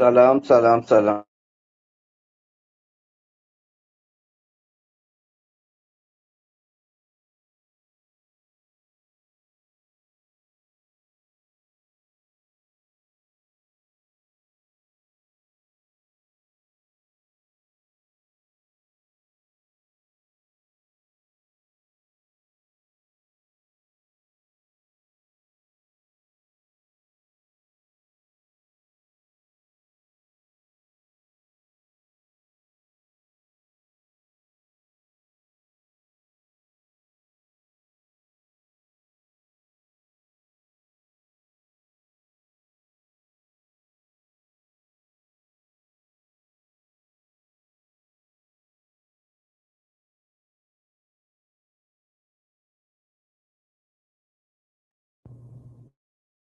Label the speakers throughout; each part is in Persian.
Speaker 1: سلام سلام سلام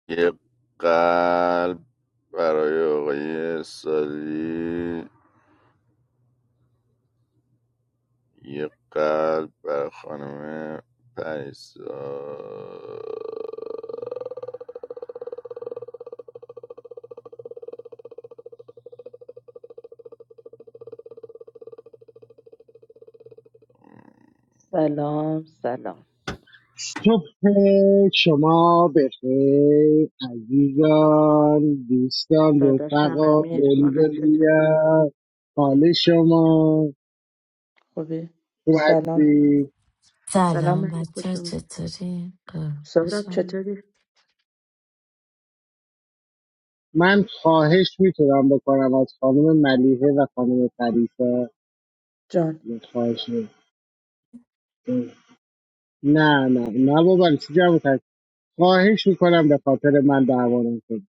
Speaker 2: یه قلب برای آقای سالی یه قلب برای خانم پریسا
Speaker 3: سلام سلام
Speaker 4: صبح شما بخیر عزیزان دوستان
Speaker 3: داداشم
Speaker 4: رفقا
Speaker 3: امیر
Speaker 4: دولی
Speaker 3: حالا چطوره
Speaker 4: دنیا حال شما
Speaker 3: خوبی؟
Speaker 4: خوب
Speaker 3: سلام
Speaker 4: هستی
Speaker 3: سلام
Speaker 5: سلام
Speaker 3: علی
Speaker 5: بچه
Speaker 3: خوش
Speaker 5: ها
Speaker 3: اومد
Speaker 5: چطوری؟ قربون
Speaker 3: سهراب
Speaker 5: شما.
Speaker 3: چطوری
Speaker 4: من خواهش میتونم بکنم از خانم ملیحه و خانم فریسا
Speaker 3: جان
Speaker 4: یه خواهش می‌کنم. نه نه نه بابا چی جمع کرد خواهش میکنم به خاطر من دعوا نکنید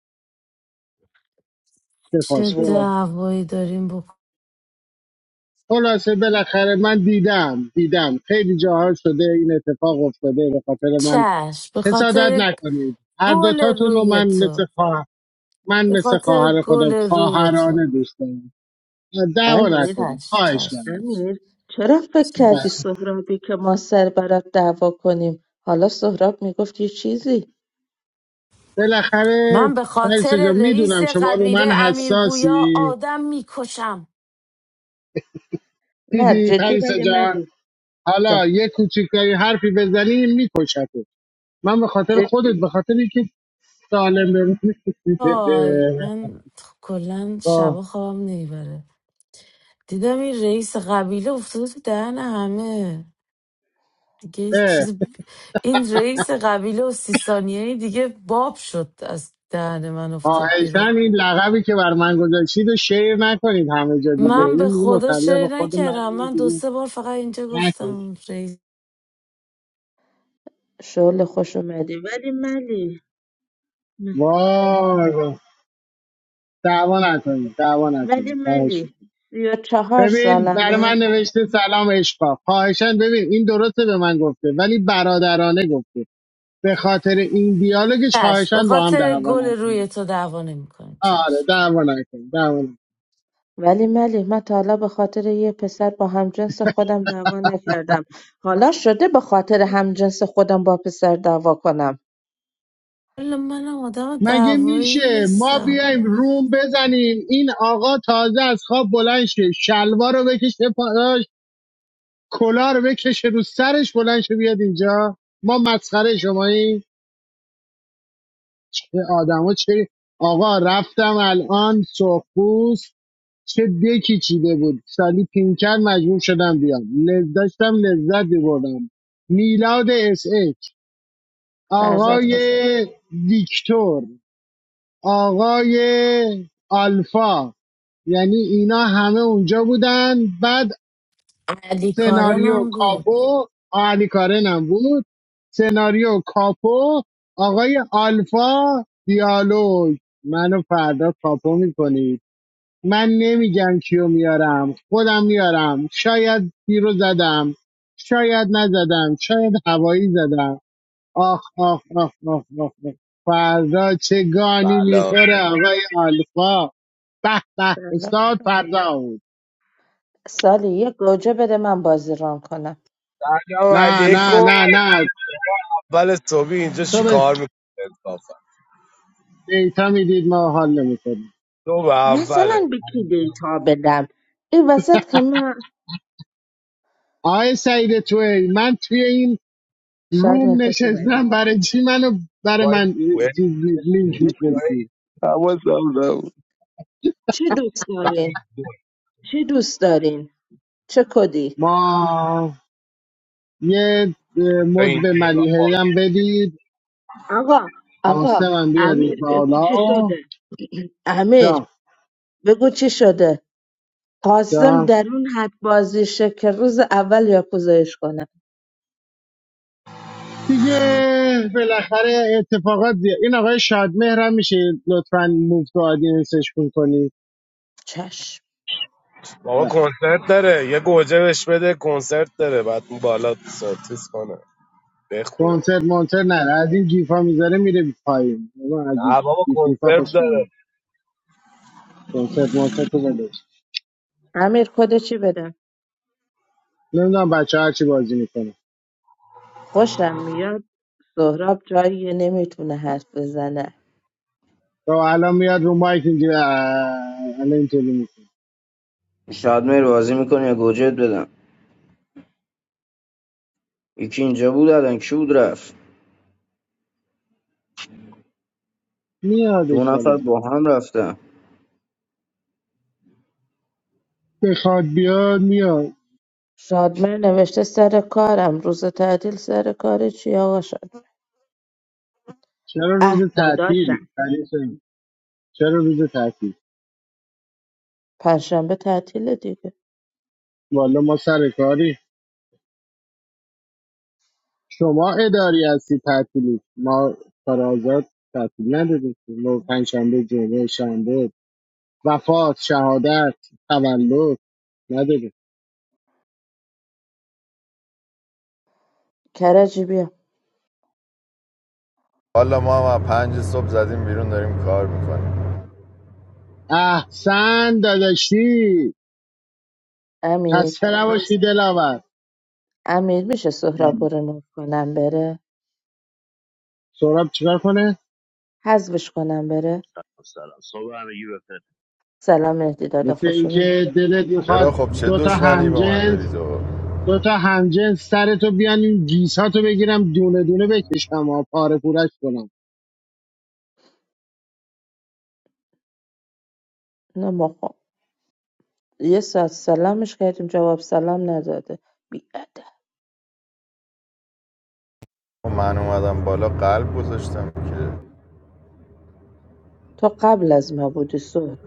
Speaker 5: چه
Speaker 4: تفاس
Speaker 3: وا
Speaker 4: بذارم
Speaker 5: دعوایی داریم با
Speaker 4: خلاصه بالاخره من دیدم دیدم خیلی جاها شده این اتفاق افتاده به خاطر من
Speaker 5: چش به
Speaker 4: حسادت
Speaker 5: خاطر
Speaker 4: نکنید هر
Speaker 5: گل
Speaker 4: دوتاتون رو
Speaker 5: روی
Speaker 4: من
Speaker 5: تو
Speaker 4: مثل خواهر من
Speaker 5: به
Speaker 4: مثل
Speaker 5: خاطر
Speaker 4: خواهر
Speaker 5: گل
Speaker 4: خودم
Speaker 5: روی تو
Speaker 4: خواهرانه دوست دارم دعوا
Speaker 3: امیر
Speaker 4: نکنید
Speaker 5: چش
Speaker 4: خواهش
Speaker 5: چش
Speaker 4: کنید
Speaker 5: چش
Speaker 3: امیر چرا فکر کردی
Speaker 5: چش
Speaker 3: سهرابی که ما سر برات دعوا کنیم حالا سهراب میگفت یه چیزی
Speaker 4: بالاخره
Speaker 5: من به
Speaker 4: پریسا
Speaker 5: خاطر
Speaker 4: جان
Speaker 5: رئیس
Speaker 4: میدونم شما رو
Speaker 5: قبیله
Speaker 4: من
Speaker 5: امیر بویا
Speaker 4: حساسی
Speaker 5: آدم میکشم
Speaker 3: نه
Speaker 4: دیدی
Speaker 3: جدی
Speaker 4: پریسا
Speaker 3: ولی
Speaker 4: جان
Speaker 3: ملی جان
Speaker 4: حالا یه کوچیکتری حرفی بزنی میکشت من به خاطر خودت
Speaker 3: جدی
Speaker 4: به خاطر اینکه سالم بمونی
Speaker 5: آی من کلا
Speaker 4: آه.
Speaker 5: شبا خوابم نمیبره دیدم این رئیس قبیله افتاده تو دهن همه دیگه
Speaker 4: اه.
Speaker 5: چیز این رئیس قبیله و سی ثانیه‌ای دیگه باب شد از دهن من افتاد بیرون
Speaker 4: خواهشن این لقبی که بر من گذاشتید رو شیر نکنید همه جا دیگه
Speaker 3: حالا
Speaker 5: من به
Speaker 4: این
Speaker 3: جان
Speaker 4: دیگه
Speaker 5: خدا
Speaker 3: سلام
Speaker 4: متعلق
Speaker 5: شعر
Speaker 4: به خود من
Speaker 5: نکردم
Speaker 4: اون
Speaker 5: من دو
Speaker 4: دیگه
Speaker 5: سه بار فقط اینجا
Speaker 4: نکنید
Speaker 5: گفتم رئیس
Speaker 3: شعله خوش اومدی ولی ملی م-
Speaker 4: وای وای. دعوا نکنید دعوا
Speaker 3: ولی
Speaker 4: نکنید خواهش
Speaker 3: ملی
Speaker 4: میکنم
Speaker 3: سی و چهار
Speaker 4: ببین برای
Speaker 3: سالمه
Speaker 4: من نوشته سلام اشقا خواهشن ببین این درسته به من گفته ولی برادرانه گفته به خاطر این دیالوگش
Speaker 5: چشم به
Speaker 4: خواهشن با هم
Speaker 5: خاطر
Speaker 4: دعوا
Speaker 5: گل
Speaker 4: نکنید
Speaker 5: روی تو دعوا نمیکنم
Speaker 4: آره
Speaker 5: چشم
Speaker 4: دعوا نکنید دعوا
Speaker 3: ولی ملیح من تا حالا بخاطر یه پسر با همجنس خودم دعوا نکردم حالا شده به خاطر همجنس خودم با پسر دعوا کنم
Speaker 5: حالا منم آدم
Speaker 4: مگه
Speaker 5: دعوایی
Speaker 4: میشه ما
Speaker 5: نیستم
Speaker 4: بیایم روم بزنیم این آقا تازه از خواب بلند شه شلوار رو بکشه پاراش کلا رو بکشه رو سرش بلند شه بیاد اینجا ما مسخره شماییم چه آدما چه آقا رفتم الان سرخپوست چه دکی چیده بود سالی پینکر مجبور شدم بیام لذت داشتم لذت بردم میلاد اس اچ
Speaker 3: فرزاد
Speaker 4: آقای
Speaker 3: خوش
Speaker 4: ویکتور آقای آلفا یعنی اینا همه اونجا بودن بعد
Speaker 5: علی
Speaker 4: سناریو
Speaker 5: کارنم بود
Speaker 4: کاپو آقا علی کارن هم بود سناریو کاپو آقای آلفا دیالوگ منو فردا کاپو میکنید من نمیگم کیو میارم خودم میارم شاید تیرو زدم شاید نزدم شاید هوایی زدم آخ آخ آخ آخ آخ, آخ. فردا چه گانی
Speaker 6: سلام
Speaker 4: میخوره آقای آلفا به به
Speaker 3: سلام
Speaker 4: استاد فردا
Speaker 3: سالی یه گوجه بده من بازی ران کنم
Speaker 6: سلام
Speaker 4: نه نه
Speaker 6: علیکم.
Speaker 4: نه نه
Speaker 6: اول صبحی اینجا
Speaker 4: تو به
Speaker 6: چیکار میکنه انصافا؟
Speaker 4: دیتا میدید ما حال نمیکنیم
Speaker 6: دو به اوله
Speaker 3: مثلا به کی دیتا بدم این وسط که من
Speaker 4: آقای سعید توی من توی این
Speaker 3: شاید می
Speaker 4: روم
Speaker 3: خوش اومدی
Speaker 4: نشستم برای چی منو برای
Speaker 6: بابا، این
Speaker 4: من
Speaker 6: سوئد
Speaker 4: چیز می- لینک
Speaker 6: سوئد
Speaker 4: میفرستی
Speaker 7: حواسم نبود
Speaker 3: چه دوست دارین چه دوست دارین چه کدی
Speaker 4: ما یه اه،
Speaker 6: این
Speaker 4: مد به
Speaker 6: نیرو
Speaker 4: ملیحه هم بدید
Speaker 3: آقا آقا
Speaker 4: آسمم بیارید
Speaker 3: امیر بگو
Speaker 4: بالا
Speaker 3: چی شده امیر
Speaker 4: جا
Speaker 3: بگو چی شده خواستم
Speaker 4: جا
Speaker 3: در اون حد بازشه که روز اول یاکوزایش کنه
Speaker 4: دیگه بالاخره اتفاقات زیاد این آقای شادمهر هم میشه لطفا موف تو آدینسش کن کنید
Speaker 3: چشم
Speaker 6: بابا کنسرت داره، یه گوجه بهش بده، کنسرت داره، بعد اون بالا ساتیس کنه بخونه.
Speaker 4: کنسرت مونسرت نه از این گیف ها میذاره میره پایین من از این
Speaker 6: نه بابا
Speaker 4: گیف گیف خوشم خوش
Speaker 6: کنسرت
Speaker 4: میاد
Speaker 6: داره.
Speaker 4: کنسرت مونسرت رو بده
Speaker 3: امیر کد چی بدم
Speaker 4: نمیدونم بچه هر چی بازی میکنه
Speaker 3: خوشم میاد سهراب جایی نمیتونه حرف بزنه
Speaker 4: تو الان میاد رو مایک اینجوری اه، الان اینطوری میکنه
Speaker 1: پیشنهاد میری بازی میکنی یا گوجت بدم یکی اینجا بود الان کی بود رفت
Speaker 4: میاد
Speaker 1: دو نفر
Speaker 4: انشالله
Speaker 1: با هم رفتم
Speaker 4: بخواد بیاد میاد
Speaker 3: شادمر نوشته سر کارم روز تعطیل سر کار چی آقا شد
Speaker 4: چرا
Speaker 3: اه
Speaker 4: روز تعطیل
Speaker 3: داداشم
Speaker 4: پریسا؟ چرا روز تعطیل
Speaker 3: پنجشنبه تعطیله دیگه
Speaker 4: والا ما سر کاری شما اداری هستی تعطیلی ما کار آزاد تعطیل نداریم ما پنج شنبه جمعه شنبه وفات شهادت تولد نداره
Speaker 3: کرجی بیا
Speaker 2: حالا ما هم از پنج صبح زدیم بیرون داریم کار میکنیم
Speaker 4: احسن داداشی
Speaker 3: امیر
Speaker 4: خسته
Speaker 3: من س-
Speaker 4: نباشی دلاور
Speaker 3: امیر میشه سهراب رو ریموو کنم بره
Speaker 4: سراب چیکار کنه
Speaker 3: حذفش کنم بره
Speaker 8: So we have a UEFA.
Speaker 3: سلام مهدی دادا
Speaker 4: مثل
Speaker 3: خوش اومد
Speaker 4: اینکه دلت
Speaker 2: چرا
Speaker 4: میخواد
Speaker 2: خب چه
Speaker 4: دو تا
Speaker 2: دشمنی با من
Speaker 4: همجنس
Speaker 2: داری تو
Speaker 4: دو تا همجنس سرتو بیان این گیساتو بگیرم دونه دونه بکشم و پاره پورش کنم
Speaker 3: نه یه ساعت سلامش کردیم جواب سلام نداده بیادب
Speaker 2: خب من اومدم بالا قلب گذاشتم که
Speaker 3: تو قبل از ما بودی سهراب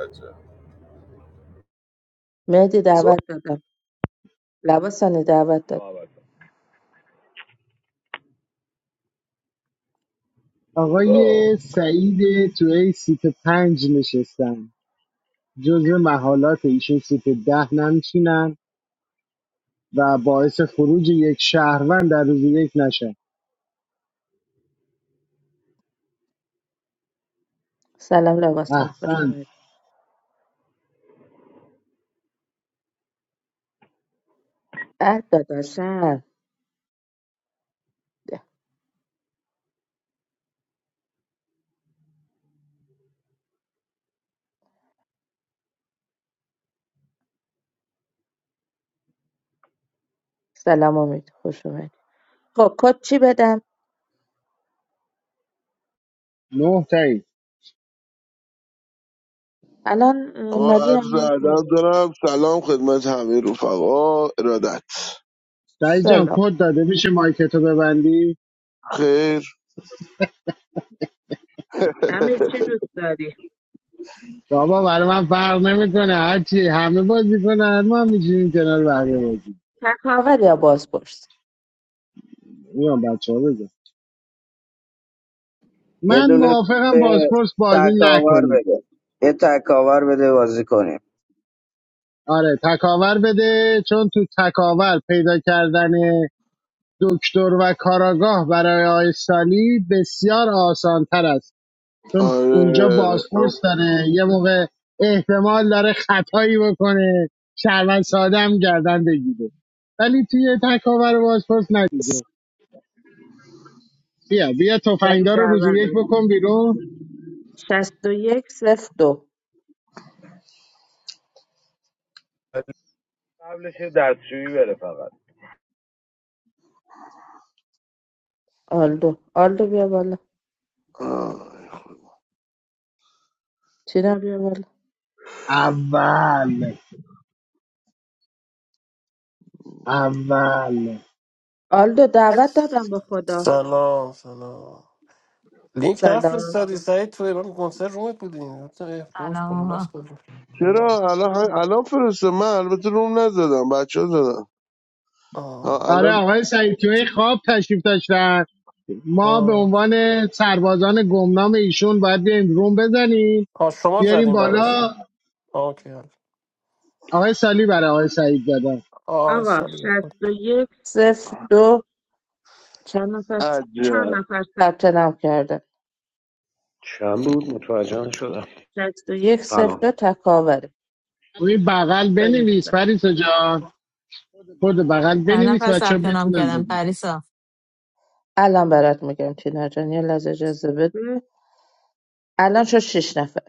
Speaker 2: عجب
Speaker 3: مهدی
Speaker 6: زور
Speaker 3: دعوت دادم لباسانی دعوت
Speaker 6: یا
Speaker 3: دادم
Speaker 6: بابا،
Speaker 4: آقای
Speaker 6: زورا.
Speaker 4: سعید تو ای سیت پنج نشستن جزو محالات ایشون سیت ده نمیشینن و باعث خروج یک شهروند در روز یک نشن
Speaker 3: سلام لباسانی خوش
Speaker 4: احسن
Speaker 3: اومدی اه داداشم سلام امید خوش اومدی خب کد چی بدم
Speaker 4: نه تایی
Speaker 3: الان اه،
Speaker 7: آقا
Speaker 3: ملی هم
Speaker 7: عرض
Speaker 3: میاد.
Speaker 7: ادب دارم سلام خدمت همه رفقا ارادت
Speaker 4: سعید جان
Speaker 3: سلام
Speaker 4: کد داده میشه مایکتو ببندی
Speaker 7: خیر
Speaker 3: امیر چی دوست داری
Speaker 4: بابا برای من فرق نمیکنه هرچی همه بازی کنن ما هم میشینیم کنار بقیه بازی کنیم.
Speaker 3: تکاور یا بازپرس
Speaker 4: میام بچه ها بزن
Speaker 1: یه
Speaker 4: من
Speaker 1: دونه
Speaker 4: موافقم
Speaker 1: به
Speaker 4: بازپرس بازی
Speaker 1: تکاور
Speaker 4: نکنیم
Speaker 1: بده یه تکاور بده بازی کنیم
Speaker 4: آره تکاور بده چون تو تکاور پیدا کردن دکتر و کاراگاه برای آقای سالی بسیار آسان چون اونجا
Speaker 7: آره
Speaker 4: بازپرس داره یه موقع احتمال داره خطایی بکنه شهروند ساده هم گردن بگیره ولی توی تکاور بازپرس ندیگه بیا بیا
Speaker 3: داری
Speaker 4: تفنگدار رو روزی
Speaker 3: دعوت
Speaker 4: یک
Speaker 3: داری
Speaker 4: بکن بیرون
Speaker 3: شست و یک صفر دو
Speaker 6: قبلش یه دستشویی بره فقط.
Speaker 3: آلدو آلدو بیا بالا
Speaker 7: آه.
Speaker 3: چینا بیا بالا
Speaker 4: اول اول
Speaker 3: آلدو دعوت دادم به خدا
Speaker 9: سلام سلام لینک
Speaker 3: سلام
Speaker 9: نفرستادی سعید توی من کنسر رومت بودیم گفتم اه، رومش با
Speaker 10: سلام آقا
Speaker 9: بلاس کجا سلام
Speaker 7: چرا الان هم- الان فرسته من البته روم نزدم بچه ها زدم ها
Speaker 9: آه
Speaker 4: آره
Speaker 7: الان
Speaker 4: آقای سعید توی خواب تشریف داشتن ما به
Speaker 9: آه
Speaker 4: عنوان سربازان گمنام ایشون باید بیایم روم بزنیم
Speaker 9: آه، شما
Speaker 4: بیاریم
Speaker 9: زدیم براشتم
Speaker 4: بالا
Speaker 9: آه اوکی حل.
Speaker 4: آقای سالی برای آقای سعید دادن
Speaker 9: آه
Speaker 3: آقا
Speaker 9: سالی برکن
Speaker 3: شست و یک صفر دو چند نفر چهار
Speaker 7: عجب
Speaker 3: نفر ثبت نام کرده
Speaker 11: چند بود متوجه شدم
Speaker 3: شست و یک صفر
Speaker 11: سلام
Speaker 3: دو تکاوره
Speaker 4: روی بغل
Speaker 3: سلام
Speaker 4: بنویس
Speaker 3: سلام.
Speaker 4: پریسا جان خود بغل
Speaker 10: چند
Speaker 4: بنویس
Speaker 10: نفر
Speaker 4: بچه ها
Speaker 10: ثبت نام
Speaker 4: بدونن
Speaker 10: کردم
Speaker 4: بگیم
Speaker 10: پریسا
Speaker 3: الان برات میگم تینا جان یه لحظه اجازه بده الان شد شیش نفر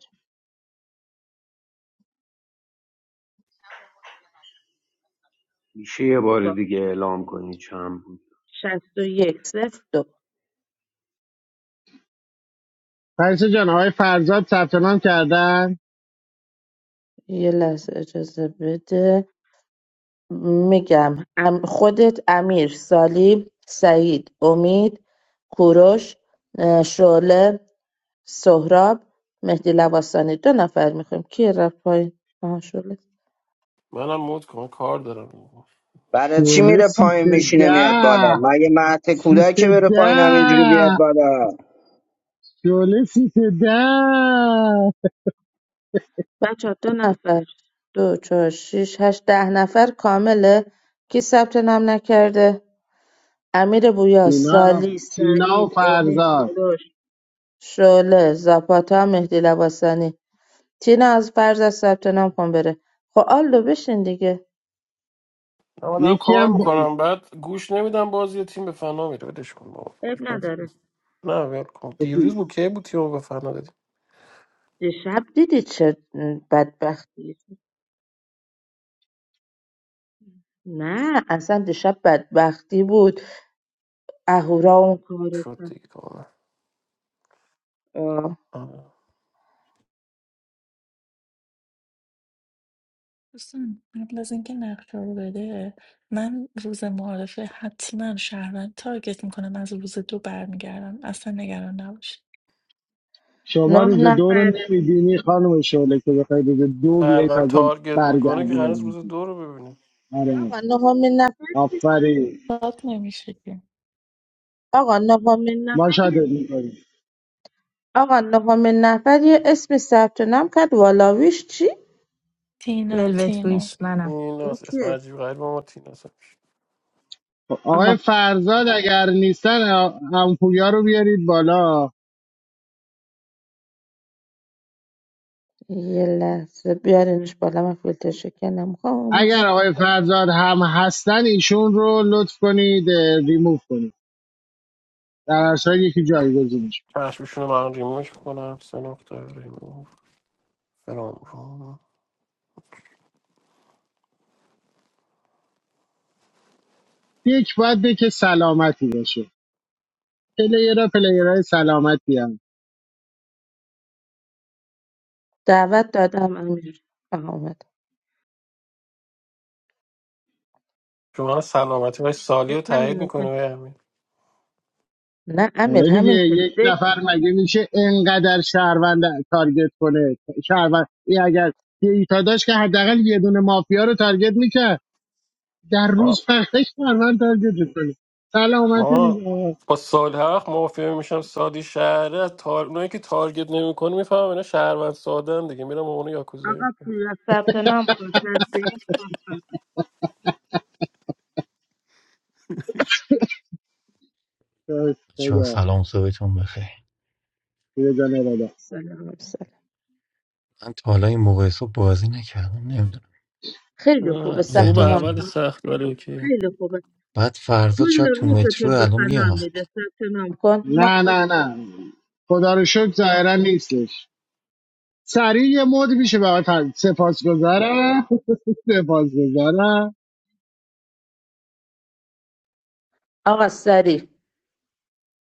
Speaker 11: میشه یه بار دیگه
Speaker 3: باش
Speaker 11: اعلام کنی چند بود
Speaker 3: شست و یک صفر دو
Speaker 4: پریسا جان آقای فرزاد ثبت نام کردن
Speaker 3: یه لحظه اجازه بده میگم ام- خودت امیر سالی سعید امید کوروش اه، شعله سهراب، مهدی لواسانی دو نفر میخوایم کی رفت پایین آها شله
Speaker 9: منم مود کن کار دارم
Speaker 1: برای چی
Speaker 4: شعله
Speaker 1: میره
Speaker 4: سیت
Speaker 1: پایین میشینه میاد بالا
Speaker 4: ده
Speaker 1: مگه مهد
Speaker 4: سیت
Speaker 1: کودک بره پایین همینجوری بیاد
Speaker 4: ده
Speaker 1: بالا
Speaker 4: شعله سیت ده
Speaker 3: بچه دو نفر دو چهار شیش هشت ده نفر کامله کی ثبت نام نکرده امیر بویا
Speaker 4: تینا
Speaker 3: سالی
Speaker 4: تینا و
Speaker 3: سعید امید
Speaker 4: فرزاد
Speaker 3: کوروش شعله زاپاتا مهدی لواسانی تینا از فرض از ثبت نام کن بره خب آلدو بشین دیگه
Speaker 9: نه من دارم
Speaker 4: یکی
Speaker 9: کار
Speaker 4: هم با...
Speaker 9: میکنم بعد گوش نمیدم بازی تیم به فنا میره ولش کن بابا
Speaker 3: اب
Speaker 9: باش بازی کن.
Speaker 3: نداره
Speaker 9: نه ول کن دیروز بود که بود تیم به فنا دادیم
Speaker 3: دیشب دیدی چه بدبختی نه اصلا دیشب بدبختی بود اهورا اون کارو
Speaker 9: شد
Speaker 3: کرد
Speaker 9: دیگه کاملا
Speaker 3: آه.
Speaker 9: آه.
Speaker 12: دوستان قبل از اینکه نقشه رو بده من روز معارفه حتما شهروند تارگت میکنم از روز دو برمیگردم اصلا نگران نباش
Speaker 4: شما
Speaker 3: نه
Speaker 4: روز دو رو
Speaker 3: نفر
Speaker 4: نمیبینی خانم شعله که بخوای روز دو
Speaker 9: هر
Speaker 4: بیای
Speaker 9: من
Speaker 4: تازه
Speaker 9: تارگت میکنه
Speaker 4: برگردی
Speaker 9: که
Speaker 4: رو
Speaker 9: قرار است روز
Speaker 4: ببینی.
Speaker 9: دو رو ببینی
Speaker 4: آره
Speaker 3: آقا نهمین نفر که ثبت-
Speaker 4: آفرین
Speaker 12: داد نمیشه که
Speaker 3: آقا نهمین
Speaker 4: ما
Speaker 3: نفر یه-
Speaker 4: شادت می‌کنیم.
Speaker 3: آقا نهمین نفر یه اسم ثبت نام کرد والاویش چی
Speaker 12: تینا
Speaker 10: ولوت
Speaker 12: تینا
Speaker 10: بویش منم
Speaker 9: این
Speaker 3: اون
Speaker 9: از اسم
Speaker 3: کیه
Speaker 9: عجیب غریب ما تیناس
Speaker 4: خب، آقای
Speaker 3: آها
Speaker 4: فرزاد اگر نیستن هم پویا رو بیارید بالا
Speaker 3: یه لحظه بیارینش بالا من فیلتر شکنم
Speaker 4: اگر
Speaker 3: خاموش
Speaker 4: آقای فرزاد هم هستن ایشون رو لطف کنید اه، ریموو کنید در هر صورت یکی جایگزینش کنید
Speaker 9: چشمشون رو من ریموش میکنم سه نقطه ریموش فرام فرام.
Speaker 4: یک باید به که سلامتی باشه پلیرها پلیرهای سلامتی هم
Speaker 3: دعوت دادم امیر آها اومد
Speaker 9: شما سلامتی و سالی
Speaker 3: دک
Speaker 9: رو تایید
Speaker 3: همینه
Speaker 9: میکنه
Speaker 3: که
Speaker 9: و همین
Speaker 3: نه امیر
Speaker 4: آره دیگه
Speaker 3: همین که
Speaker 4: یک
Speaker 3: دک
Speaker 4: نفر مگه میشه انقدر شهروند تارگت کنه شهروند این اگر یه ایتا داشت که حداقل یه دونه مافیا رو تارگت میکرد در
Speaker 9: ما
Speaker 4: روز فقط شهروند تارگت کنه سلامتی
Speaker 9: ما
Speaker 4: دیگه
Speaker 9: با سال حق موافقه میشم سادی شهره تار... اونایی که تارگت نمیکنه میفهمم اینا شهروند ساده هم دیگه میرم اونو
Speaker 3: آقا
Speaker 9: یاکوزایی
Speaker 3: پول ثبت نام خوش هستی
Speaker 4: داشت
Speaker 13: بچه‌ها
Speaker 4: خدا
Speaker 13: سلام صبحتون بخیر
Speaker 4: یه جا بالا
Speaker 3: سلام سلام
Speaker 13: من تا حالا این موقع صبح بازی نکردم نمیدونم
Speaker 3: خیلی خوبه
Speaker 9: نه، خوب
Speaker 3: ثبت
Speaker 13: ذهنم
Speaker 3: نام
Speaker 13: تو
Speaker 9: اول
Speaker 3: کن
Speaker 9: سخت ولی اوکی
Speaker 3: خیلی خوبه
Speaker 13: بعد فرزاد
Speaker 3: کل
Speaker 13: شاید تو
Speaker 3: روز
Speaker 13: مترو
Speaker 3: تو به
Speaker 13: الان
Speaker 3: فنا
Speaker 13: میاد
Speaker 3: میده ثبت نام کن من
Speaker 4: نه
Speaker 3: کل
Speaker 4: نه
Speaker 3: می‌کنم.
Speaker 4: نه خدا رو شکر ظاهرا نیستش سریع یه مود میشه برای سپاس گذارم سپاس گذارم
Speaker 3: آقا سریع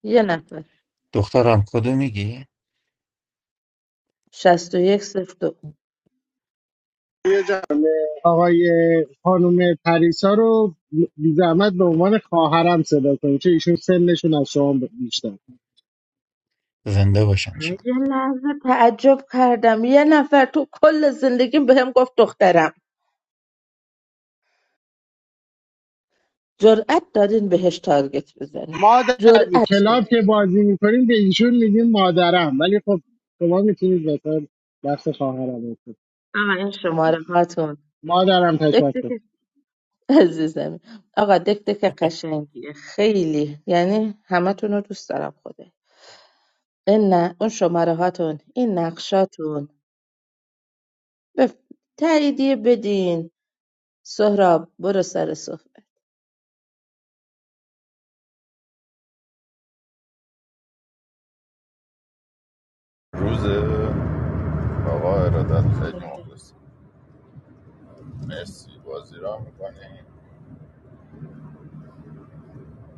Speaker 3: یه نفر
Speaker 13: دخترم کدو میگی
Speaker 3: شست و یک صفر دو
Speaker 4: آقای خانم پریسا رو بی زحمت به عنوان خواهرم صدا کنید چون ایشون سنشون از شما بیشتر
Speaker 13: زنده باشن شد
Speaker 3: یه لحظه تعجب کردم یه نفر تو کل زندگیم بهم گفت دخترم جرأت دارین بهش تارگت بزنین
Speaker 4: مادر
Speaker 3: جرأت
Speaker 4: کلاب
Speaker 3: دارین
Speaker 4: که بازی میکنیم به ایشون میگیم مادرم ولی خب شما میتونید مثلا دست خواهرم باشید.
Speaker 3: آقا این شماره هاتون
Speaker 4: مادرم
Speaker 3: دک
Speaker 4: تشکر
Speaker 3: دک عزیزم آقا دک دک قشنگیه خیلی یعنی همتون رو دوست دارم خوده این نه اون شماره هاتون این نقشاتون بف... تاییدیه بدین سهراب برو سر صحبتی
Speaker 2: روزه آقا ارادت خیلی مخلص مرسی بازی را میکنیم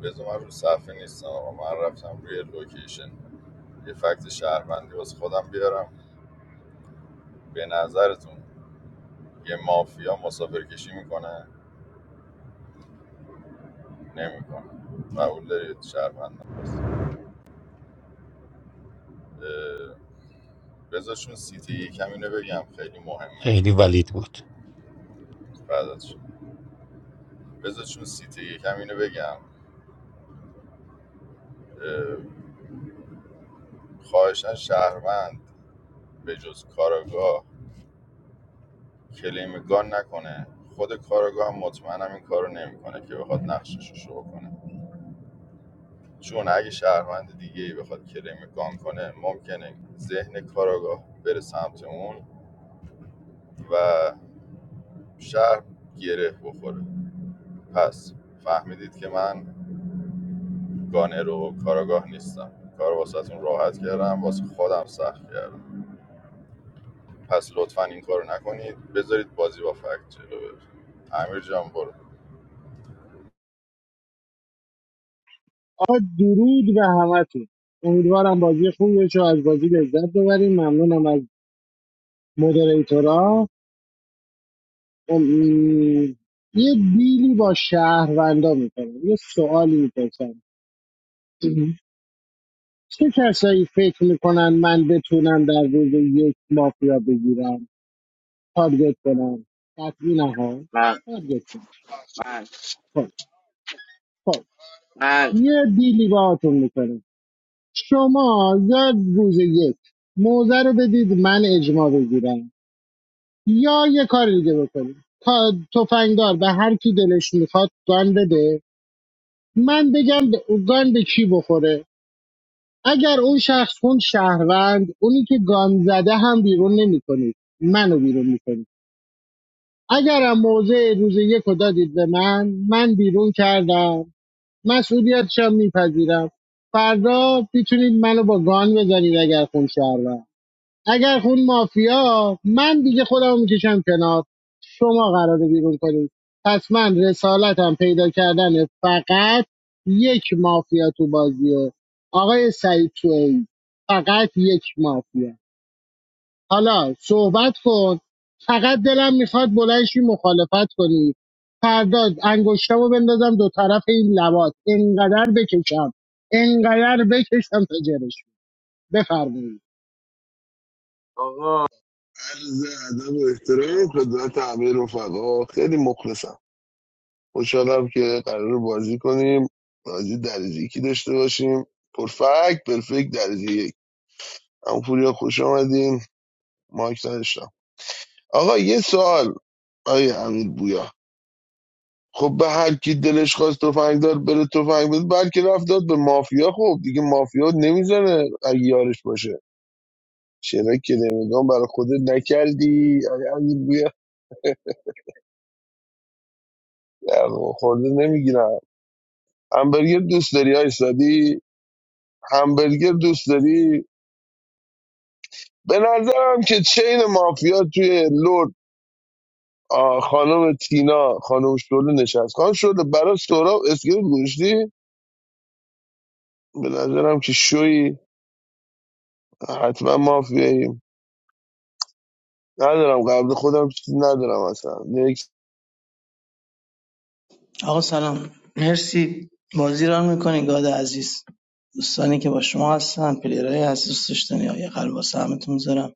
Speaker 2: بذار من رو صفحه نیستم آقا من رفتم روی لوکیشن یه فکت شهروندی واسه خودم بیارم به نظرتون یه مافیا مسافرکشی میکنه نمیکنه قبول دارید شهروندم هست اه، بذار چون سیتی یکم اینو بگم خیلی مهمه
Speaker 13: خیلی ولید بود
Speaker 2: بعد ازش. بذار چون سیتی یکم اینو بگم اه، خواهشن شهروند به جز کاراگاه کلیم گان نکنه خود کاراگاه هم مطمئنم این کارو نمیکنه که بخواد نقشش رو شو کنه چون اگه شهروند دیگه ای بخواد کلیم گان کنه ممکنه ذهن کاراگاه بره سمت اون و شهر گره بخوره پس فهمیدید که من گانر و کاراگاه نیستم کار واسهتون راحت کردم واسه خودم سخت کردم پس لطفا این کارو نکنید بذارید بازی با فکت جلو بره امیر جان برو
Speaker 4: آقا درود به همتون امیدوارم بازی خوبی بشه و از بازی لذت ببریم ممنونم از مدریتورا ام، یه دیلی با شهروندا میکنم یه سوالی میپرسم چه کسایی فکر میکنن من بتونم در روز یک مافیا بگیرم تارگت کنم قطعی نه ها
Speaker 1: من
Speaker 4: تارگت کنم
Speaker 1: من
Speaker 4: خب خب
Speaker 1: من
Speaker 4: یه دیلی با باهاتون میکنم شما در روز یک موزه رو بدید من اجماع بگیرم یا یه کار دیگه بکنیم تا تفنگدار به هر کی دلش میخواد گان بده من بگم ب- گان به کی بخوره اگر اون شخص اون شهروند اونی که گان زده هم بیرون نمیکنید منو بیرون میکنید اگرم موضع روز یک رو دادید به من من بیرون کردم مسئولیتشم میپذیرم فردا میتونید منو با گان بزنید اگر خون شهروند اگر خون مافیا من دیگه خودم میکشم کنار شما قراره بیرون کنید پس من رسالتم پیدا کردن فقط یک مافیا تو بازیه آقای سعید توی فقط یک مافیا حالا صحبت کن فقط دلم میخواد بلنشی مخالفت کنی فردا انگشتمو بندازم دو طرف این لبات انقدر بکشم انقدر بکشم تا جرش بفرمایید
Speaker 7: آقا عرض ادب و احترام خدمت همه رفقا خیلی مخلصم خوشحالم که قرار بازی کنیم بازی درجه یکی داشته باشیم پرفکت پرفکت درجه یک هم پوریا خوش آمدین مایک نداشتم آقا یه سوال آیه امیر بویا خب به هر کی دلش خواست تفنگ دار بره تفنگ بده بلکه رفت داد به مافیا خب دیگه مافیا نمیزنه اگه یارش باشه چرا که نمیدونم برای خودت نکردی آیه امیر بویا نه، آقا، خورده نمیگیرم همبرگر دوست داری های سادی همبرگر دوست داری به نظرم که چین مافیا توی لرد آه، خانم تینا خانم شعله نشست خانم شعله برای سهراب اسکلت گوشتی به نظرم که شوی حتما مافیاییم ندارم قبل خودم چیزی ندارم اصلا نیکس
Speaker 14: آقا سلام مرسی بازی را میکنی گاد عزیز دوستانی که با شما هستن پلیرهای عزیز دوست داشتنی آیا قلب واسه همتون میذارم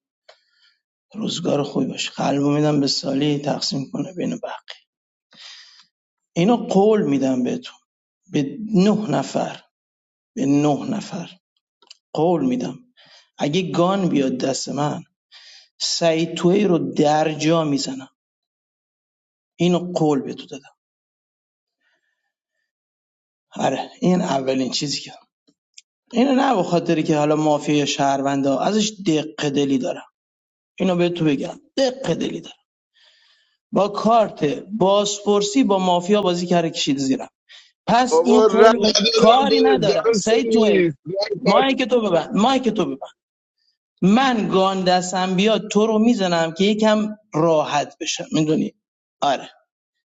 Speaker 14: روزگار خوبی باشه قلبو میدم به سالی تقسیم کنه بین بقیه اینو قول میدم بهتون به نه نفر به نه نفر قول میدم اگه گان بیاد دست من سعید توی رو در جا میزنم اینو قول به تو دادم آره این اولین چیزی که اینو نه به خاطری که حالا مافیا یا ازش دق دلی دارم اینو به تو بگم دق دلی دارم با کارت بازپرسی با مافیا بازی کرده کشید زیرم پس این
Speaker 7: بابا رد
Speaker 14: قول به
Speaker 7: ندارم به
Speaker 14: کاری ندارم
Speaker 7: در
Speaker 14: سعی توی ای
Speaker 7: سرویس رد ندارم.
Speaker 14: مایک تو ببند مایک تو ببند من گاندسم بیاد تو رو میزنم که یکم راحت بشم میدونی آره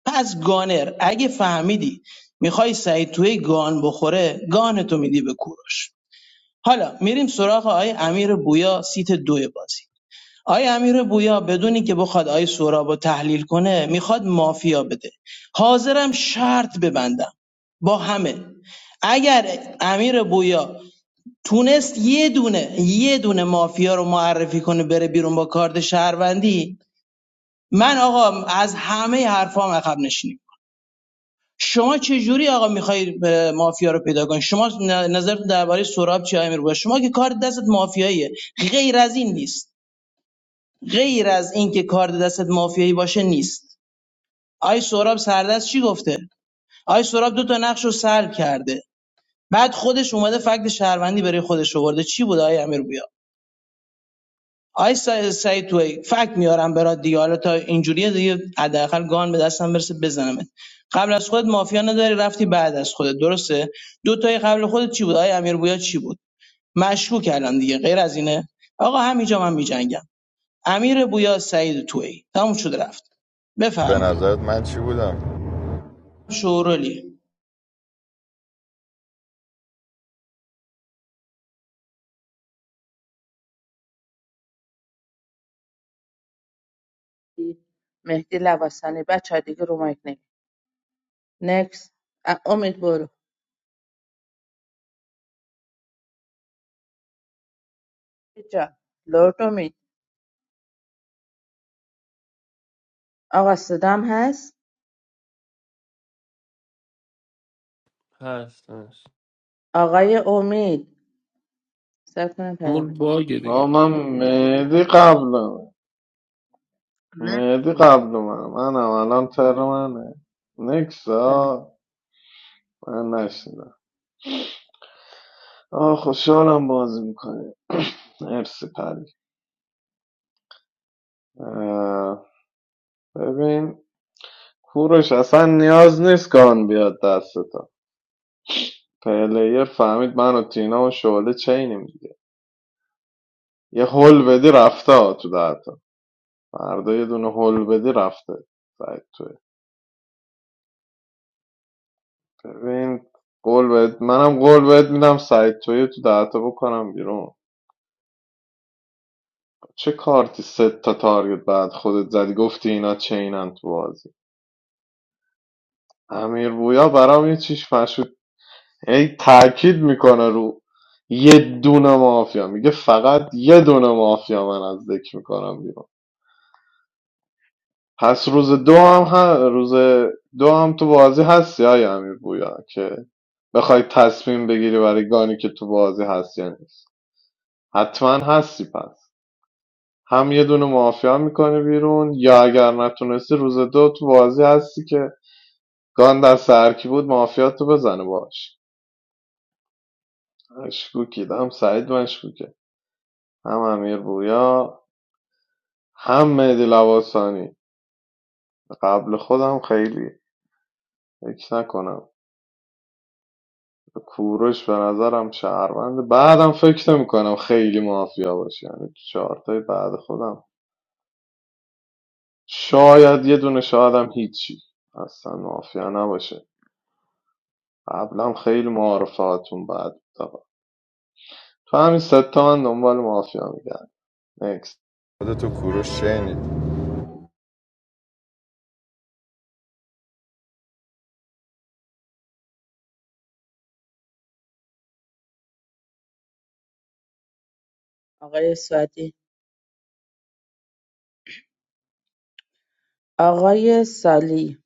Speaker 14: پس گانر اگه فهمیدی میخوای سعید توی گان بخوره گان تو میدی به کوروش حالا میریم سراغ آقای امیر بویا سیت دو بازی آقای امیر بویا بدونی که بخواد آقای سهراب رو تحلیل کنه میخواد مافیا بده حاضرم شرط ببندم با همه اگر امیر بویا تونست یه دونه یه دونه مافیا رو معرفی کنه بره بیرون با کارد شهروندی من آقا از همه حرفام عقب نشینیم شما چجوری آقا میخوای مافیا رو پیدا کنی شما ن- نظرتون درباره سراب چی امیر باشه شما که کار دستت مافیاییه غیر از این نیست غیر از این که کار دستت مافیایی باشه نیست آی سراب سردست چی گفته آی سراب دو تا نقش رو سلب کرده بعد خودش اومده فکت شهروندی برای خودش آورده چی بود آی امیر بویا؟ آی سعید سعید توی فکت میارم برات دیگه حالا تا اینجوریه دیگه حداقل گان به دستم برسه بزنمت قبل از خودت مافیا نداری رفتی بعد از خودت درسته دو تای قبل خودت چی بود آی امیر بویا چی بود مشکوک کردم دیگه غیر از اینه آقا همینجا من میجنگم امیر بویا سعید توی تموم شد رفت
Speaker 2: به
Speaker 14: بفرما
Speaker 2: نظرت من چی بودم
Speaker 14: شورولی
Speaker 3: مهدی لواسانی بچه ها دیگه رو مایک نگه نکس امید برو جا لورد امید آقا صدام هست
Speaker 9: هست هست
Speaker 3: آقای امید سر کنم
Speaker 9: امور
Speaker 3: پیامت
Speaker 9: باگه دیگه
Speaker 15: آقا من مهدی قبلمه
Speaker 3: نکس
Speaker 15: مهدی
Speaker 3: داره
Speaker 15: قبل من منم الان تر منه
Speaker 3: بله.
Speaker 15: نکسا من نشنیدم آه خوشحالم بازی میکنی مرسی پری اه، ببین کوروش اصلا نیاز نیست گان بیاد دستتا پلیر فهمید من و تینا و شعله چینیم دیگه یه هل بدی رفته ها تو دهتا فردا یه دونه هل بدی رفته سعید توی. ببین قول بهت منم قول بهت میدم سعید توی تو دهتا بکنم بیرون چه کارتی سه تا تارگت بعد خودت زدی گفتی اینا چینن تو بازی امیر بویا برام یه چیش مشهود هی تاکید میکنه رو یه دونه مافیا میگه فقط یه دونه مافیا من از ذکر میکنم بیرون پس روز دو هم, ه- روز دو هم تو بازی هستی های امیر بویا که بخوای تصمیم بگیری برای گانی که تو بازی هست یا نیست حتما هستی پس هم یه دونه مافیا میکنی بیرون یا اگر نتونستی روز دو تو بازی هستی که گان دست هرکی بود مافیا تو بزنه باش مشکوکید هم سعید مشکوکه هم امیر بویا هم مهدی لواسانی قبل خودم خیلی فکر نکنم کوروش به نظرم شهروند بعدم فکر نمیکنم خیلی مافیا باشه یعنی تو چهارتای بعد خودم شاید یه دونه شایدم هیچی اصلا مافیا نباشه قبلا خیلی معارفاتون بعد. تو همین سه تا من دنبال مافیا میگم نکست
Speaker 2: خودتو کوروش شینید
Speaker 3: آقای سعدی آقای سالی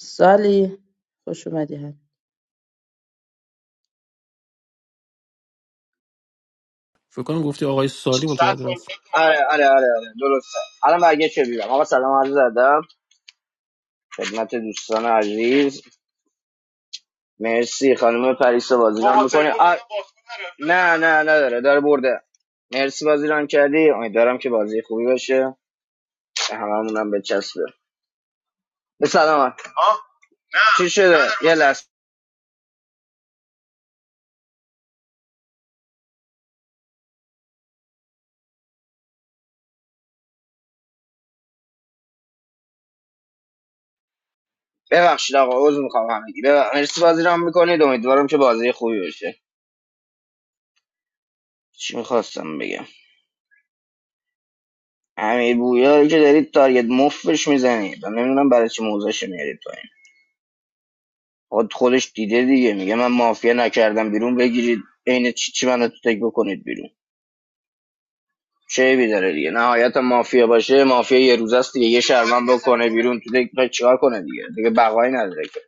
Speaker 3: سالی خوش اومدی هم
Speaker 9: فکر کنم گفتی آقای سالی متوجه هست
Speaker 1: آره آره آره آره درسته الان برگه چه بیرم آقا سلام عرض ادب خدمت دوستان عزیز مرسی خانم پریسا بازی نه نه نداره داره برده مرسی بازی کردی امیدوارم که بازی خوبی باشه به هممون هم بچسبه به سلامت چی شده یه لحظه ببخشید آقا عذر میخوام همگی ببخ- مرسی بازی ران میکنید امیدوارم که بازی خوبی باشه چی میخواستم بگم امیر بویا که دارید تارگت مفش میزنید من نمیدونم برای چی موزش میارید پایین خود خودش دیده دیگه میگه من مافیا نکردم بیرون بگیرید عین چی چی منو تو تک بکنید بیرون شیبی داره دیگه نهایت مافیا باشه مافیا یه روز است دیگه یه شرمن بکنه بیرون تو دیگه چیکار کنه دیگه دیگه بقایی نداره که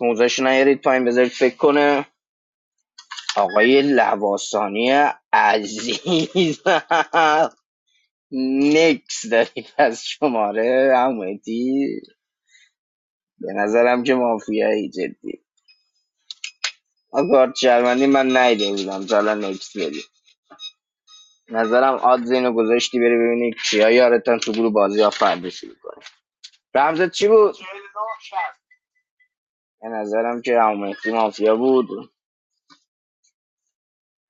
Speaker 1: موزش نیارید پایین بذارید فکر کنه آقای لواسانی عزیز نکس دارید از شماره همونتی به نظرم که مافیایی جدی آگارد شرمندی من نایده بودم تا الان نکس بدی نظرم آدز اینو گذاشتی بری ببینی کیا یارتن تو گروه بازی ها فردا شروع کنه. رمزت چی بود؟ به نظرم که همون مهدی مافیا بود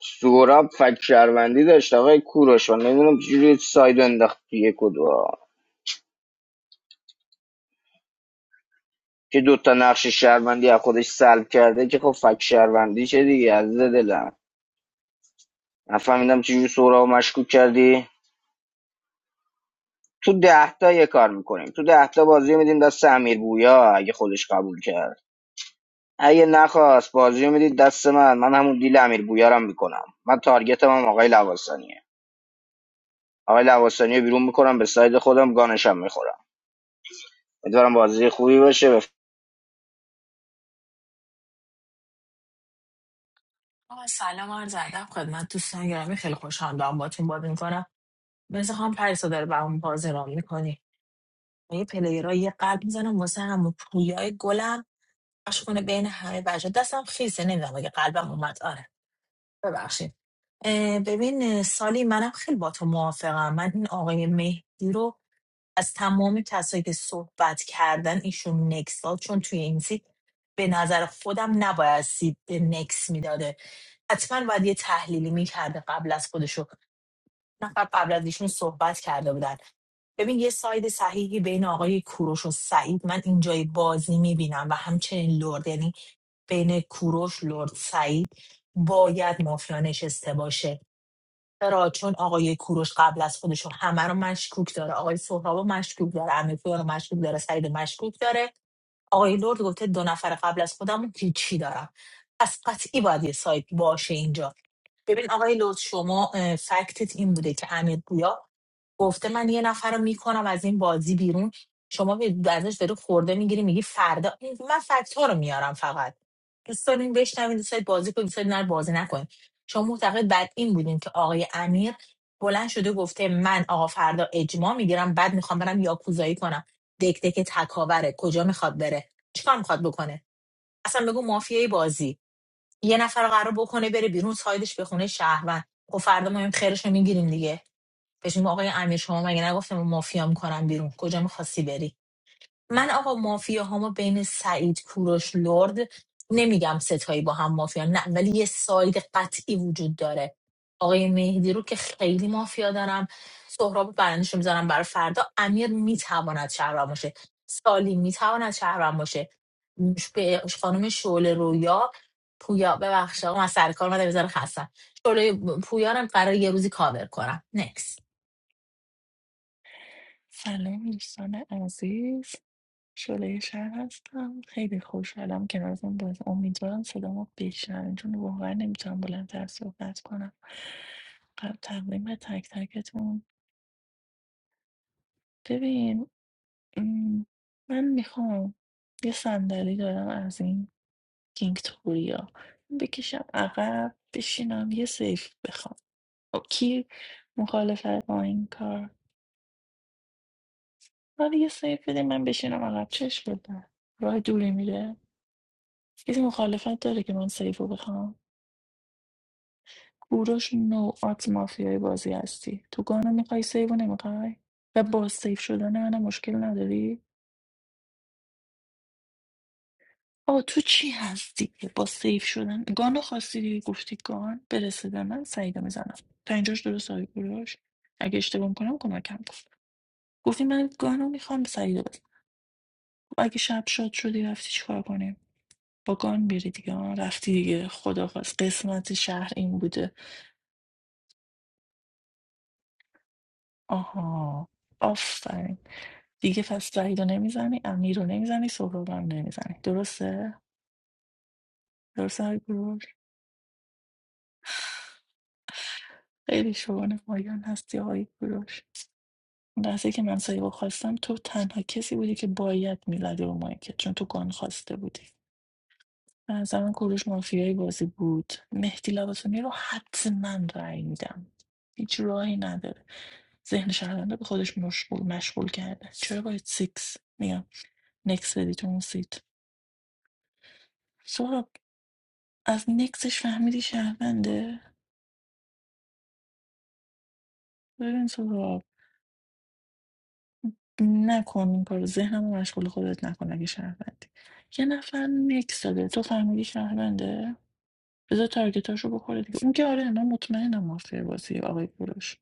Speaker 1: سوراب فک شهروندی داشت آقای کوروش و نمیدونم چجوری ساید انداخت توی کدوا که دوتا نقش شهروندی از خودش سلب کرده که خب فک شهروندی چه دیگه عزیز دلم نفهمیدم چجوری سوراب مشکوک کردی تو ده تا یه کار میکنیم تو ده تا بازی میدیم دست امیر بویا اگه خودش قبول کرد اگه نخواست بازی میدید دست من من همون دیل امیر بویا رو هم میکنم من تارگتم هم آقای لواسانیه آقای لواسانی رو بیرون میکنم به ساید خودم گانشم میخورم امیدوارم بازی خوبی باشه بف...
Speaker 10: آقا سلام عرض ادب خدمت دوستان گرامی خیلی خوشحال دارم باتون بازی میکنم مثل خانم پریسا داره برام بازی رام میکنی با یه پلیرها یه قلب میزنم واسه هم و پویای گلم پخش کنه بین همه بچه دستم خیسه نمیدونم اگه قلبم اومد آره ببخشید اه، ببین اه، سالی منم خیلی با تو موافقم من این آقای مهدی رو از تمام کسایی که صحبت کردن ایشون نکس داد چون توی این سیت به نظر خودم نباید سیت نکس میداده حتما باید یه تحلیلی میکرده قبل از خودشو نفر قبل از ایشون صحبت کرده بودن ببین یه ساید صحیحی بین آقای کوروش و سعید من اینجای بازی میبینم و همچنین لرد یعنی بین کوروش لرد سعید باید مافیا نشسته باشه چرا چون آقای کوروش قبل از خودشون همه رو مشکوک داره آقای سهراب رو مشکوک داره امیرپور رو مشکوک داره سعید رو مشکوک داره آقای لرد گفته دو نفر قبل از خودم رو هیچی دارم پس قطعی باید یه سایت باشه اینجا ببین آقای لرد شما اه، فکتت این بوده که امیر گویا گفته من یه نفر رو میکنم از این بازی بیرون شما به- ازش داری خورده میگیری میگی فردا من فکت رو میارم فقط دوست داریم بشنویم دوست دارید بازی کنیم دوست دارید نه بازی نکنیم شما معتقد بعد این بودین که آقای امیر بلند شده گفته من آقا فردا اجماع میگیرم بعد میخوام برم یاکوزایی کنم دک دک تکاوره کجا میخواد بره چیکار میخواد بکنه اصلا بگو مافیای بازی یه نفر رو قرار بکنه بره بیرون سایدش به خونه شهروند خب فردا ما این خیرش رو میگیریم دیگه بهش میگم آقای امیر شما مگه نگفتم مافیا میکنم بیرون کجا میخواستی بری من آقا مافیا هامو بین سعید کوروش لرد نمیگم ستایی با هم مافیا نه ولی یه ساید قطعی وجود داره آقای مهدی رو که خیلی مافیا دارم سهراب برندش رو میذارم برای فردا امیر میتواند شهروند باشه سالی میتواند شهروند باشه ش- به خانم شعله رویا پویا ببخشید آقا من سر کار اومدم بذاره خستم شعله پویا رو هم قرار یه روزی کاور کنم نکس
Speaker 12: سلام دوستان عزیز شعله شهر هستم خیلی خوشحالم که نازم باز امیدوارم صدامو بشنوین چون واقعا نمیتونم بلندتر صحبت کنم قبل تقدیم به تک تکتون ببین ام، من میخوام یه صندلی دارم از این کینگ توریا بکشم عقب بشینم یه سیف بخوام خب، کی مخالفت با این کار ولی یه سیف بده من بشینم عقب چش بده راه دوری میره کسی مخالفت داره که من سیف رو بخوام کوروش نو آت مافیای بازی هستی تو گانا میخوای سیف رو نمیخوای و با سیف شدن من مشکل نداری آه تو چی هستی که با سیف شدن گانو خواستی دیگه گفتی گان برسه به من سعیدو میزنم تا اینجاش درست آقای کوروش اگه اشتباه میکنم کمکم کن گفتی من گانو میخوام سعیدو بزنم خب اگه شب شاد شدی رفتی چیکار کنیم با گان میری دیگه آه، رفتی دیگه خداحافظ قسمت شهر این بوده آها آفرین دیگه پس سعیدو نمیزنی امیر رو نمیزنی سهراب هم نمیزنی درسته درسته آقای کوروش خیلی شما نمایان هستی آقای کوروش اون لحظه که من سیبو خواستم تو تنها کسی بودی که باید میزدی رو مایکت چون تو گان خواسته بودی به نظر من کوروش مافیایی بازی بود مهدی لباسانی رو حتما رأی میدم هیچ راهی نداره ذهن شهرونده به خودش مشغول مشغول کرده چرا باید سیکس میگم نکس بدی تو اون سیت سهراب از نکسش فهمیدی شهرونده ببین سهراب نکن این کارو ذهنمو مشغول خودت نکن اگه شهروندی یه نفر نکس داده تو فهمیدی شهرونده بذار تارگتاشو بخوره دیگه اون که آره من مطمئنم مافیا بازی آقای کوروش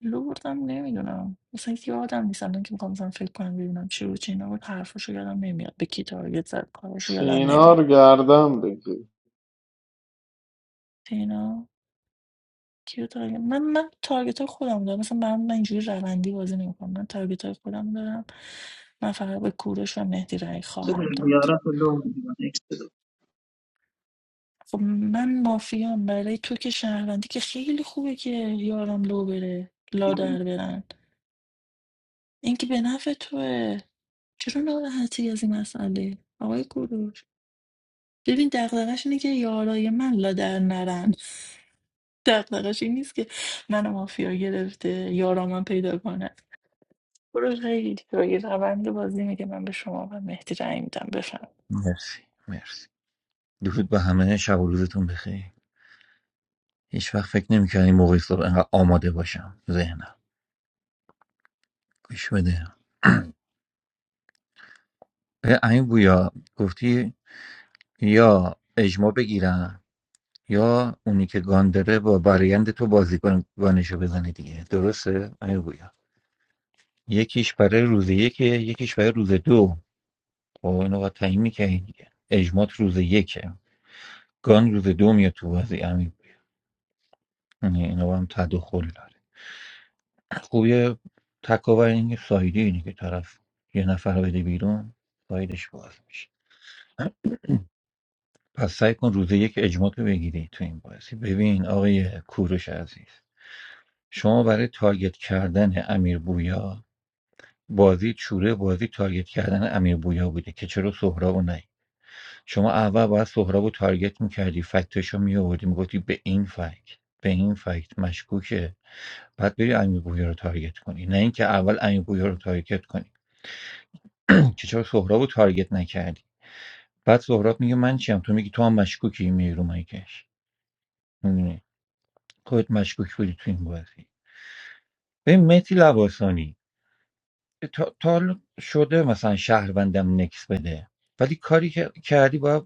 Speaker 12: لوردم نمیدونم مثلا یه آدم نیستم که میخوام مثلا فکر کنم ببینم چی رو چی نبود حرفشو یادم نمیاد به کی تارگت زد کارشو یادم
Speaker 15: تینا رو
Speaker 12: نمیاد
Speaker 15: گردم بگی
Speaker 12: اینا کیو تارگت من من تارگت های خودم دارم مثلا من من اینجوری روندی بازی نمیکنم من تارگت های خودم دارم من فقط به کوروش و مهدی رای خواهم داد خب من مافیام برای تو که شهروندی که خیلی خوبه که یارم لو بره لا در برن این که به نفع توه چرا ناراحتی از این مسئله آقای کوروش ببین دغدغش اینه که یارای من لا در نرن دغدغش این نیست که منو مافیا گرفته یارا من پیدا کنه برو خیلی دیگه روند بازی میگه من به شما و مهدی رأی میدم بفهم
Speaker 13: مرسی مرسی درود به همه شب و روزتون بخیر هیچ وقت فکر نمی‌کردم این موقع صبح انقدر آماده باشم ذهنم گوش بده اه، این بویا گفتی یا اجماع بگیرم یا اونی که گاندره با برایند تو بازی کن گانشو بزنه دیگه درسته این بویا یکیش برای روز یکه یکیش برای روز دو خب اینو باید تعیین می‌کردی دیگه اجمات روز یکه گان روز دو میاد تو بازی امیر یعنی اینا هم تداخل داره خوبی تکاور این سایدی اینه که طرف یه نفر رو بده بیرون سایدش باز میشه پس سعی کن روز یک اجماع رو بگیری تو این بازی ببین آقای کوروش عزیز شما برای تارگت کردن امیر بویا بازی چوره بازی تارگت کردن امیر بویا بوده که چرا سهراب نیوردی شما اول باید سهراب رو تارگت میکردی فکتش رو میآوردی میگفتی به این فکت به این فکت مشکوکه بعد بری امیر گویا رو تارگت کنی نه اینکه اول امیر گویا رو تارگت کنی که چرا سهراب رو تارگت نکردی بعد سهراب میگه من چیم تو میگی تو هم مشکوکی میای رو مایکش میدونی خودت مشکوک بودی تو این بازی ببین مهدی لواسانی تا, تا حالا شده مثلا شهروندم نکس بده ولی کاری که کردی باید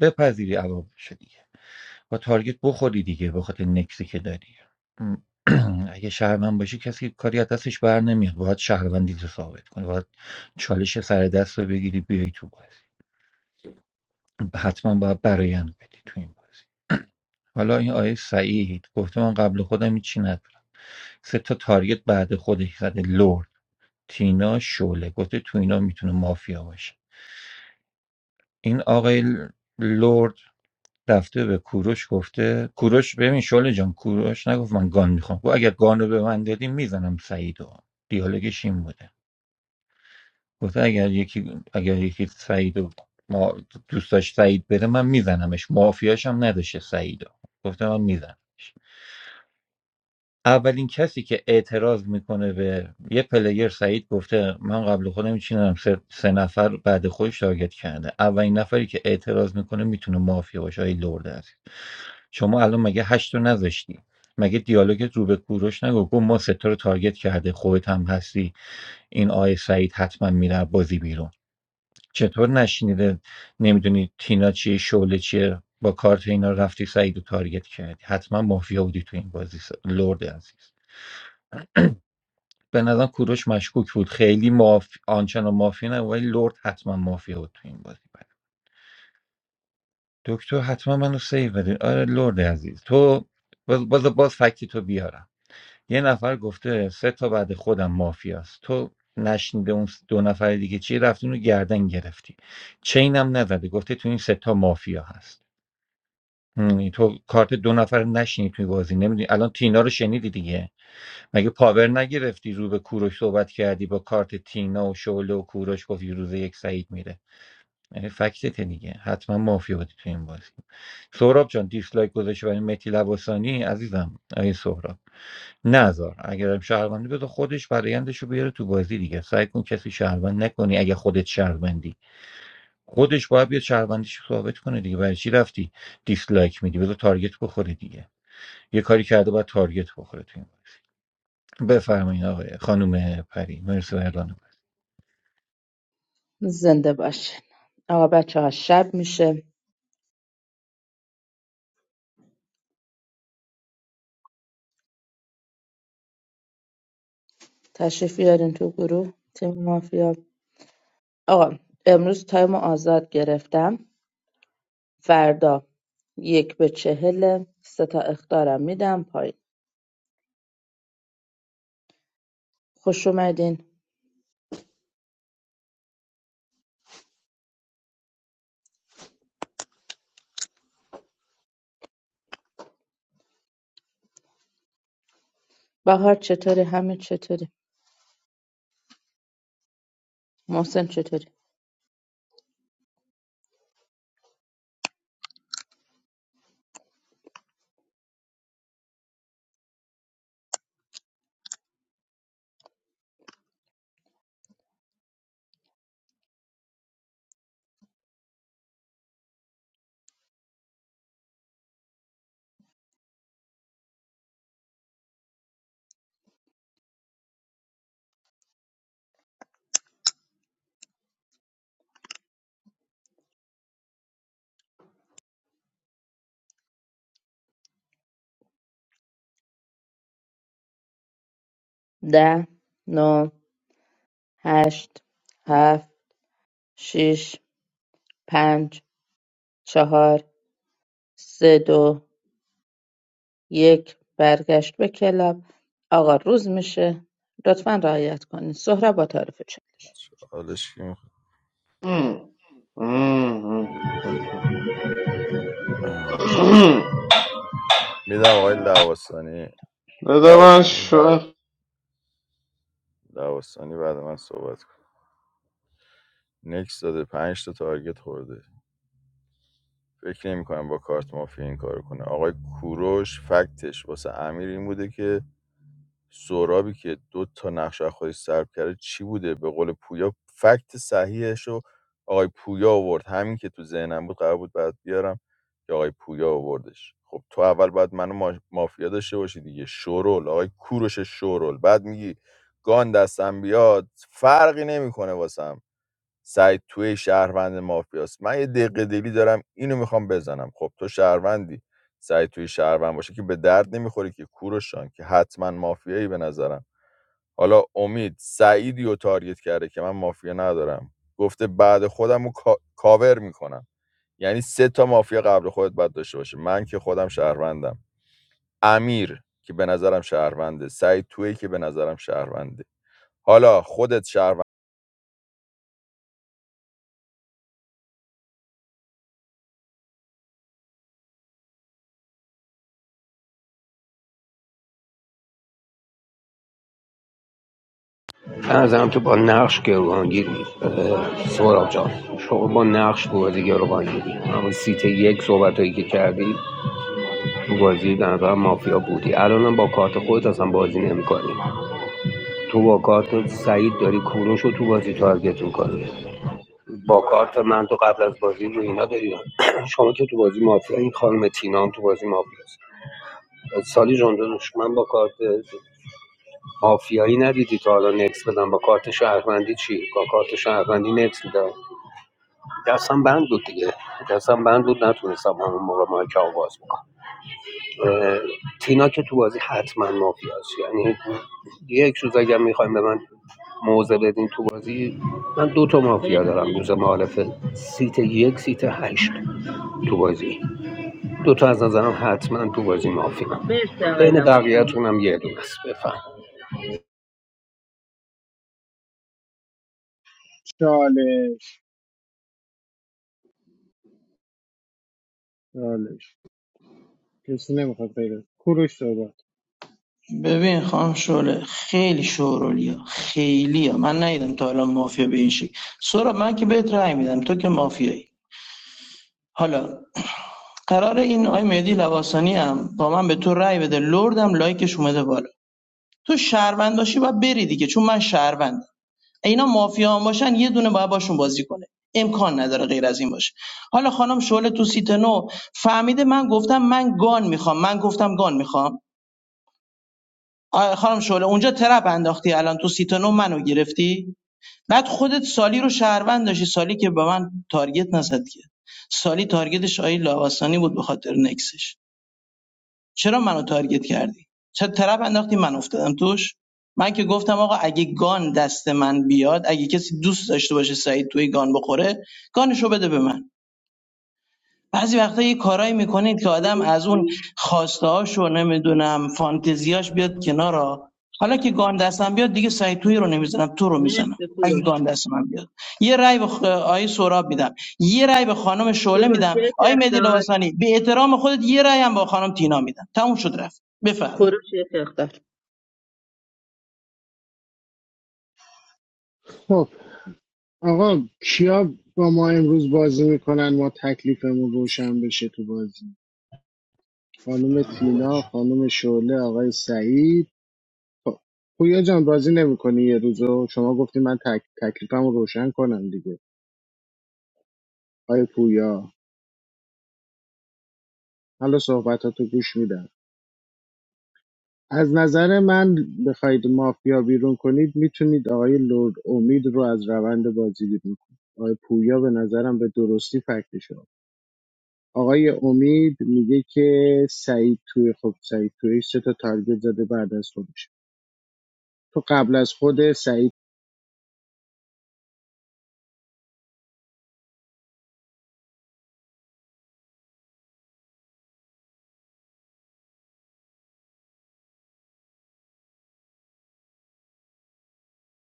Speaker 13: بپذیری عواقبش با تارگت بخوری دیگه به خاطر نکسی که داری اگه شهروند باشی کسی کاری از دستش بر نمیاد باید شهروندی رو ثابت کنی باید چالش سر دست رو بگیری بیای تو بازی حتما باید برایند بدی تو این بازی حالا این آیه سعید گفته من قبل خودم هیچی ندارم سه تا تارگت بعد خودش زده لرد تینا شوله گفته تو اینا میتونه مافیا باشه این آقای لرد رفته به کوروش گفته کوروش ببین شله جان کوروش نگفت من گان میخوام گفت اگر گان رو به من دادی میزنم سعیدو دیالوگش این بوده گفته اگر یکی اگر یکی سعیدو ما دوست داشت سعید بره من میزنمش مافیاش هم نداشته سعیدو گفته من میزنمش اولین کسی که اعتراض میکنه به یه پلیر سعید گفته من قبل خودم چینم سه, سه نفر بعد خودش تارگت کرده اولین نفری که اعتراض میکنه میتونه مافیا باشه ای لرد است شما الان مگه هشت رو نذاشتی مگه دیالوگت رو به کوروش نگو گفت ما ستا رو تارگت کرده خودت هم هستی این آی سعید حتما میره بازی بیرون چطور نشنیده نمیدونی تینا چیه شعله چیه با کارت اینا رفتی سعید رو تارگت کردی حتما مافیا بودی تو این بازی س- لرد عزیز به نظرم کوروش مشکوک بود خیلی معاف... آنچنان مافیا نه ولی لرد حتما مافیا بود تو این بازی دکتر حتما منو سیو بده آره لرد عزیز تو باز باز, باز فکتی تو بیارم یه نفر گفته سه تا بعد خودم مافیاست تو نشنیده اون دو نفر دیگه چی رفتی اونو گردن گرفتی چینم نزده گفته تو این سه تا مافیا هست هم، تو کارت دو نفر نشینی توی بازی نمیدونی الان تینا رو شنیدی دیگه مگه پاور نگرفتی رو به کوروش صحبت کردی با کارت تینا و شعله و کوروش گفتی روز یک سعید میره یعنی فکتت دیگه حتما مافیا بودی تو این بازی سهراب جان دیسلایک گذاشته برای متی لواسانی عزیزم آیه سهراب نزار اگرم شهروندی بذار خودش برایندش رو بیاره تو بازی دیگه سعی کن کسی شهروند نکنی اگه خودت شهروندی خودش باید بیاد شهروندیش رو ثابت کنه دیگه برای چی رفتی دیسلایک میدی بذار تارگت بخوره دیگه یه کاری کرده باید تارگت بخوره تو این بفرمایید آقای خانم پری مرسی و اعلان من.
Speaker 3: زنده باشین آقا بچه ها شب میشه تشریف بیارین تو گروه تیم مافیا آقا امروز تایم رو آزاد گرفتم فردا یک به چهل سه تا اختارم میدم پایین خوش اومدین بهار چطوری همین چطوری محسن چطوری ده نو هشت هفت شیش پنج چهار سه دو یک برگشت به کلاب آقا روز میشه لطفا رعایت کنید سهراب با تعارف چالش
Speaker 2: حالش کی می‌خواد؟
Speaker 15: ام. ام. ام. ام.
Speaker 2: میدم آقای لواسانی
Speaker 15: بده من
Speaker 2: لواسانی بعد
Speaker 15: شوخ
Speaker 2: لواسانی بعد من صحبت کن نکس داده پنج تا تارگت خورده فکر نمی کنم با کارت مافیا این کارو کنه آقای کوروش فکتش واسه امیر این بوده که سورابی که دو تا نقش از خودش سلب کرده چی بوده به قول پویا فکت صحیحش رو آقای پویا آورد همین که تو ذهنم بود قرار بود بعد بیارم که آقای پویا آوردش خب تو اول باید منو ما- مافیا داشته باشی دیگه شورول آقای کوروش شورول بعد میگی گان دستم بیاد فرقی نمیکنه واسم سعید توی شهروند مافیاست من یه دقیقه دلی دارم اینو میخوام بزنم خب تو شهروندی سعید توی شهروند باشه که به درد نمیخوری که کوروشان که حتما مافیایی به نظرم حالا امید سعیدی رو تارگت کرده که من مافیا ندارم گفته بعد خودم رو کا- کاور میکنم یعنی سه تا مافیا قبل خودت باید داشته باشه من که خودم شهروندم امیر که به نظرم شهرونده سعید توی که به نظرم شهرونده حالا خودت شهروندی
Speaker 11: هم تو با نقش گروگانگیری اه، سهراب جان شما با نقش بودی گروگانگیری اما سیت یک صحبت هایی که کردی تو بازی به نظر مافیا بودی الانم با کارت خودت اصلا بازی نمیکنی تو با کارت سعید داری کوروش رو تو بازی تارگت میکنی با کارت من تو قبل از بازی رو اینا داری شما که تو بازی مافیا این خانم تینا هم تو بازی مافیاست سالی جان داداش، من با کارت مافیایی ندیدی تا حالا نکس بدم با کارت شهروندی چی با کارت شهروندی نکس میدم دستم بند بود دیگه دستم بند بود نتونستم همون موقع مایک آواز بکنم اه، تینا که تو بازی حتما مافیاست یعنی یک روز اگر میخوایم به من موضع بدین تو بازی من دو تا مافیا دارم روز
Speaker 3: مرسی
Speaker 11: معارفه سیت یک سیت هشت تو بازی دو تا از نظرم حتما تو بازی مافیا
Speaker 3: مرسی آقای
Speaker 11: بین
Speaker 3: لواسانی
Speaker 11: بقیه‌تون هم یه دونه است بفهم
Speaker 4: چالش چالش کسی نمیخواد غیره کوروش صحبت
Speaker 14: ببین خانم شعله خیلی شورولی ها خیلی ها من ندیدم تا الان مافیا به این شکل سورا من که بهت رأی میدم تو که مافیایی حالا قرار این آی مهدی لواسانی هم با من به تو رأی بده لردم لایکش اومده بالا تو شهروند باشی باید بری دیگه چون من شهروندم اینا مافیا هم باشن یه دونه باید باشون بازی کنه امکان نداره غیر از این باشه حالا خانم شعله تو سیت نو فهمیده من گفتم من گان میخوام من گفتم گان میخوام آ، خانم شعله اونجا ترپ انداختی الان تو سی تا نو منو گرفتی بعد خودت سالی رو شهروند داشتی سالی که به من تارگت نزد که سالی تارگتش آیه لاواسانی بود به خاطر نکسش چرا منو تارگت کردی چرا ترپ انداختی من افتادم توش من که گفتم آقا اگه گان دست من بیاد اگه کسی دوست داشته باشه سعید توی گان بخوره گانشو بده به من بعضی وقتا یه کارایی میکنید که آدم از اون
Speaker 3: مرسی.
Speaker 14: خواسته‌هاشو نمیدونم فانتزیاش بیاد کنارا حالا که گان دستم بیاد دیگه سعی توی رو نمیزنم تو رو میزنم
Speaker 3: مرسی
Speaker 14: اگه
Speaker 3: کوروش
Speaker 14: گان دست من بیاد یه رای به خ... آقای سهراب میدم یه رای به خانم شعله
Speaker 3: کوروش
Speaker 14: میدم
Speaker 3: یک
Speaker 14: آقای مهدی
Speaker 3: اختار
Speaker 14: لباسانی به احترام خودت یه رأی هم با خانم تینا میدم تموم شد رفت بفرمایید
Speaker 3: کوروش یک اختار
Speaker 4: خب آقا کیا با ما امروز بازی میکنن ما تکلیفمون روشن بشه تو بازی خانم تینا خانم شعله آقای سعید خب پویا جان بازی نمیکنی یه روزو شما گفتی من تک... تکلیفم روشن کنم دیگه آقای پویا حالا صحبتاتو گوش میدم از نظر من بخواید مافیا بیرون کنید میتونید آقای لرد امید رو از روند بازی بیرون کنید آقای پویا به نظرم به درستی فکتش آقای امید میگه که سعید توی خب سعید توی سه تا تارگت زده بعد از خودش تو قبل از خود سعید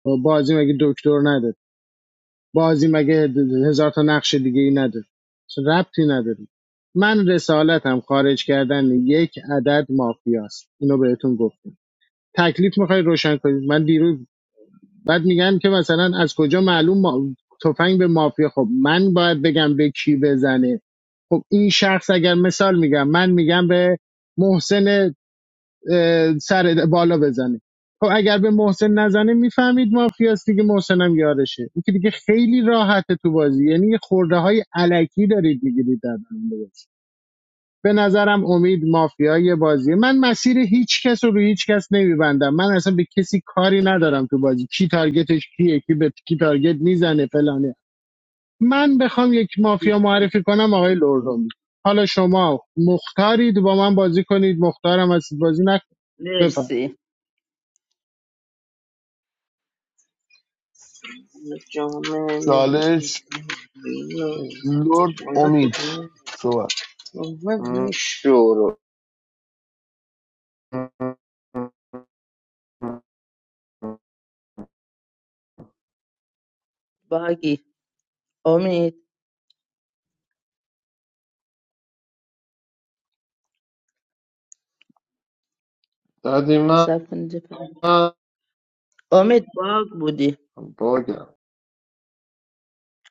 Speaker 4: خب بازی مگه دکتر نداره بازی مگه هزار تا نقش دیگه ای نداره اصلا ربطی نداره من رسالتم خارج کردن یک عدد مافیاست اینو بهتون گفتم تکلیف میخوای روشن کنید من دیروز بعد میگن که مثلا از کجا معلوم ما... تفنگ به مافیا خب من باید بگم به کی بزنه خب این شخص اگر مثال میگم من میگم به محسن سر بالا بزنه خب اگر به محسن نزنه میفهمید مافیاست دیگه محسنم یارشه این که دیگه خیلی راحته تو بازی یعنی خورده های علکی دارید میگیرید در به نظرم امید مافیای بازیه من مسیر هیچ کس رو به هیچ کس نمیبندم من اصلا به کسی کاری ندارم تو بازی کی تارگتش کیه کی به کی تارگت میزنه فلانه من بخوام یک مافیا
Speaker 3: مرسی
Speaker 4: معرفی کنم آقای لرزومی حالا شما مختارید با من بازی کنید مختارم هستید بازی نکنید بفهم
Speaker 3: مرسی
Speaker 7: چالش لرد امید صحبت
Speaker 1: شروع
Speaker 3: باگی امید
Speaker 15: دادی من
Speaker 3: سب کنید یه پس. امید باگ بودی
Speaker 15: باگم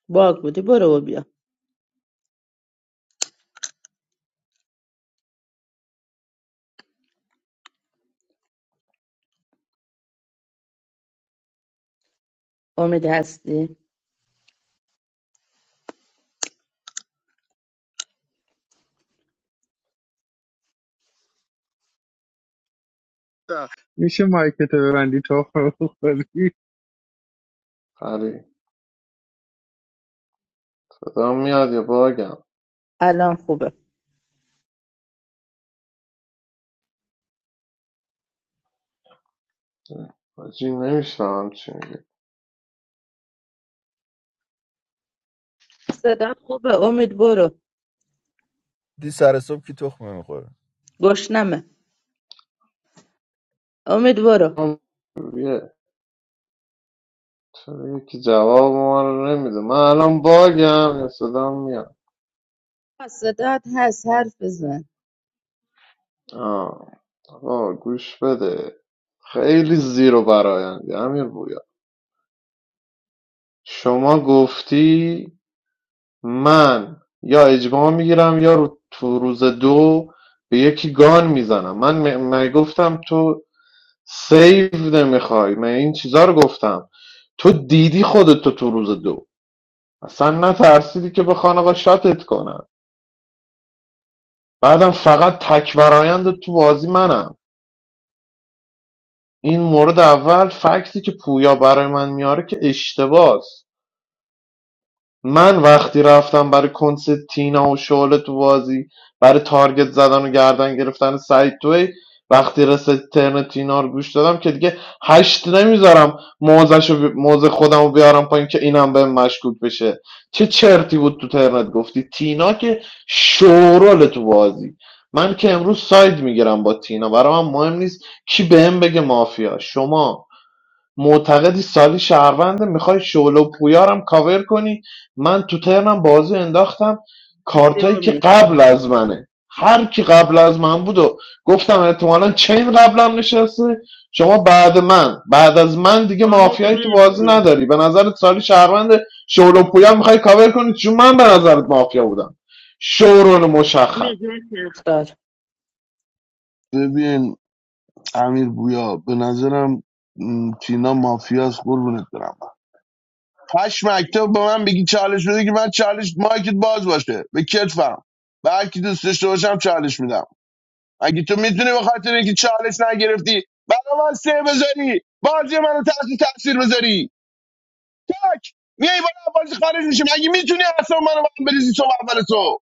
Speaker 3: باگ بودی برو و بیا امید هستی
Speaker 4: میشه مایکتو ببندی تو خودی
Speaker 15: فری بدم میاد یا باگم
Speaker 3: الان خوبه
Speaker 15: حاجی نمیشنم چی میگه
Speaker 3: صدا خوبه امید برو
Speaker 2: سر صبح که تخمه میخوره
Speaker 3: گشنمه امید برو
Speaker 15: یه چرا یکی جواب ما رو نمیده من الان باگم یا صدام میاد
Speaker 3: صدات هست حرف بزن
Speaker 15: آه. آقا گوش بده خیلی زیر و برایندی امیر بویا شما گفتی من یا اجماع میگیرم یا رو تو روز دو به یکی گان میزنم من م- مگه گفتم تو سیو نمیخوای من این چیزا رو گفتم تو دیدی خودتو تو روز دو اصلا نترسیدی که بخوان آقا شاتت کنن بعدم فقط تک برایند تو بازی منم این مورد اول فکتی که پویا برای من میاره که اشتباس من وقتی رفتم برای کنس تینا و شعله تو بازی برا تارگت زدن و گردن گرفتن سعید توی وقتی رسید ترن تینا رو گوش دادم که دیگه هشت نمیذارم موزش و موزه خودم رو بیارم پایین که اینم بهم مشکوک بشه چه چرتی بود تو ترنت گفتی تینا که شورال تو بازی من که امروز ساید میگیرم با تینا برای من مهم نیست کی بهم بگه مافیا شما معتقدی سالی شهرونده میخوای شعله و پویارم کاور کنی من تو ترنم بازی انداختم
Speaker 3: مرسی
Speaker 15: کارتایی که
Speaker 3: امید
Speaker 15: قبل از منه هر کی قبل از من بود و گفتم احتمالا چین قبلم نشسته شما بعد من بعد از من دیگه
Speaker 3: امید
Speaker 15: مافیایی تو بازی
Speaker 3: مرسی
Speaker 15: نداری به نظرت سالی شهرونده شعله و پویا میخوای کاور کنی چون من به نظرت مافیا بودم شورون مشخص
Speaker 3: امید یک اختار
Speaker 7: ببین امیر بویا به نظرم م، تینا مافیاس قربونت برم هشت مکتب به من بگی چالش بده که من چالش مایکت باز باشه به کتفم به هر کی دوست داشته باشم چالش میدم اگه تو میتونی به خاطر اینکه چالش نگرفتی برا من سه بذاری بازی منو تحت تاثیر بذاری تک میای بالا بازی خارج میشه اگه میتونی اصلا منو من بریزی تو اول تو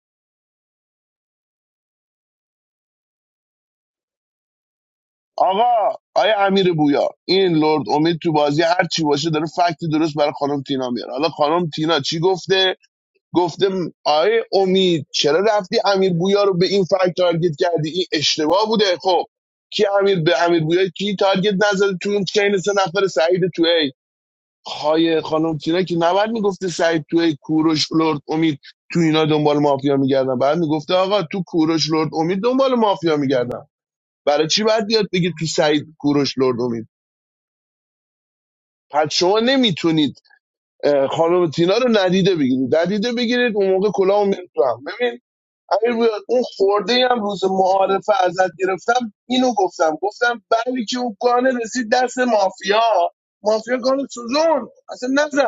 Speaker 7: آقا آیا امیر بویا این لرد امید تو بازی هر چی باشه داره فکت درست برای خانم تینا میاره حالا خانم تینا چی گفته گفته م- آیه امید چرا رفتی امیر بویا رو به این فکت تارگت کردی این اشتباه بوده خب کی امیر به امیر بویا کی تارگت نزد تو اون چین سه نفر سعید تو خای خانم تینا که نباید میگفته سعید توی کوروش لرد امید تو اینا دنبال مافیا میگردن بعد میگفته آقا تو کوروش لرد امید دنبال مافیا میگردن برای چی باید بیاد بگید تو سعید کوروش لرد امید پس شما نمیتونید خانم تینا رو ندیده بگیرید ندیده بگیرید اون موقع کلاهو میاد تو هم. ببین امیر بیاد اون خورده ای هم روز معارفه ازت گرفتم اینو گفتم گفتم بلی که اون گانه رسید دست مافیا مافیا گانه سوزون اصلا نزد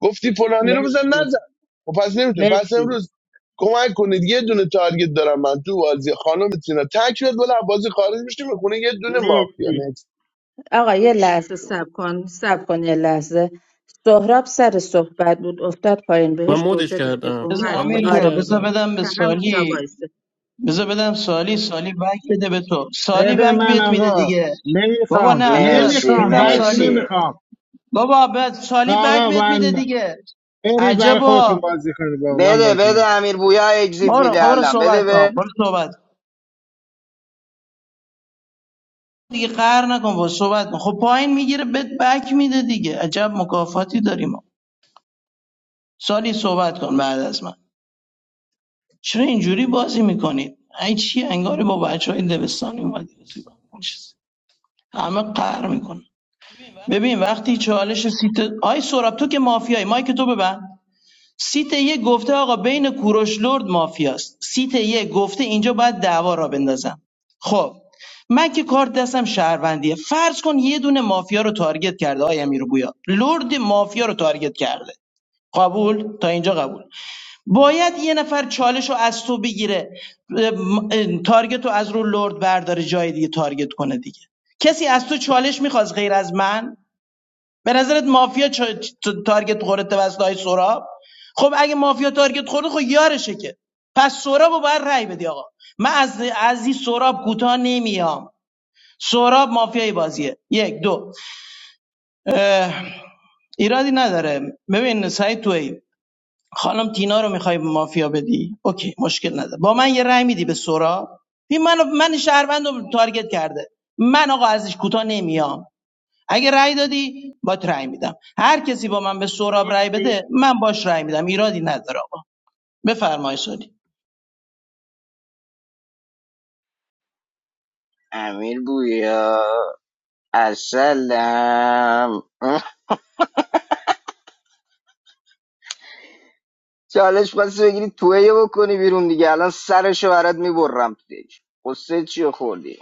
Speaker 7: گفتی فلانی رو بزن
Speaker 3: مرسی
Speaker 7: نزن و پس نمیتونه پس
Speaker 3: مرسی
Speaker 7: امروز کمک کنید یه دونه تارگت دارم من تو بازی خانم تینا تک بیاد بالا بازی خارج میشه میخونه یه دونه مافیا
Speaker 3: مرسی
Speaker 7: نکس
Speaker 3: آقا یه لحظه سب کن سب کن یه لحظه سهراب سر صحبت بود افتاد پایین
Speaker 9: من
Speaker 3: بهش
Speaker 9: مودش
Speaker 3: گوجه دادیم
Speaker 9: کردم
Speaker 14: بذار
Speaker 3: اومد
Speaker 9: من
Speaker 14: امیر
Speaker 9: مودش
Speaker 3: آره
Speaker 14: بیا بذار
Speaker 9: کردم
Speaker 14: بدم به
Speaker 3: که همونجا
Speaker 14: سالی
Speaker 3: وایسه
Speaker 14: بذار بدم سالی سالی بک بده به تو سالی
Speaker 4: بده
Speaker 14: بک
Speaker 4: من
Speaker 14: بهت میده
Speaker 4: آقا
Speaker 14: دیگه بابا
Speaker 4: نمیخوام
Speaker 14: نه بذار
Speaker 1: مرسی
Speaker 4: نمیخوام
Speaker 14: میدم
Speaker 4: بک
Speaker 14: سالی
Speaker 1: مرسی
Speaker 4: نمیخوام
Speaker 14: بابا به سالی بک
Speaker 4: آقا
Speaker 14: بهت میده
Speaker 4: من
Speaker 14: دیگه
Speaker 4: برید برای خودتون
Speaker 14: عجبا
Speaker 4: بازی کنید با من
Speaker 1: بده
Speaker 4: بازی
Speaker 1: بده
Speaker 4: نمی‌کنم.
Speaker 1: امیر بویا اگزیب
Speaker 14: برو خب
Speaker 1: میده
Speaker 14: برو
Speaker 1: الان
Speaker 14: صحبت
Speaker 1: بده
Speaker 14: کن
Speaker 1: به
Speaker 14: برو صحبت دیگه قهر نکن با صحبت کن خب پایین میگیره بهت بک میده دیگه عجب مکافاتی داریم ما. سالی صحبت کن بعد از من چرا اینجوری بازی میکنید ای چی انگاری با بچه های دبستانی اومدیم توی اون چیز. همه قهر میکنن ببین وقتی چالش سیت آی سراب تو که مافیایی مایک تو ببند سیت یک گفته آقا بین کوروش لرد مافیاست سیت یک گفته اینجا باید دعوا را بندازم خب من که کارت دستم شهروندیه فرض کن یه دونه مافیا رو تارگت کرده آیا امیر بویا لرد مافیا رو تارگت کرده قبول تا اینجا قبول باید یه نفر چالش رو از تو بگیره اه، م- اه، تارگت رو از رو لرد برداره جای دیگه تارگت کنه دیگه کسی از تو چالش میخواست غیر از من به نظرت مافیا چا- چ- تارگت خورده توسط های سوراب خب اگه مافیا تارگت خورده خب یارشه که پس سورابو رو باید رأی بدی آقا من از از این سوراب کوتاه نمیام سوراب مافیای بازیه یک دو ایرادی نداره ببین سعید توی خانم تینا رو میخوای به مافیا بدی اوکی مشکل نداره با من یه رأی میدی به سوراب این من من شهروند رو تارگت کرده من آقا ازش کوتاه نمیام اگه رأی دادی با رأی میدم هر کسی با من به سهراب رأی بده من باش رأی میدم ایرادی نداره آقا بفرمایید سالی
Speaker 1: امیر بویا اصلم چالش پس بگیری توهیه بکنی بیرون دیگه الان سرشو برات میبرم تو دیگه قصه چیو خوردی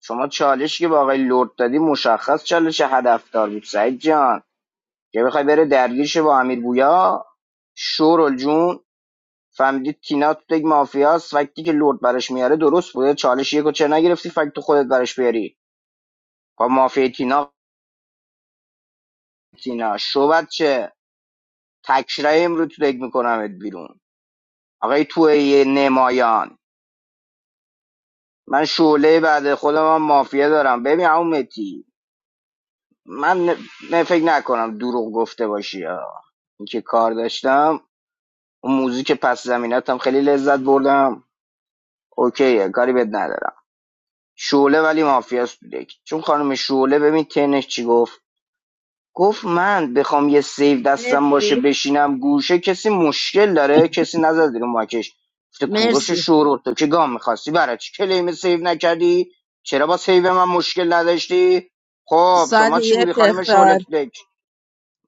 Speaker 1: شما چالشی که به آقای لرد دادی مشخص چالش هدفدار بود سعید جان که بخوای بره درگیرش با امیر بویا شورل جون فهمیدی تینا تو یک مافیاست وقتی که لرد برش میاره درست بوده چالش یکو چه نگرفتی فکت تو خودت براش بیاری با مافیا تینا تینا شو چه تکشرای امرو تو یک میکنمت بیرون آقای تو نمایان من شعله بعد خودم هم مافیا دارم ببین عمو متی من ن- نه فکر نکنم دروغ گفته باشی آه. اینکه کار داشتم اون موزیک پس زمینتم خیلی لذت بردم اوکیه کاری بد ندارم شعله ولی مافیاست تو دک چون خانم شعله ببین تنش چی گفت گفت من بخوام یه سیو دستم باشه
Speaker 3: مرسی
Speaker 1: بشینم گوشه کسی مشکل داره کسی نزد رو ماکش گفته کوروش
Speaker 3: مرسی
Speaker 1: شورو تو که گام میخواستی برای چی کلیم سیو نکردی چرا با سیو من مشکل نداشتی خب شما
Speaker 3: سالی
Speaker 1: چی
Speaker 3: یک
Speaker 1: بودی خانم شعله
Speaker 3: اختار
Speaker 1: تو دک؟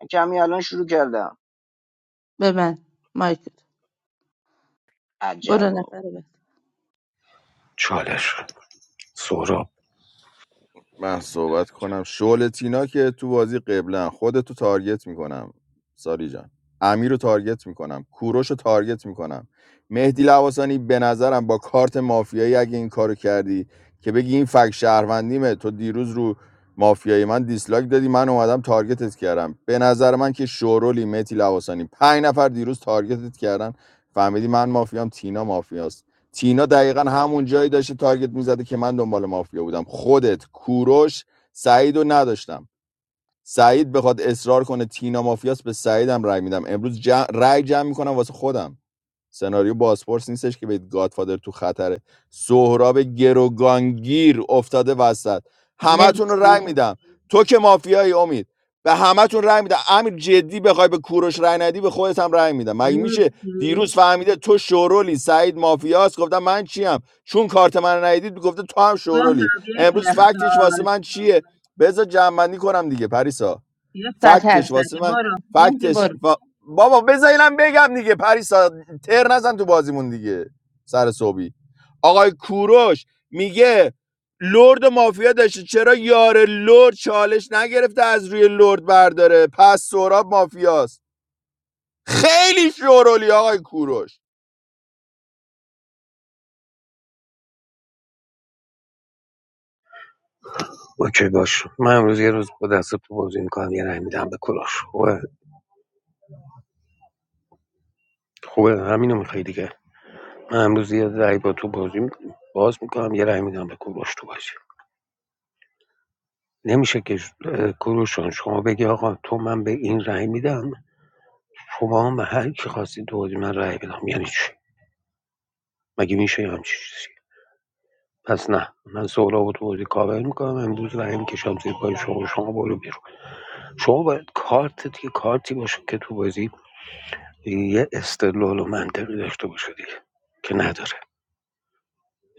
Speaker 1: من کمی الان شروع کردم
Speaker 3: به من مایک برو
Speaker 1: عجبا
Speaker 3: نفر بعد
Speaker 11: چالش سهراب
Speaker 2: من صحبت کنم شعله تینا که تو بازی قبلن خودتو تارگت میکنم ساری جان امیر رو تارگت میکنم کوروش رو تارگت میکنم مهدی لواسانی به نظرم با کارت مافیایی اگه این کارو کردی که بگی این فک شهروندیمه تو دیروز رو مافیایی من دیسلاک دادی من اومدم تارگتت کردم به نظر من که شورولی مهدی لواسانی پنج نفر دیروز تارگتت کردن فهمیدی من مافیام تینا مافیاست تینا دقیقا همون جایی داشته تارگت میزده که من دنبال مافیا بودم خودت کوروش سعید رو نداشتم سعید بخواد اصرار کنه تینا مافیاس به سعیدم رای میدم امروز جمع رای جمع میکنم واسه خودم سناریو بازپرس نیستش که بگید گادفادر تو خطره سهراب گروگانگیر افتاده وسط همتون رو رای
Speaker 3: مرسی
Speaker 2: میدم تو که مافیایی امید به همتون رای میدم امیر جدی بخوای به کوروش رای ندی به خودت هم رای میدم مگه میشه
Speaker 3: مرسی
Speaker 2: دیروز فهمیده تو شورولی سعید مافیاست گفتم من چیم چون کارت من رو ندید گفته تو هم شورولی
Speaker 3: سهراب یک
Speaker 2: امروز فکتش
Speaker 3: اختار
Speaker 2: واسه من چیه بذار جمعنی کنم دیگه پریسا
Speaker 3: یک ساعت حرف
Speaker 2: فکتش
Speaker 3: زدی
Speaker 2: واسه من
Speaker 3: برو مهدی
Speaker 2: فکتش
Speaker 3: برو
Speaker 2: وا- بابا بذار اینم بگم دیگه پریسا تر نزن تو بازیمون دیگه سر صبحی آقای کوروش میگه لرد مافیا داشته چرا یار لرد چالش نگرفته از روی لرد برداره پس سوراب مافیاست خیلی شورولی آقای کوروش
Speaker 11: اوکی باش من امروز یه روز با دست تو بازی میکنم یه رای میدم به کلاش خوبه خوبه همینو میخوای دیگه من امروز یه رای با تو بازی میکنم باز میکنم یه رای میدم به کلاش تو بازی نمیشه که اه، شما بگی آقا تو من به این رای میدم شما هم هر کی خواستید تو بازی من رای بدم یعنی چی مگه میشه یه همچین چیزی پس نه من سهراب و تو بازی کاور میکنم امروز رای میکشم زیر پای شما شما برو بیرون شما باید کارت دیگه کارتی باشه که تو بازی یه استدلال و منطقی داشته باشه دیگه که نداره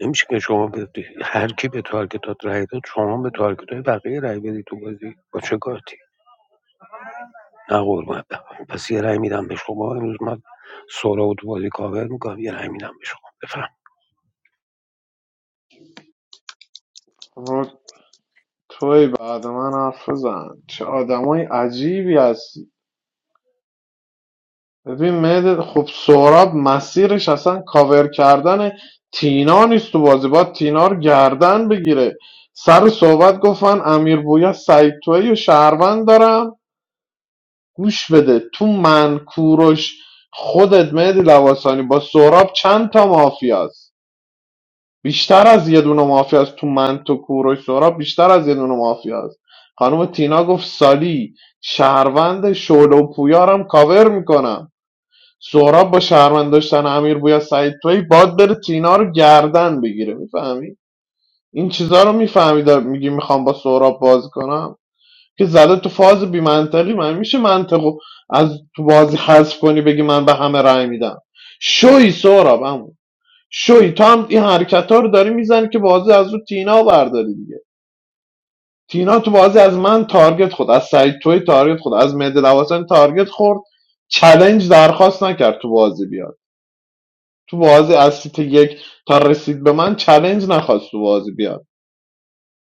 Speaker 11: نمیشه که شما به هر کی به تارگتات رای داد شما به تارگت های بقیه رای بدی تو بازی با چه کارتی نه قربونت برم. پس یه رای میدم به شما امروز من سورا و تو بازی کاور میکنم یه رای میدم به شما بفهم
Speaker 15: رو توی بعد من حرف بزن چه آدمای عجیبی هستی ببین مهدت خب سهراب مسیرش اصلا کاور کردن تینا نیست تو بازی باید تینا رو گردن بگیره سر صحبت گفتن امیر بویا سعید توی و شهروند دارم گوش بده تو من کوروش خودت مهدی لواسانی با سهراب چند تا مافیاست بیشتر از یه دونه مافیاست تو من تو کوروش سهراب بیشتر از یه دونه مافیاست خانم تینا گفت سالی شهروند شعله و پویارم کاور میکنم سهراب با شهروند داشتن امیر بویا سعید توی باد بره تینا رو گردن بگیره میفهمی این چیزا رو میفهمید میگی میخوام با سهراب بازی کنم که زده تو فاز بی منطقی من میشه منطقو از تو بازی حذف کنی بگی من به همه رأی میدم شوی سهراب همون شوی تو هم این حرکت ها رو داری میزنی که بازی از رو تینا برداری دیگه تینا تو بازی از من تارگت خود از سعید توی تارگت خود از مهدی لواسانی تارگت خورد چلنج درخواست نکرد تو بازی بیاد تو بازی از سیت یک تا رسید به من چلنج نخواست تو بازی بیاد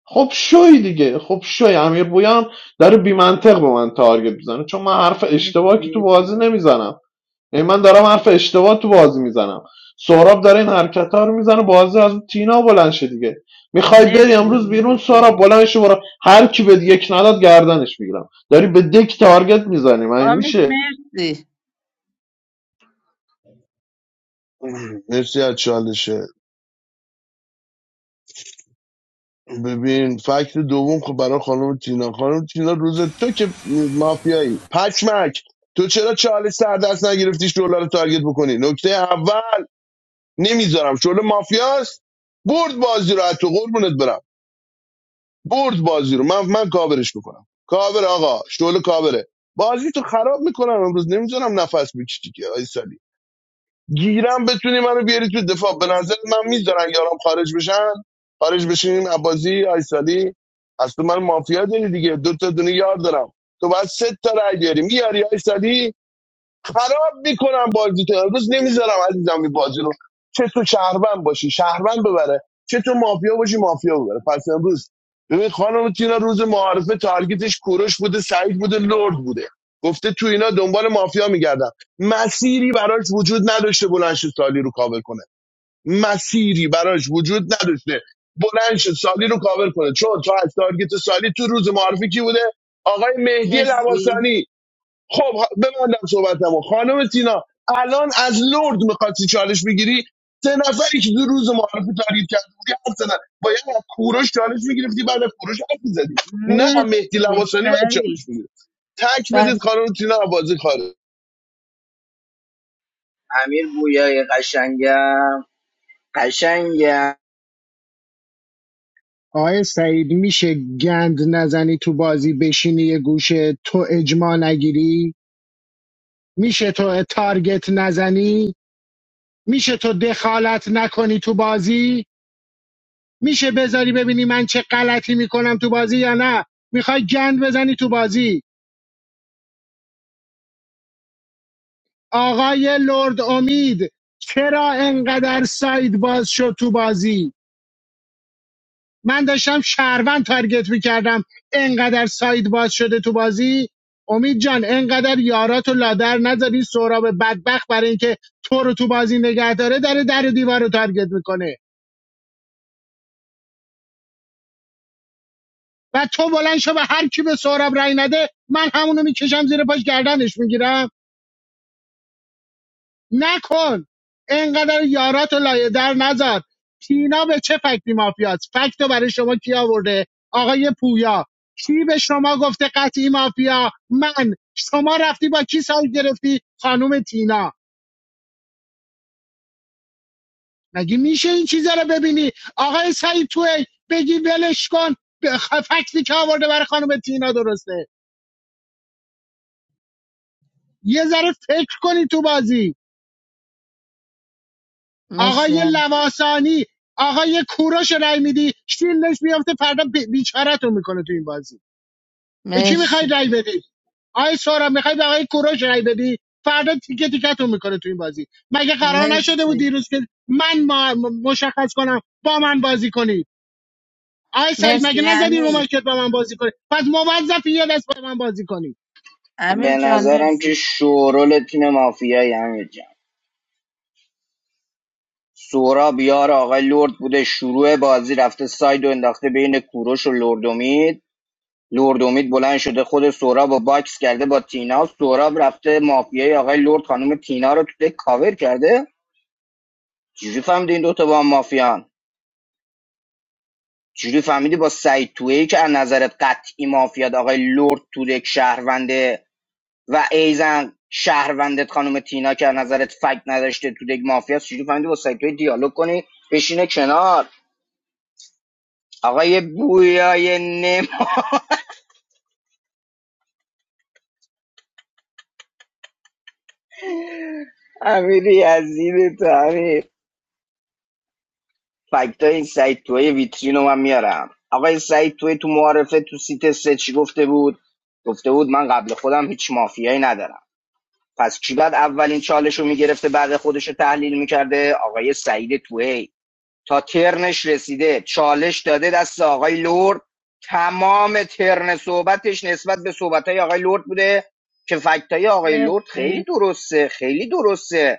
Speaker 15: خب شوی دیگه خب شوی امیر بویان داره بیمنطق به من تارگت میزنه چون من حرف اشتباه که تو
Speaker 3: مرسی
Speaker 15: بازی نمیزنم یعنی من دارم حرف اشتباه تو بازی میزنم سهراب داره این حرکت ها رو میزنه بازی از اون تینا بلند شه دیگه میخوای بری
Speaker 3: مرسی
Speaker 15: امروز
Speaker 3: امید
Speaker 15: بیرون سهراب بلند شه برو هر کی به یک نداد گردنش میگیرم داری به دک تارگت میزنی من
Speaker 3: امید
Speaker 15: میشه
Speaker 3: مرسی
Speaker 7: مرسی از چالشه ببین فکت دوم خب برای خانم تینا خانم تینا روز تو که مافیایی پشمک تو چرا چالش سر دست نگرفتی شعله رو تارگت بکنی نکته اول نمیذارم شعله مافیاست برد بازی رو از تو قربونت برم برد بازی رو من من کاورش میکنم کاور آقا شعله کاوره بازی تو خراب میکنم امروز نمیذارم نفس بکشی که آی سالی گیرم بتونی منو بیاری تو دفاع به نظر من میذارم یارم خارج بشن خارج بشیم از بازی آی سالی از من مافیا داری دیگه دو تا دونه یار دارم تو باید سه تا رای بیاری میاری آی سالی خراب میکنم بازی تو امروز نمیذارم عزیزم این بازی رو چه تو شهروند باشی شهروند ببره چه تو مافیا باشی مافیا ببره پس امروز ببین خانم تینا روز معارفه تارگتش کوروش بوده سعید بوده لرد بوده گفته تو اینا دنبال مافیا میگردم مسیری براش وجود نداشته بلند شه سالی رو کاور کنه مسیری براش وجود نداشته بلند شه سالی رو کاور کنه چون تا از تارگت سالی تو روز معارفه کی بوده آقای مهدی
Speaker 3: مرسی
Speaker 7: لواسانی خب ها- ببندم صحبتمو خانم تینا الان از لرد میخواستی چالش بگیری سه نفری که دو روز معارف تاریخ کرد بودی حرف زدن باید از کوروش چالش میگرفتی بعد از کوروش حرف میزدی نه
Speaker 3: مرسی
Speaker 7: مهدی لواسانی بعد
Speaker 3: سعید
Speaker 7: چالش میگیره تک بدید
Speaker 3: بس
Speaker 7: خانم تینا بازی خارج
Speaker 1: امیر بویای قشنگم قشنگم
Speaker 4: آقای سعید میشه گند نزنی تو بازی بشینی یه گوشه تو اجماع نگیری میشه تو تارگت نزنی میشه تو دخالت نکنی تو بازی میشه بذاری ببینی من چه غلطی میکنم تو بازی یا نه میخوای گند بزنی تو بازی آقای لرد امید چرا انقدر سعید باز شد تو بازی من داشتم شهروند تارگت میکردم انقدر ساید باز شده تو بازی امید جان انقدر یارات و لادر نذاری سهراب بدبخت برای اینکه تو رو تو بازی نگه داره داره در و دیوار رو تارگت میکنه و تو بلند شو به هر کی به سهراب رای نده من همونو میکشم زیر پاش گردنش میگیرم نکن انقدر یاراتو لایه در نذار تینا به چه فکتی مافیاست فکتو برای شما کی آورده آقای پویا کی به شما گفته قطعی مافیا من شما رفتی با کی سایت گرفتی خانم تینا مگه میشه این چیزا رو ببینی آقای سعید توی بگی ولش کن به خ- فکتی که آورده برای خانم تینا درسته یه ذره فکر کنی تو بازی
Speaker 3: مرسی
Speaker 4: آقای
Speaker 3: ام-
Speaker 4: لواسانی آقای کوروش رو رأی میدی شیلش میفته فردا بی- بیچارهتون میکنه تو این بازی به کی میخوای
Speaker 3: مرسی
Speaker 4: رأی بدی آقای سهراب میخوای به آقای کوروش رأی بدی فردا تیکه تیکتون میکنه تو این بازی مگه قرار نشده بود
Speaker 3: مرسی
Speaker 4: دیروز که من ما م- مشخص کنم با من بازی کنی آقای سعید
Speaker 3: مرسی
Speaker 4: مگه نزدی رو
Speaker 3: امیر
Speaker 4: مایکت با من بازی کنی پس موظفی یه دست با من بازی کنی
Speaker 3: امیر
Speaker 1: به
Speaker 3: جان
Speaker 1: نظرم
Speaker 3: مرسی
Speaker 1: که شورول تیم مافیایی امیر جان سورا بیار آقای لرد بوده شروع بازی رفته ساید و انداخته بین کوروش و لردومید لردومید بلند شده خود سورا با باکس کرده با تینا سورا رفته مافیای آقای لرد خانم تینا رو تو دک کاور کرده چجوری فهمیدین دوتا با هم مافیان جوری فهمیدی با سعید تویی که از نظرت قطعی مافیاد آقای لرد تورک شهرونده و ایزن شهروندت خانم تینا که از نظرت فکت نداشته تو دیگ مافیاست چجوری فهمیدی با سعید تویی دیالوگ کنی بشینه کنار آقای بویای نما امیری عزیز تو امیر فکت های این سعید تویی ویترین رو من میارم آقای سعید تویی تو معارفه تو سیت سه چی گفته بود گفته بود من قبل خودم هیچ مافیایی ندارم پس کی بعد اولین چالش رو میگرفته بعد خودش رو تحلیل میکرده آقای سعید توهی تا ترنش رسیده چالش داده دست آقای لرد تمام ترن صحبتش نسبت به صحبت آقای لرد بوده که فکت آقای لرد خیلی
Speaker 3: مرسی
Speaker 1: درسته خیلی درسته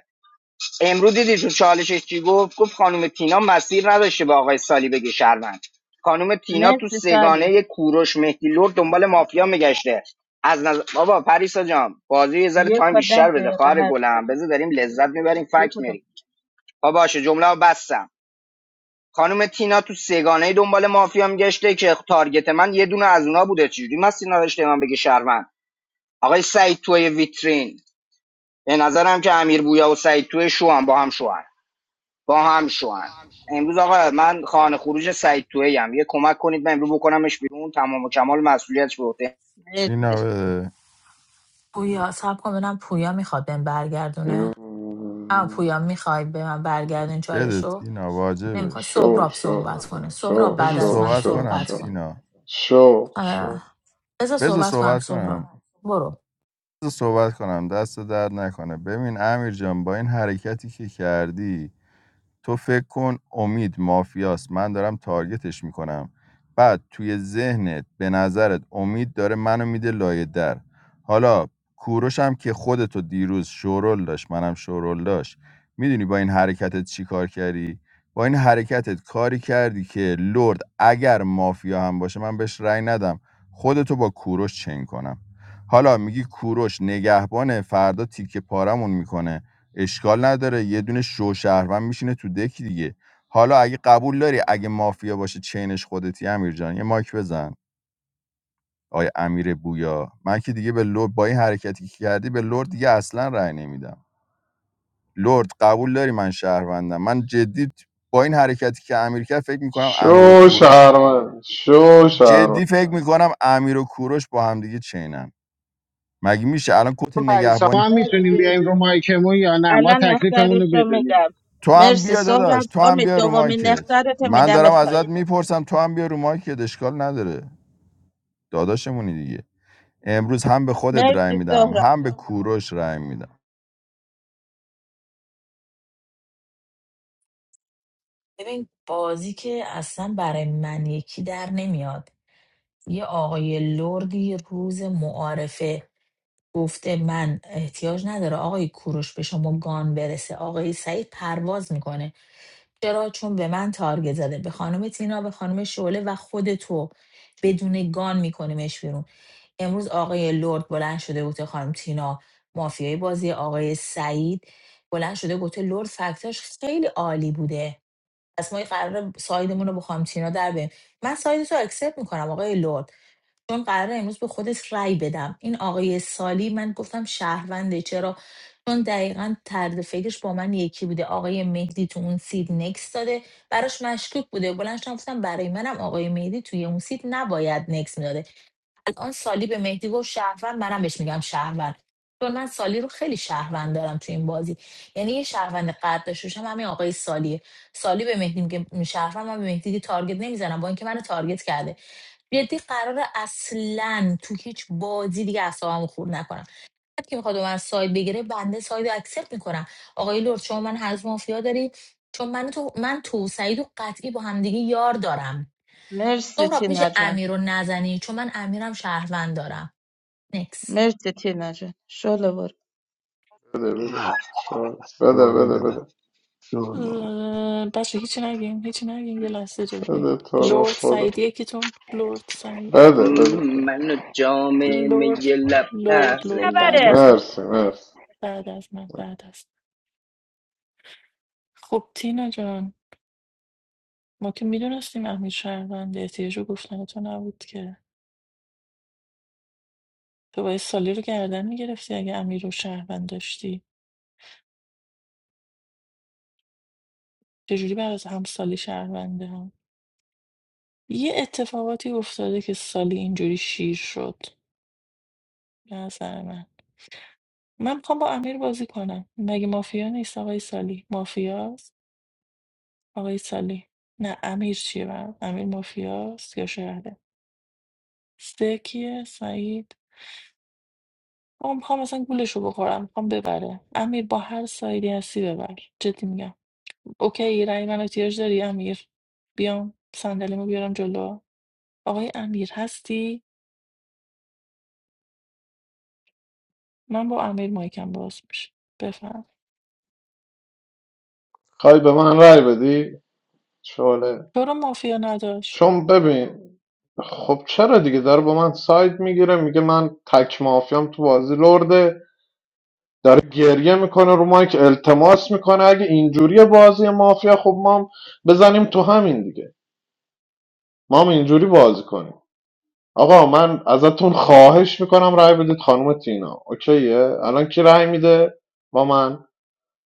Speaker 1: امروز دیدی تو چالشش چی گفت گفت خانم تینا مسیر نداشته به آقای سالی بگه شهروند خانم تینا تو
Speaker 3: مرسی سالی
Speaker 1: سگانه کوروش مهدی لور دنبال مافیا میگشته از نظر بابا پریسا جان بازی یه ذره
Speaker 3: یک
Speaker 1: تایم
Speaker 3: و ده
Speaker 1: بیشتر بده
Speaker 3: دقیقه
Speaker 1: خواهر
Speaker 3: حرف
Speaker 1: گلم
Speaker 3: زدی
Speaker 1: بذار داریم لذت میبریم
Speaker 3: یک
Speaker 1: فکت
Speaker 3: و ده
Speaker 1: میری با باشه جمله رو بستم خانم تینا تو سگانه دنبال مافیا میگشته که تارگت من یه دونه از اونا بوده چجوری مسیر نداشته من بگه شهروند آقای سعید توی ویترین به نظرم که امیر بویا و سعید توی شو هم با هم شوهن با هم شوهن امروز آقا من خانه خروج سعید توی هم یه کمک کنید من امروز بکنمش بیرون تمام و کمال مسئولیتش به عهده
Speaker 2: تینا
Speaker 3: مرسی
Speaker 2: بده
Speaker 10: پویا سب کن ببینم پویا میخواد بهم برگردونه اما پویا میخوای به من برگردین
Speaker 2: بده
Speaker 10: چالشو
Speaker 2: تینا واجبه
Speaker 10: نمیخوای
Speaker 15: شو شو
Speaker 10: سهراب
Speaker 15: شو
Speaker 10: صحبت کنه
Speaker 15: شو
Speaker 10: سهراب
Speaker 2: بذار
Speaker 10: بعد از
Speaker 15: شو
Speaker 10: من
Speaker 2: صحبت
Speaker 15: شو
Speaker 2: کنم
Speaker 10: صحبت
Speaker 15: شو
Speaker 10: کن
Speaker 2: تینا
Speaker 15: شو شو
Speaker 10: اه، بذار
Speaker 2: بذار
Speaker 10: صحبت کنم
Speaker 2: صحبت
Speaker 10: سهراب
Speaker 2: کنم
Speaker 10: برو
Speaker 2: بذار صحبت کنم دست درد نکنه ببین امیر جان با این حرکتی که کردی تو فکر کن امید مافیاست من دارم تارگتش میکنم بعد توی ذهنت به نظرت امید داره منو میده لایه در حالا کوروش هم که خودتو دیروز شورول داشت منم شورول داشت میدونی با این حرکتت چی کار کردی با این حرکتت کاری کردی که لرد اگر مافیا هم باشه من بهش رأی ندم خودتو با کوروش چین کنم حالا میگی کوروش نگهبانه فردا تیکه پارمون میکنه اشکال نداره یه دونه شو شهروند میشینه تو دک دیگه حالا اگه قبول داری اگه مافیا باشه چینش خودتی امیر جان یه ماک بزن آیا امیر بویا من که دیگه به لرد با این حرکتی که کردی به لرد دیگه اصلا رأی نمیدم لرد قبول داری من شهروندم من جدی با این حرکتی که امیر کرد فکر میکنم امیر و
Speaker 15: شو
Speaker 2: کوروش
Speaker 15: شهرمند شو شهرمند
Speaker 2: جدی فکر میکنم امیر و کوروش با هم دیگه چینم مگه میشه الان کت نگهبانی
Speaker 4: ما هم میتونیم
Speaker 3: مرسی
Speaker 4: بیایم رو مایکمون یا نه ما
Speaker 3: الان
Speaker 4: تکلیفمون
Speaker 3: اختارش
Speaker 4: رو
Speaker 3: رو
Speaker 4: بدونیم
Speaker 3: میدم
Speaker 2: تو هم
Speaker 3: مرسی
Speaker 2: بیا داداش
Speaker 3: سهراب
Speaker 2: تو هم
Speaker 3: امید
Speaker 2: بیا رو
Speaker 3: دومین
Speaker 2: مایکت
Speaker 3: اختارت
Speaker 2: من دارم
Speaker 3: میدمت
Speaker 2: ازت
Speaker 3: پایین
Speaker 2: میپرسم تو هم بیا رو مایکت اشکال نداره داداشمونی دیگه امروز هم به خودت رأی
Speaker 3: مرسی
Speaker 2: میدم
Speaker 3: سهراب
Speaker 2: هم به کوروش رأی میدم
Speaker 10: ببین بازی که اصلا برای من یکی در نمیاد یه آقای لردی روز معارفه گفته من احتیاج نداره آقای کوروش به شما گان برسه آقای سعید پرواز میکنه چرا چون به من تارگت زده به خانم تینا به خانم شعله و خود تو بدون گان میکنیمش بیرون امروز آقای لرد بلند شده گفته خانم تینا مافیای بازی آقای سعید بلند شده گفته لرد فکتاش خیلی عالی بوده پس ما قرار سایدمون رو با خانم تینا در بیم من ساید تو اکسپت میکنم آقای لرد چون قراره امروز به خودش رأی بدم این آقای سالی من گفتم شهرونده چرا چون دقیقا طرز فکرش با من یکی بوده آقای مهدی تو اون سید نکس داده براش مشکوک بوده بلند شدم گفتم برای منم آقای مهدی توی اون سید نباید نکس میداده الان سالی به مهدی گفت شهروند منم بهش میگم شهروند چون من سالی رو خیلی شهروند دارم تو این بازی یعنی یه شهروند قد داشته همین آقای سالیه سالی به مهدی میگه شهروند من به مهدی دیگه تارگت نمیزنم با اینکه منو تارگت کرده جدی قرار اصلا تو هیچ بازی دیگه اعصابمو خورد نکنم هر کی میخواد من ساید بگیره بنده ساید رو اکسپت میکنم آقای لرد شما من هنوز مافیا داری چون من تو من تو و سعید و قطعی با همدیگه یار دارم
Speaker 3: مرسی
Speaker 10: سهراب میشه
Speaker 3: تینا جان
Speaker 10: امیر رو نزنی چون من امیرم شهروند دارم نکس
Speaker 3: مرسی تینا جان شلو برو
Speaker 15: بده بده شو بده بده بده
Speaker 12: بچه هیچی نگیم هیچی نگیم یه لحظه اجازه بدیم
Speaker 15: بده تو رو
Speaker 12: لورد
Speaker 15: خدا
Speaker 12: سعید یکیتون لورد سعید
Speaker 15: بده بده, بده.
Speaker 1: منو جام می
Speaker 12: لورد
Speaker 1: لب
Speaker 3: من
Speaker 12: لورد
Speaker 3: چه
Speaker 12: لورد
Speaker 1: نخوری
Speaker 12: بعد
Speaker 3: خبره
Speaker 1: من
Speaker 12: از من
Speaker 15: مرسی مرسی
Speaker 12: بعد از من بعد از خب تینا جان ما که میدونستیم امیر شهروند احتیاج رو گفتن تو نبود که تو باید سالی رو گردن میگرفتی اگه امیر رو شهروند داشتی چجوری بعد از هم سالی شهرونده هم یه اتفاقاتی افتاده که سالی اینجوری شیر شد به نظر من من میخوام با امیر بازی کنم مگه مافیا نیست آقای سالی مافیاست آقای سالی نه امیر چیه برام امیر مافیاست یا شهرده سه کیه سعید آقا میخوام اصلا گولش رو بخورم میخوام ببره امیر با هر سایدی هستی ببر جدی میگم اوکی رأی من احتیاج داری امیر بیام صندلیمو بیارم جلو آقای امیر هستی من با امیر مایکم باز میشه بفهم
Speaker 15: خواهی به من رای بدی شعله
Speaker 12: تو رو مافیا نداشت
Speaker 15: چون ببین خب چرا دیگه داره با من ساید میگیره میگه من تک مافیام تو بازی لرده داره گریه میکنه رو مایک التماس میکنه اگه اینجوری بازی مافیا خب ما هم بزنیم تو همین دیگه ما هم اینجوری بازی کنیم آقا من ازتون خواهش میکنم رأی بدید خانم تینا اوکیه الان کی رأی میده با من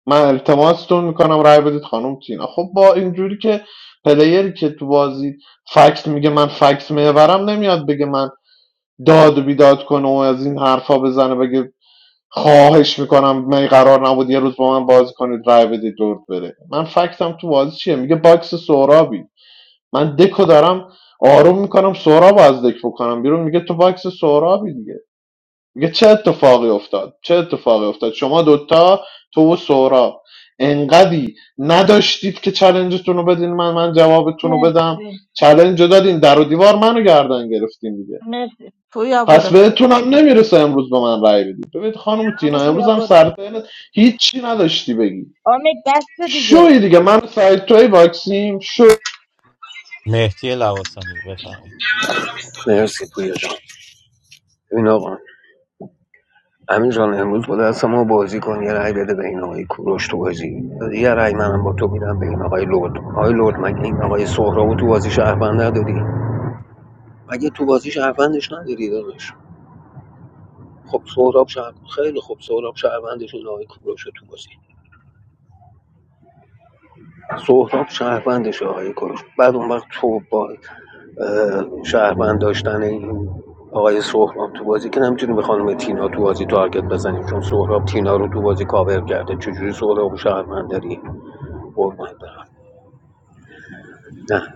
Speaker 15: من التماستون میکنم رأی بدید خانم تینا خب با اینجوری که پلیری که تو بازی فکت میگه من فکت میبرم نمیاد بگه من داد و بیداد کنه و از این حرفا بزنه بگه خواهش میکنم من قرار نبود یه روز با من بازی کنید رأی بدید دور بره من فکتم تو بازی چیه میگه باکس سهرابی من دکو دارم آروم میکنم سهراب رو از دک بکنم بیرون میگه تو باکس سهرابی دیگه میگه چه اتفاقی افتاد چه اتفاقی افتاد شما دوتا تو و سهراب انقدی نداشتید که چلنجتون رو بدین من من جوابتون رو بدم
Speaker 3: مرسی
Speaker 15: چلنج رو دادین در و دیوار منو گردن گرفتین دیگه
Speaker 3: مرسی پویا
Speaker 15: پس
Speaker 3: برو
Speaker 15: بهتون هم نمیرسه امروز به من رأی بدید ببینید خانم
Speaker 3: اما
Speaker 15: تینا امروز
Speaker 3: پویا
Speaker 15: هم
Speaker 3: برو
Speaker 15: سر ترنت هیچی نداشتی بگی
Speaker 3: آمه دست دیگه
Speaker 15: شوی دیگه من سایت توی باکسیم شو
Speaker 13: مهدی لواسانی بفرمایید
Speaker 11: مرسی پویا جان ببین آقا امین جان امروز با دست ما بازی کن یه رای بده به این آقای کوروش تو بازی یه رای منم با تو میدم به این آقای لرد آقای لرد مگه این آقای سهراب رو تو بازی شهروند نداری مگه تو بازی شهروندش نداری داداش خب سهراب شهر... خیلی خب سهراب شهروندش آقای کوروش تو بازی سهراب شهروندش آقای کوروش بعد اون وقت تو با اه، شهروند داشتن این آقای سهراب تو بازی که نمیتونی به خانم تینا تو بازی تارگت بزنیم چون سهراب تینا رو تو بازی کاور کرده چجوری سهراب و شهروند داری قربونت برم نه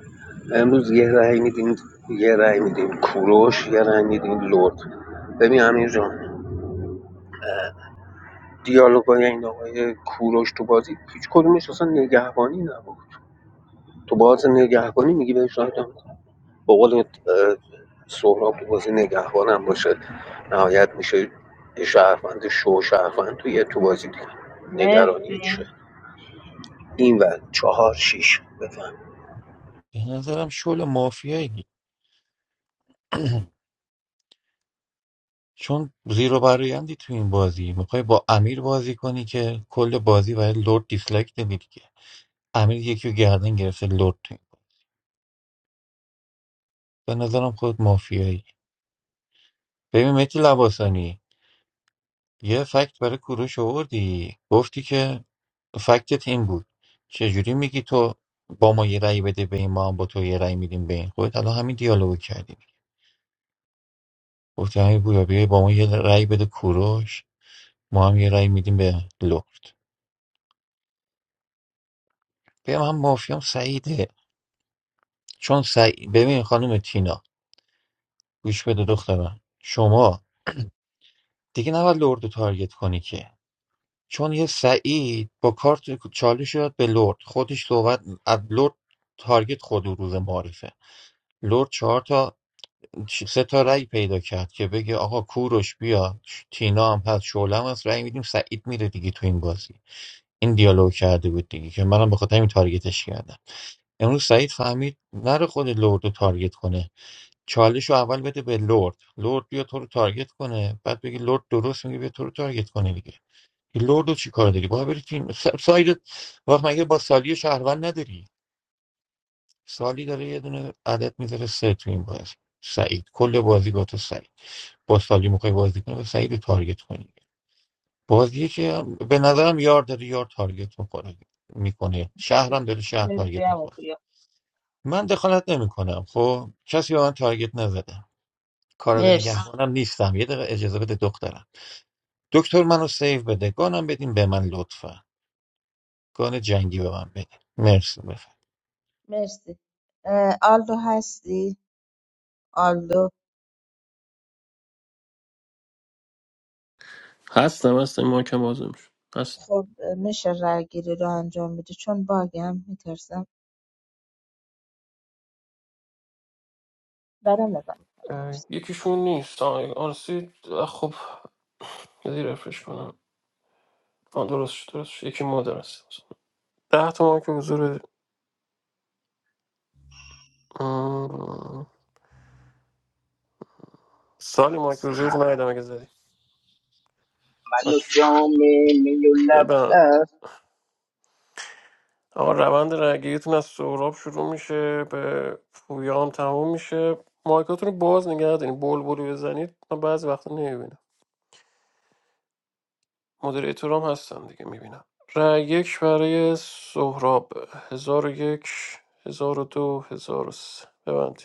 Speaker 11: امروز یه رأی میدین یه رأی میدین کوروش یه رأی میدین لرد ببین امیر جان دیالوگای این آقای کوروش تو بازی هیچ کدومش اصلا نگهبانی نبود تو باز نگهبانی میگی بهش رای نمی‌دم. با قول اه، سهراب تو بازی نگهبانم باشه نهایت میشه یه شهروند شو شهروند تو یه تو بازی دیگه نگرانی چه
Speaker 3: مرسی
Speaker 11: این و چهار شیش بفهم
Speaker 13: به نظرم شل مافیایی چون زیرو برایندی تو این بازی میخوای با امیر بازی کنی که کل بازی برای لرد دیسلایک نمیدی که امیر یکی رو گردن گرفته لرد تو این بازی. به نظرم خود مافیایی ببین مهدی لواسانی یه فکت برای کوروش آوردی گفتی که فکتت این بود چجوری میگی تو با ما یه رأی بده به این ما هم با تو یه رأی میدیم به این خودت الان همین دیالوگ کردی گفتی همین گویا بیای با ما یه رأی بده کوروش ما هم یه رأی میدیم به لخت بیا من مافیام سعیده چون سعید ببین خانم تینا گوش بده دخترم شما دیگه نباید لرد رو تارگت کنی که چون یه سعید با کارت چالش شد به لرد خودش صحبت از لرد تارگت خود او روز معرفه لرد چهار تا سه تا رأی پیدا کرد که بگه آقا کوروش بیا تینا هم هست شعله هم هست رأی میدیم سعید میره دیگه تو این بازی این دیالوگ کرده بود دیگه که منم به خاطر همین تارگتش کردم امروز سعید فهمید نره خود لرد رو تارگت کنه چالش رو اول بده به لرد لرد بیا تو رو تارگت کنه بعد بگی لرد درست میگه بیا تو رو تارگت کنه دیگه این لرد رو چی کار داری باید بری تیم س- ساید وقت مگه با سالی شهروند نداری سالی داره یه دونه عدد میذاره سه تو این بازی سعید کل بازی با تو سعید با سالی میخوای بازی کنی و سعید رو تارگت کنی بازی که به نظرم یار داره یار تارگت میکنه میکنه شهرم داره شهر
Speaker 3: مرسی
Speaker 13: تارگت
Speaker 3: همون
Speaker 13: میکنه
Speaker 3: پویا
Speaker 13: من دخالت نمیکنم خب کسی به من تارگت نزده کاراگاه
Speaker 3: مرسی
Speaker 13: نگهبانم نیستم یه دقیقه اجازه بده دخترم دکتر منو سیو بده گانم بدین به من لطفا گان جنگی به من بدین مرسی بفرم
Speaker 3: مرسی اه، آلدو هستی آلدو
Speaker 9: هستم هستم این مایکم بازم شد هست
Speaker 3: خب اه، میشه رای گیری رو انجام بده چون باگم میترسم برم نگاه میکنم
Speaker 9: اه،
Speaker 3: مرسی
Speaker 9: یکیشون نیست آه، آرسی اه، خب یه رفرش کنم آه درست شد درست شد یکی مادر است ده تا مایک حضور مم. سالی مایک حضور ندیدم اگه زدی
Speaker 1: منو
Speaker 9: اوکی.
Speaker 1: جام می لب
Speaker 9: ببن
Speaker 1: نخوری.
Speaker 9: آقا روند رگیتون از سهراب شروع میشه به پویام تموم میشه مایکاتون رو باز نگه دارین بلبلی بزنید من بعضی وقتا مدریتورام هستن دیگه میبینم رای یک برای سهراب هزار و یک هزار و دو هزار و سه ببند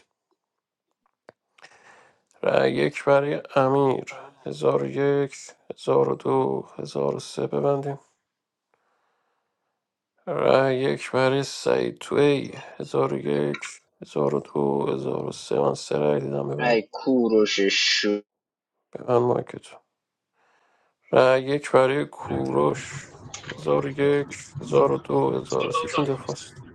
Speaker 9: رأی یک برای امیر هزار و یک هزار و دو هزار و سه ببندیم رای یک برای سعید توی هزار و یک هزار و دو هزار و سه من سه رأی دیدم ببند
Speaker 1: ای کوروش شو
Speaker 9: ببند مایکتو رأی یک برای کوروش هزار و یک هزار و دو هزار و سه شون دفاع است.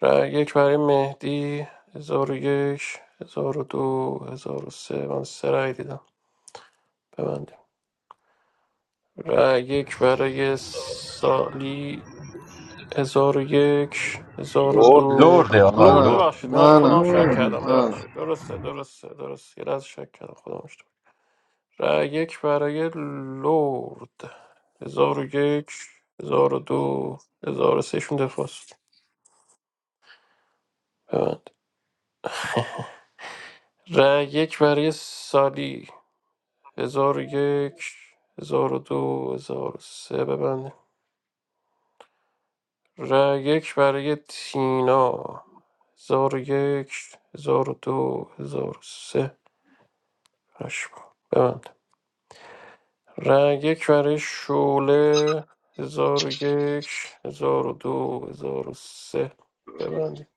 Speaker 9: رای یک برای مهدی هزار و یک هزار و دو هزار و سه من سه رای دیدم ببندیم رای یک برای سالی هزار و یک هزار و
Speaker 11: برده
Speaker 9: دو
Speaker 13: لرده آقا
Speaker 9: لورد
Speaker 15: منم
Speaker 13: لرده
Speaker 9: ببخشید نه خودم
Speaker 15: منم
Speaker 9: شک
Speaker 4: لرد
Speaker 9: کردم
Speaker 15: منم
Speaker 9: ببخشید درسته درسته درسته یه لحظه شک کردم خودم اشتباه رای یک برای لورد هزار و یک هزار و دو هزار و سه شون دفاع است ببند رای یک برای سالی هزار و یک هزار و دو هزار و سه ببند رای یک برای تینا هزار و یک هزار و دو هزار و سه هشت با. ببند رای یک برای شوله هزار و یک هزار و دو هزار و سه ببند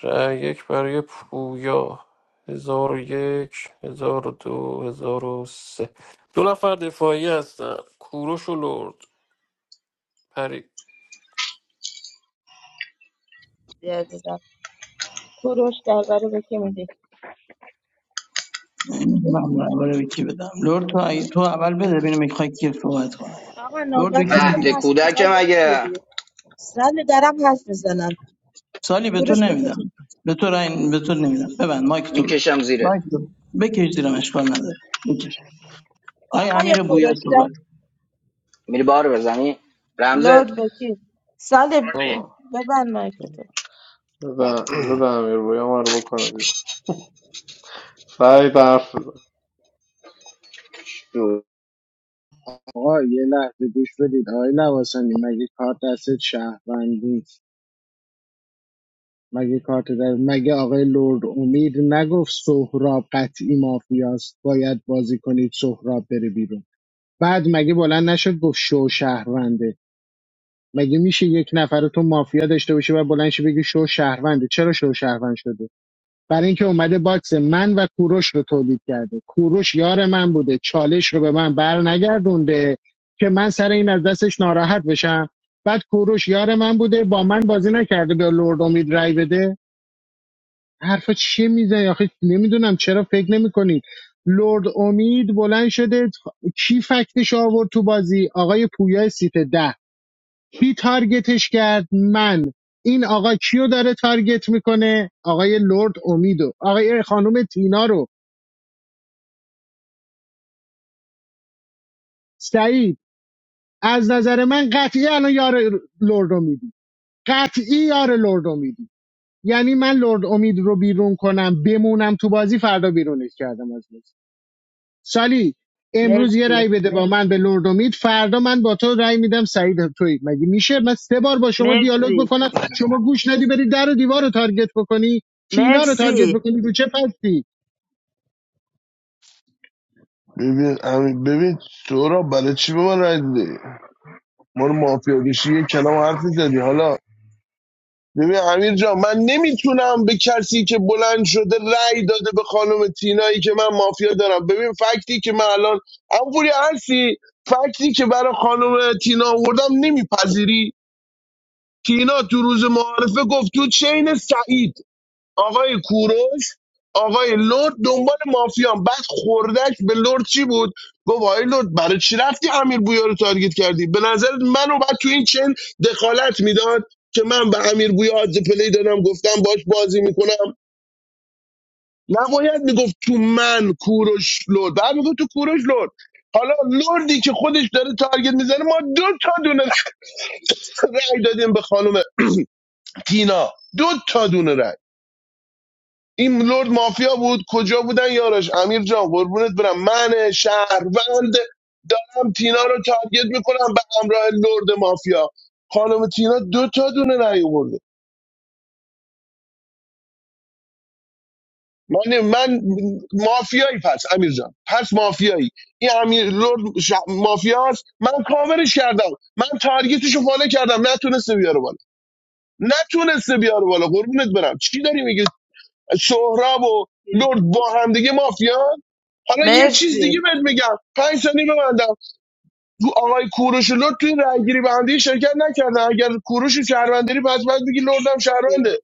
Speaker 9: رای یک برای پویا هزار و یک هزار و دو هزار و سه دو نفر دفاعی هستن کوروش و لرد پری
Speaker 3: عزیزم کوروش در برای به که میدی
Speaker 14: نمی‌دونم اول کی بدم لرد تو اگه- تو اول بده ببینم میخوای کی صحبت کنه
Speaker 3: آقا
Speaker 14: لرد به
Speaker 3: نوبت
Speaker 14: کی
Speaker 1: مهد
Speaker 14: میدی
Speaker 3: شماست
Speaker 1: کودک
Speaker 3: میخوای به که
Speaker 1: مگه
Speaker 3: میدی سال درم حرف میزنم
Speaker 14: سالی به تو
Speaker 3: کوروش
Speaker 14: نمیدم
Speaker 3: بکشی
Speaker 14: به تو رأی به تو نمیدم ببند مایک تو ببند
Speaker 1: میکشم زیره
Speaker 14: مایک تو بکش زیرم اشکال نداره بکش آی
Speaker 3: آقا یا
Speaker 14: امیر بویا
Speaker 3: کوروش در
Speaker 14: صحبت
Speaker 1: میری بار بزنی رمز
Speaker 3: لورد بکی سال
Speaker 15: بابا
Speaker 3: ببند مایک تو
Speaker 15: بزن بزن امیر بویا ما رو بکنه بیرون سعید حرف بزن
Speaker 1: شو.
Speaker 4: آقا یه لحظه گوش بدید آقای لواسانی مگه کارت دست شهروند نیست مگه کارت در مگه آقای لرد امید نگفت سهراب قطعی مافیاست باید بازی کنید سهراب بره بیرون بعد مگه بلند نشد گفت شو شهرونده مگه میشه یک نفر رو تو مافیا داشته باشه و بلند شه بگی شو شهرونده چرا شو شهروند شده برای اینکه اومده باکس من و کوروش رو تولید کرده کوروش یار من بوده چالش رو به من بر نگردونده که من سر این از دستش ناراحت بشم بعد کوروش یار من بوده با من بازی نکرده به لرد امید رای بده حرفا چیه میزنی آخه نمیدونم چرا فکر نمیکنی لرد امید بلند شده کی فکتش آورد تو بازی آقای پویا سیت ده کی تارگتش کرد من این آقا کیو داره تارگت میکنه آقای لرد امیدو آقای خانم تینا رو سعید از نظر من قطعی الان یار لرد امیدی قطعی یار لرد امیدی یعنی من لرد امید رو بیرون کنم بمونم تو بازی فردا بیرونش کردم از بازی. سالی امروز یه
Speaker 3: مرسی
Speaker 4: رأی بده با من به لرد و فردا من با تو رأی میدم سعید توی مگه میشه من سه بار با شما دیالوگ
Speaker 3: مرسی
Speaker 4: بکنم شما گوش ندی بری در و دیوار رو تارگت بکنی تینا رو تارگت
Speaker 3: مرسی
Speaker 4: بکنی رو چه پستی
Speaker 7: ببین امین- ببین سورا برای چی به ما رای دادی ما رو مافیا کشی یه کلام حرف زدی حالا ببین امیر جان من نمیتونم به کسی که بلند شده رأی داده به خانم تینایی که من مافیا دارم ببین فکتی که من الان ام پوری هستی فکتی که برای خانم تینا آوردم نمیپذیری تینا تو روز معارفه گفت تو چین سعید آقای کوروش آقای لرد دنبال مافیان بعد خوردش به لرد چی بود گفت آقای لرد برای چی رفتی امیر بویا رو تارگت کردی به نظر منو بعد تو این چن دخالت میداد که من به امیر بویا آدز پلی دادم گفتم باش بازی میکنم نباید میگفت تو من کوروش لرد بعد میگفت تو کوروش لرد حالا لردی که خودش داره تارگت میزنه ما دو تا دونه رای دادیم به خانم تینا دو تا دونه رای این لرد مافیا بود کجا بودن یارش امیر جان قربونت برم من شهروند دارم تینا رو تارگت میکنم به همراه لرد مافیا خانم تینا دو تا دونه رأی آورده من من مافیایی پس امیر جان پس مافیایی این امیر لرد ش... مافیاست من کاورش کردم من تارگتش رو فالو کردم نتونسته بیاره بالا نتونسته بیاره بالا قربونت برم چی داری میگی؟ سهراب و لرد با هم دیگه مافیان حالا یه چیز
Speaker 3: مرسی
Speaker 7: دیگه بهت میگم پنج ثانیه ببندم تو آقای کوروش و لرد توی رأیگیری به هم دیگه شرکت نکردن اگر کوروش و شهروندری پس باید بگی لردم شهرونده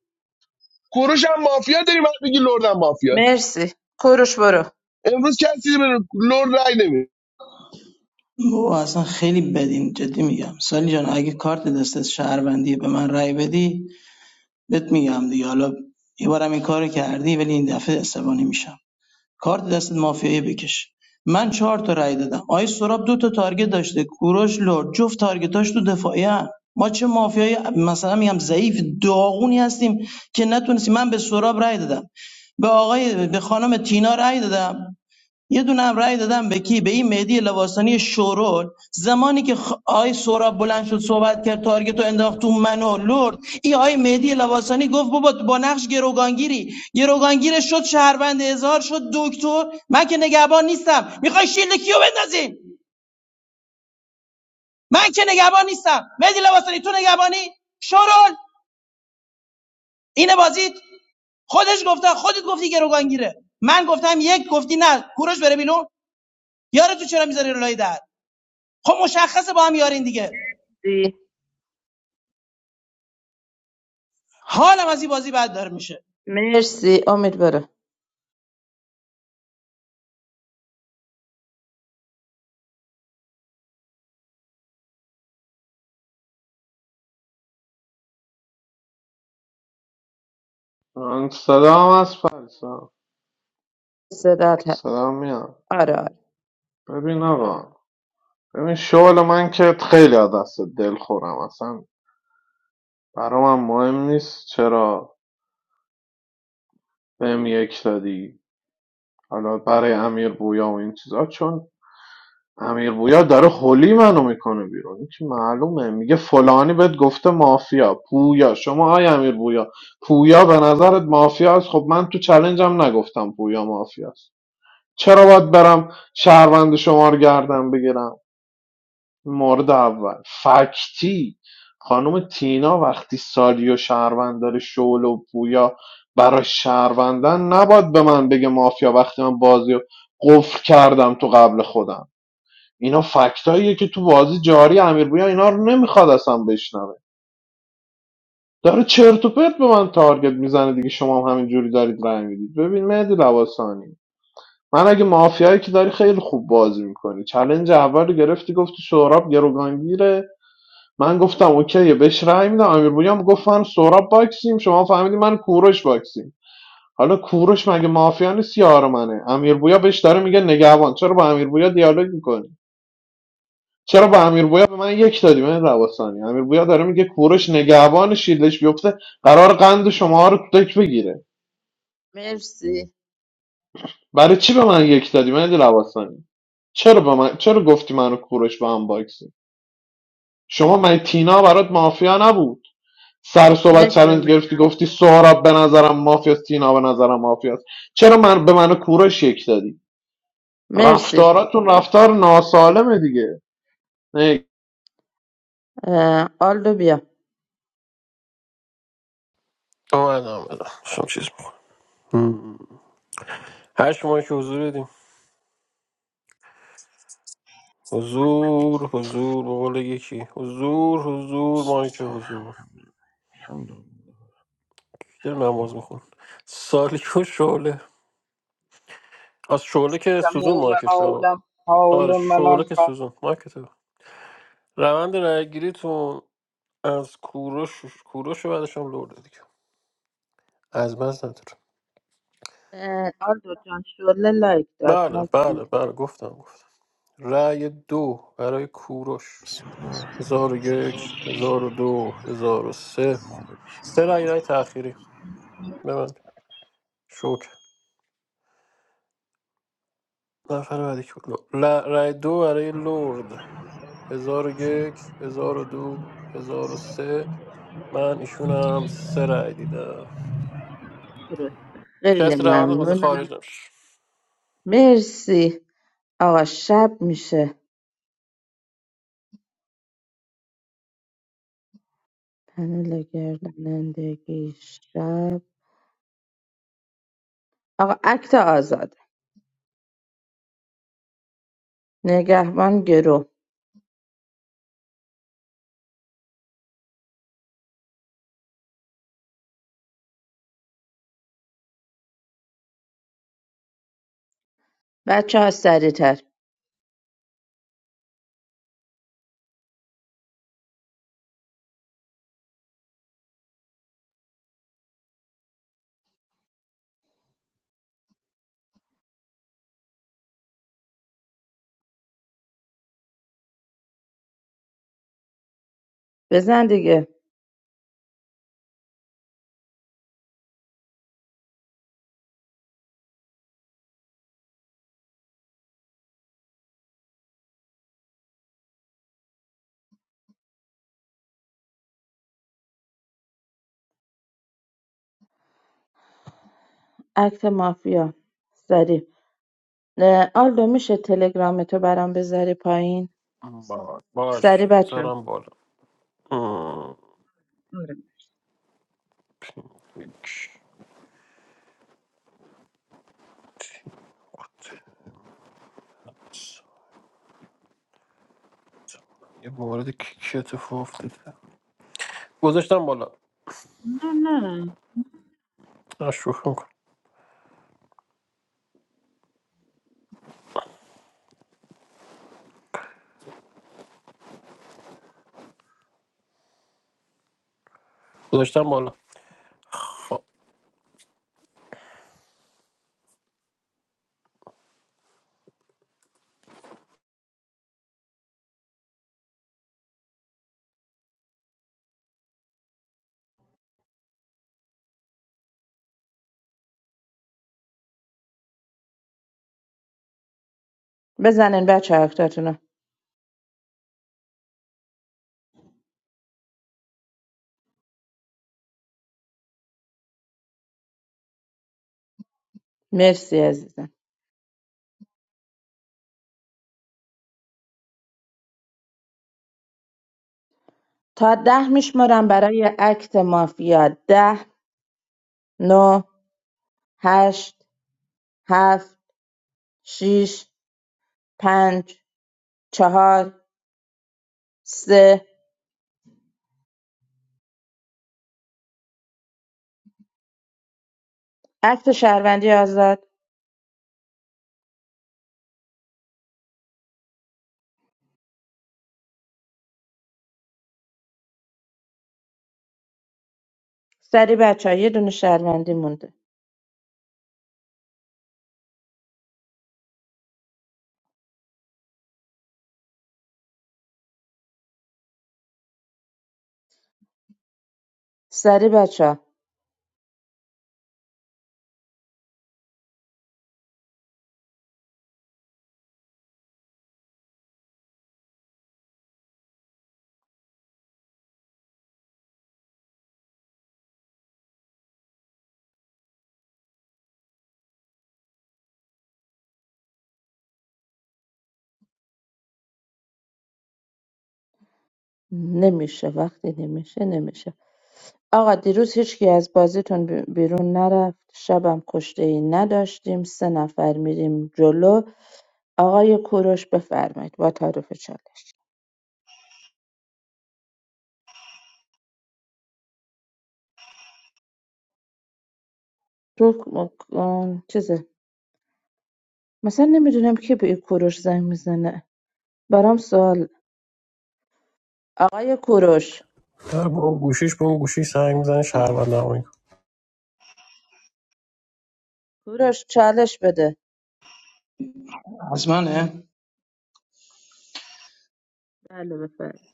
Speaker 7: کوروش هم مافیا داری باید بگی لردم مافیاست
Speaker 3: مرسی کوروش برو
Speaker 7: امروز کسی به لرد رأی نمیده
Speaker 14: او اصلا خیلی بدین جدی میگم سالی جان اگه کارت دست شهروندی به من رأی بدی بهت میگم دیگه حالا یه بارم این کارو کردی ولی این دفعه عصبانی میشم کارت دست مافیایی بکش من چهار تا رأی دادم آیه سراب دو تا تارگت داشته کوروش لرد جفت تارگتاش تو دفاعیه ما چه مافیایی مثلا میگم ضعیف داغونی هستیم که نتونستیم من به سراب رأی دادم به آقای به خانم تینا رأی دادم یه دونه هم رأی دادم به کی به این مهدی لواسانی شورول زمانی که خ... آی سوراب بلند شد صحبت کرد تارگت رو انداخت تو منو و لرد این آی مهدی لواسانی گفت بابا با نقش گروگانگیری گروگانگیر شد شهروند اظهار شد دکتر من که نگهبان نیستم میخوای شیلد کیو بندازی من که نگهبان نیستم مهدی لواسانی تو نگهبانی شورول اینه بازیت خودش گفته خودت گفتی گروگانگیره من گفتم یک گفتی نه کوروش بره بیرون یارو تو چرا میذاری لای در خب مشخصه با هم یارین دیگه
Speaker 3: مرسی
Speaker 14: حالم از این بازی بد داره میشه
Speaker 3: مرسی امید برو
Speaker 15: من صدام از پریسا
Speaker 3: صدات هست.
Speaker 15: صدام میاد
Speaker 3: آره آره
Speaker 15: ببین آقا ببین شغل من که خیلی از دست دل خورم اصلا برا من مهم نیست چرا بهم یک دادی حالا برای امیر بویا و این چیزا چون امیر بویا داره هولی منو میکنه بیرون این که معلومه میگه فلانی بهت گفته مافیا پویا شما های امیر بویا پویا به نظرت مافیا است خب من تو چلنجم نگفتم پویا مافیا است چرا باید برم شهروند شما رو گردم بگیرم مورد اول فکتی خانم تینا وقتی سالیو و شهروند داره شعله و پویا برای شهروندن نباید به من بگه مافیا وقتی من بازی رو قفل کردم تو قبل خودم اینا فکتاییه که تو بازی جاری امیر بویا اینا رو نمیخواد اصلا بشنوه داره چرت و پرت به من تارگت میزنه دیگه شما هم همینجوری دارید رای میدید ببین مهدی لواسانی من اگه مافیایی که داری خیلی خوب بازی میکنی چلنج اول رو گرفتی گفتی سهراب گروگانگیره من گفتم اوکی بهش رای میدم امیر بویا هم گفت من سهراب باکسیم شما فهمیدی من کوروش باکسیم حالا کوروش مگه مافیا نیست یار منه امیر بویا بهش داره میگه نگهبان چرا با امیر بویا دیالوگ میکنی چرا با امیر بویا به من یک دادی من رواسانی امیر بویا داره میگه کوروش نگهبان شیلش بیفته قرار قند شما رو تو دک بگیره
Speaker 3: مرسی
Speaker 15: برای چی به من یک دادی من رواستانی. چرا به من چرا گفتی منو کوروش با هم باکسی شما من تینا برات مافیا نبود سر صحبت
Speaker 3: مرسی
Speaker 15: چالش
Speaker 3: امید
Speaker 15: گرفتی
Speaker 3: جان
Speaker 15: گفتی سهراب به نظرم مافیاست تینا به نظرم مافیاست چرا من به منو کوروش یک دادی
Speaker 3: مرسی
Speaker 15: رفتاراتون رفتار ناسالمه دیگه نه
Speaker 3: اه، آلدو بیا
Speaker 9: اومدم اومدم شب چیز میکنم هشت ماهی حضور بدیم حضور حضور به قول یکی حضور حضور ماهی که حضور
Speaker 2: الحمدلله.
Speaker 9: کی داره نماز میخون سالیک و شعله از شعله که سوزون
Speaker 1: تموم
Speaker 9: مایکش رو
Speaker 1: عالم حال
Speaker 9: آره شعله
Speaker 1: منان
Speaker 9: که سوزون مایک تو روند رایگیریتون از کوروش کوروش و بعدش هم لورده دیگه از بس نداره
Speaker 3: اه، آلدو جان شله لایک داد
Speaker 9: بله
Speaker 3: من
Speaker 9: بله بله گفتم گفتم رای دو برای کوروش
Speaker 2: بسم الله الرحمن
Speaker 9: هزار و یک هزار و دو هزار و سه
Speaker 2: الرحیم.
Speaker 9: سه رای رای تأخیری ببند شوک نفر بعدی که بود. ل... رای دو برای لورد هزار و یک هزار و دو هزار و سه من ایشونم سه رای دیدم
Speaker 3: درسته خیلی
Speaker 9: کسی روند حاضر
Speaker 3: ممنونم
Speaker 9: خارج نمیشه
Speaker 3: مرسی آقا شب میشه پنل گردانندگی شب آقا اکت آزاد نگهبان گرو بچه ها سریعتر بزن دیگه اکت مافیا سری آلدو میشه تلگرام تو برام بذاری پایین
Speaker 9: باش باش
Speaker 3: سری بچه
Speaker 9: میذارم بالا ام.
Speaker 3: آره
Speaker 9: یک. یه مورد که اتفاق افتاده گذاشتم بالا
Speaker 3: نه نه
Speaker 9: آه، شوخی میکنم گذاشتم بالا خب
Speaker 3: بزنین بچه اکتاتونو مرسی عزیزم تا ده میشمارم برای اکت مافیا ده نو هشت هفت شیش پنج چهار سه اکت شهروندی آزاد سری بچه یه دونه شهروندی مونده سری بچه نمیشه وقتی نمیشه نمیشه آقا دیروز هیچکی از بازیتون بی- بیرون نرفت شبم کشتهای نداشتیم سه نفر میریم جلو آقای کوروش بفرمایید با تعارف چالش تو م- آم، چیزه مثلا نمیدونم کی به این کوروش زنگ میزنه برام سوال آقای کوروش
Speaker 9: در با اون گوشیش به اون گوشی سنگ میزنه
Speaker 14: بله.
Speaker 9: شهروند نمایی
Speaker 3: کوروش چالش بده
Speaker 14: از منه
Speaker 3: بله بفرمایید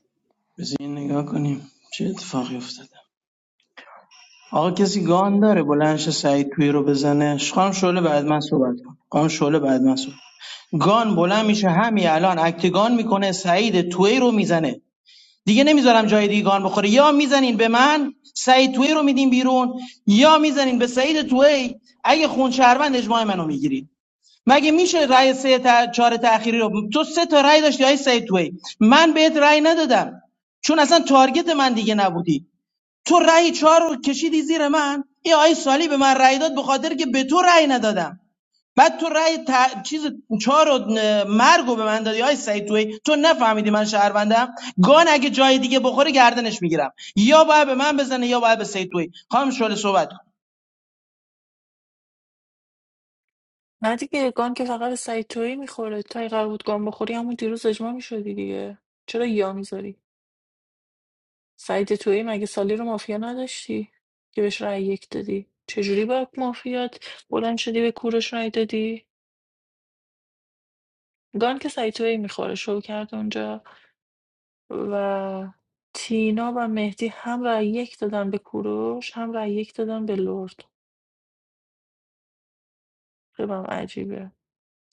Speaker 14: بزین نگاه کنیم چه اتفاقی افتاده آقا کسی گان داره بلندش سعید توی رو بزنه خانم شعله بعد من صحبت کن خانم شعله بعد من صحبت گان بلند میشه همین الان اکتگان میکنه سعید توی رو میزنه دیگه نمیذارم جای دیگه گان بخوره یا میزنین به من سعید توی رو میدین بیرون یا میزنین به سعید توی اگه خون شهروند اجماع منو میگیرید مگه میشه رأی سه تا چهار تأخیری رو تو سه تا رأی داشتی های سید تویی؟ من بهت رأی ندادم چون اصلا تارگت من دیگه نبودی تو رأی چهار رو کشیدی زیر من این آی سالی به من رأی داد به خاطر که به تو رأی ندادم بعد تو رأی ت... چیز چهار و مرگ به من دادی آی سعید تویی؟ تو نفهمیدی من شهروندم گان اگه جای دیگه بخوره گردنش میگیرم یا باید به من بزنه یا باید به سعید تویی؟ خانم شعله صحبت
Speaker 12: نه دیگه گان که فقط به سعید تویی میخوره تا این قرار بود گان بخوری همون دیروز اجماع میشدی دیگه چرا یا میذاری سعید تویی مگه سالی رو مافیا نداشتی که بهش رأی یک دادی چجوری با مافیات بلند شدی به کورش رأی دادی گان که سعید تویی میخوره شو کرد اونجا و تینا و مهدی هم رأی یک دادن به کوروش هم رأی یک دادن به لرد خیلی هم عجیبه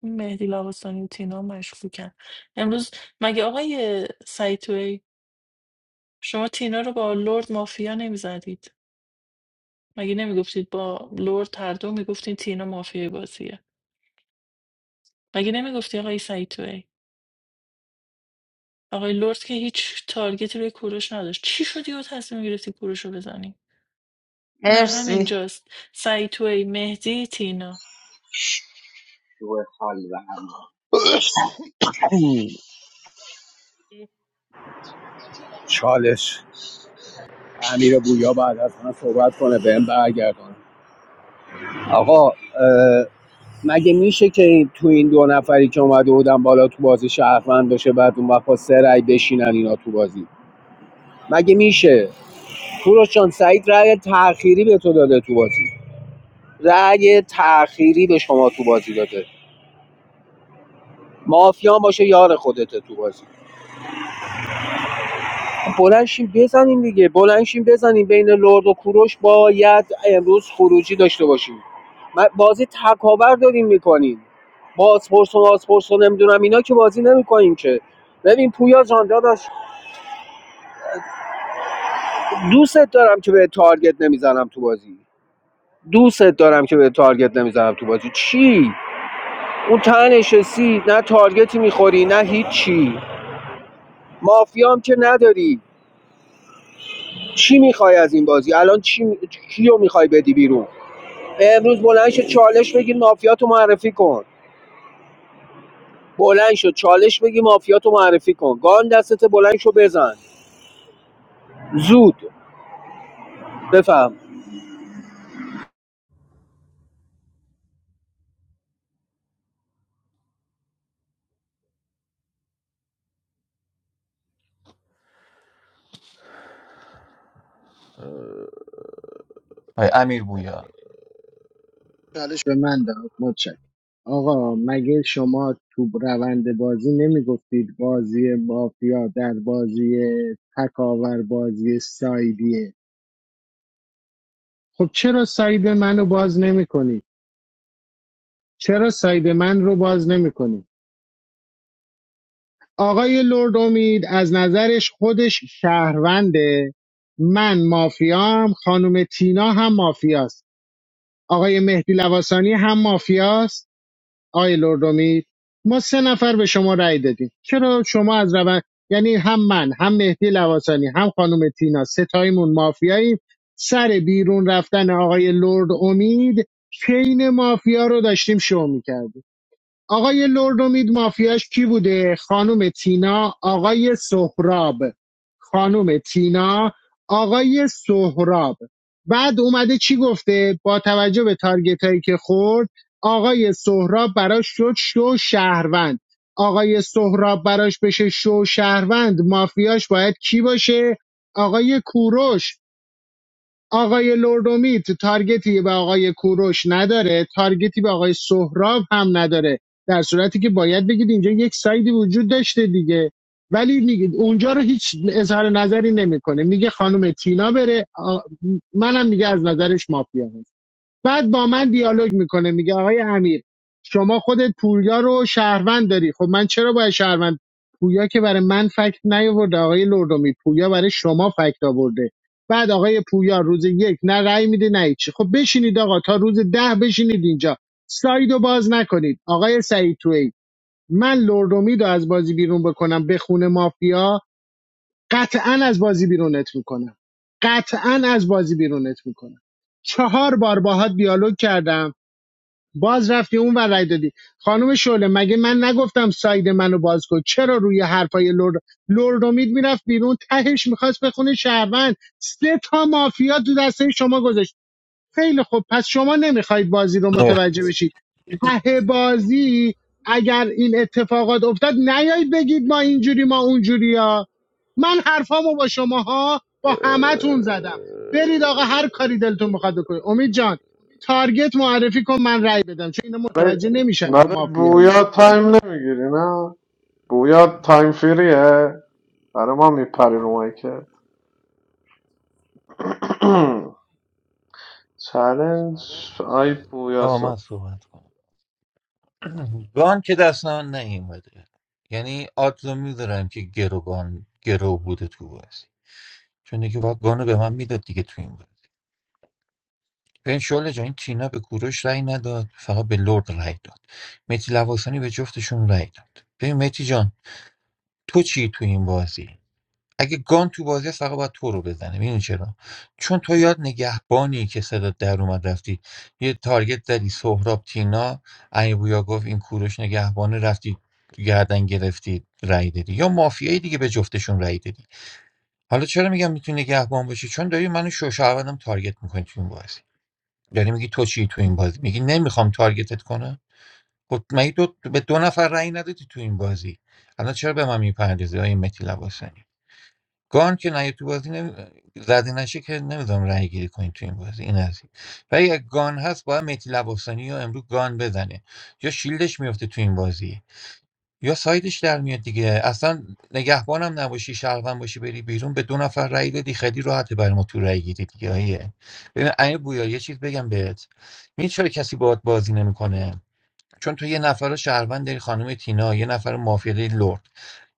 Speaker 12: این مهدی لواسانی و تینا مشکوکن امروز مگه آقای سایتوی شما تینا رو با لرد مافیا نمیزدید مگه نمیگفتید با لرد هر دو میگفتید تینا مافیای بازیه مگه نمیگفتی آقای سایتوی آقای لرد که هیچ تارگتی روی کوروش نداشت چی شدی و تصمیم گرفتی کوروش رو بزنی نه
Speaker 3: مرسی
Speaker 12: همینجاست سایتوی مهدی تینا
Speaker 1: شو حال و همزن
Speaker 11: چالش امیر بویا بعد از من صحبت کنه بهم برگردون آقا مگه میشه که تو این دو نفری که اومده بودن بالا تو بازی شهروند باشه بعد اون وقت با سه رأی بشینن اینا تو بازی مگه میشه کوروش جان سعید رأی تأخیری به تو داده تو بازی رأی تأخیری به شما تو بازی داده مافیا باشه یار خودته تو بازی بلنشین بزنیم دیگه بلنشین بزنیم بین لرد و کوروش باید امروز خروجی داشته باشیم من- بازی تکاور داریم میکنیم بازپرس و بازپرس و نمیدونم اینا که بازی نمیکنیم که ببین پویا جان داداش، دوست دارم که به تارگت نمیزنم تو بازی دوست دارم که به تارگت نمیزنم تو بازی چی اون تنش سی نه تارگتی میخوری نه هیچی مافیام که نداری چی میخوای از این بازی الان چی می- کیو میخوای بدی بیرون امروز بلند شو چالش بگی مافیا معرفی کن بلند شو چالش بگی مافیا معرفی کن گان دستت بلند شو بزن زود بفهم
Speaker 13: آی امیر بویا
Speaker 4: چالش به من داد متشکرم آقا مگه شما تو روند بازی نمیگفتید بازی مافیا در بازی تکاور بازی سایدیه خب چرا ساید منو باز نمیکنی چرا ساید من رو باز نمیکنی آقای لرد امید از نظرش خودش شهرونده من مافیام خانم تینا هم مافیاست آقای مهدی لواسانی هم مافیاست آقای لرد امید ما سه نفر به شما رأی دادیم چرا شما از روند یعنی هم من هم مهدی لواسانی هم خانم تینا ستایمون مافیاییم سر بیرون رفتن آقای لرد امید چین مافیا رو داشتیم شو میکردیم آقای لردومید مافیاش کی بوده خانم تینا آقای سهراب خانم تینا آقای سهراب بعد اومده چی گفته با توجه به تارگت هایی که خورد آقای سهراب براش شد شو شهروند آقای سهراب براش بشه شو شهروند مافیاش باید کی باشه آقای کوروش آقای لوردومیت تارگتی به آقای کوروش نداره تارگتی به آقای سهراب هم نداره در صورتی که باید بگید اینجا یک سایدی وجود داشته دیگه ولی میگید اونجا رو هیچ اظهار نظری نمیکنه میگه خانم تینا بره آ- منم میگه از نظرش مافیا بعد با من دیالوگ میکنه میگه آقای امیر شما خودت پویا رو شهروند داری خب من چرا باید شهروند پویا که برای من فکت نیاورده آقای لردومی پویا برای شما فکت آورده بعد آقای پویا روز یک نه رأی میده نه هیچی خب بشینید آقا تا روز ده بشینید اینجا سایدو باز نکنید آقای سعید تویی من لردومی رو از بازی بیرون بکنم به خونه مافیا قطعا از بازی بیرونت میکنم قطعا از بازی بیرونت میکنم چهار بار باهات دیالوگ کردم باز رفتی اون ور رای دادی خانم شعله مگه من نگفتم ساید منو باز کن چرا روی حرفای لرد لردمید میرفت بیرون تهش میخواست بخونه شهروند سه تا مافیا تو دسته شما گذاشت خیلی خوب پس شما نمیخواید بازی رو
Speaker 13: لرد.
Speaker 4: متوجه بشید ته بازی اگر این اتفاقات افتاد نیایید بگید ما اینجوری ما اونجوری ها من حرفامو با شماها با همتون زدم برید آقا هر کاری دلتون بخواد بکنید امید جان تارگت معرفی کن من رأی بدم چون اینا
Speaker 15: برای
Speaker 4: متوجه نمیشن تو
Speaker 15: برای
Speaker 4: مافیایی
Speaker 15: بویا تایم نمیگیری نه بویا تایم فریه برای ما میپری رو مایکت چلنج آی بویا
Speaker 13: آقا من
Speaker 15: سو
Speaker 13: صحبت کنم گان که دست من نیومده یعنی آدزو میذارم که گروگان گرو بوده تو بازی چون دیگه باید گانو به من میداد دیگه تو این بازی ببین شعله جان این تینا به کوروش رأی نداد فقط به لرد رأی داد متی لواسانی به جفتشون رأی داد ببین متی جان تو چی تو این بازی اگه گان تو بازی است، فقط باید تو رو بزنه میدونی چرا چون تو یاد نگهبانی که صدا در اومد رفتی یه تارگت زدی سهراب تینا علی بویا گفت این کوروش نگهبانه رفتی گردن گرفتی رأی دادی یا مافیایی دیگه به جفتشون رأی دادی حالا چرا میگم میتونی نگهبان باشی چون داری منو شوشهروندم تارگت میکنی تو این بازی یعنی میگی تو چی تو این بازی میگی نمیخوام تارگتت کنم خب مگه دو به دو نفر رأی ندادی تو این بازی الان چرا به من میپردازی آیه متی لباسانی گان که نه تو بازی نمی... زده نشه که نمیدونم رأی گیری کنی تو این بازی این از این ولی اگه گان هست باید متی لباسانی رو امروز گان بزنه یا شیلدش میفته تو این بازی یا سایدش در میاد دیگه اصلا نگهبانم نباشی شهروند باشی بری بیرون به دو نفر رأی دادی خیلی راحته برای ما تو رأی گیری دیگه آیه ببین امیر بویا یه چیز بگم بهت می‌دونی چرا کسی باهات بازی نمیکنه چون تو یه نفر رو شهروند داری خانم تینا یه نفر مافیای لرد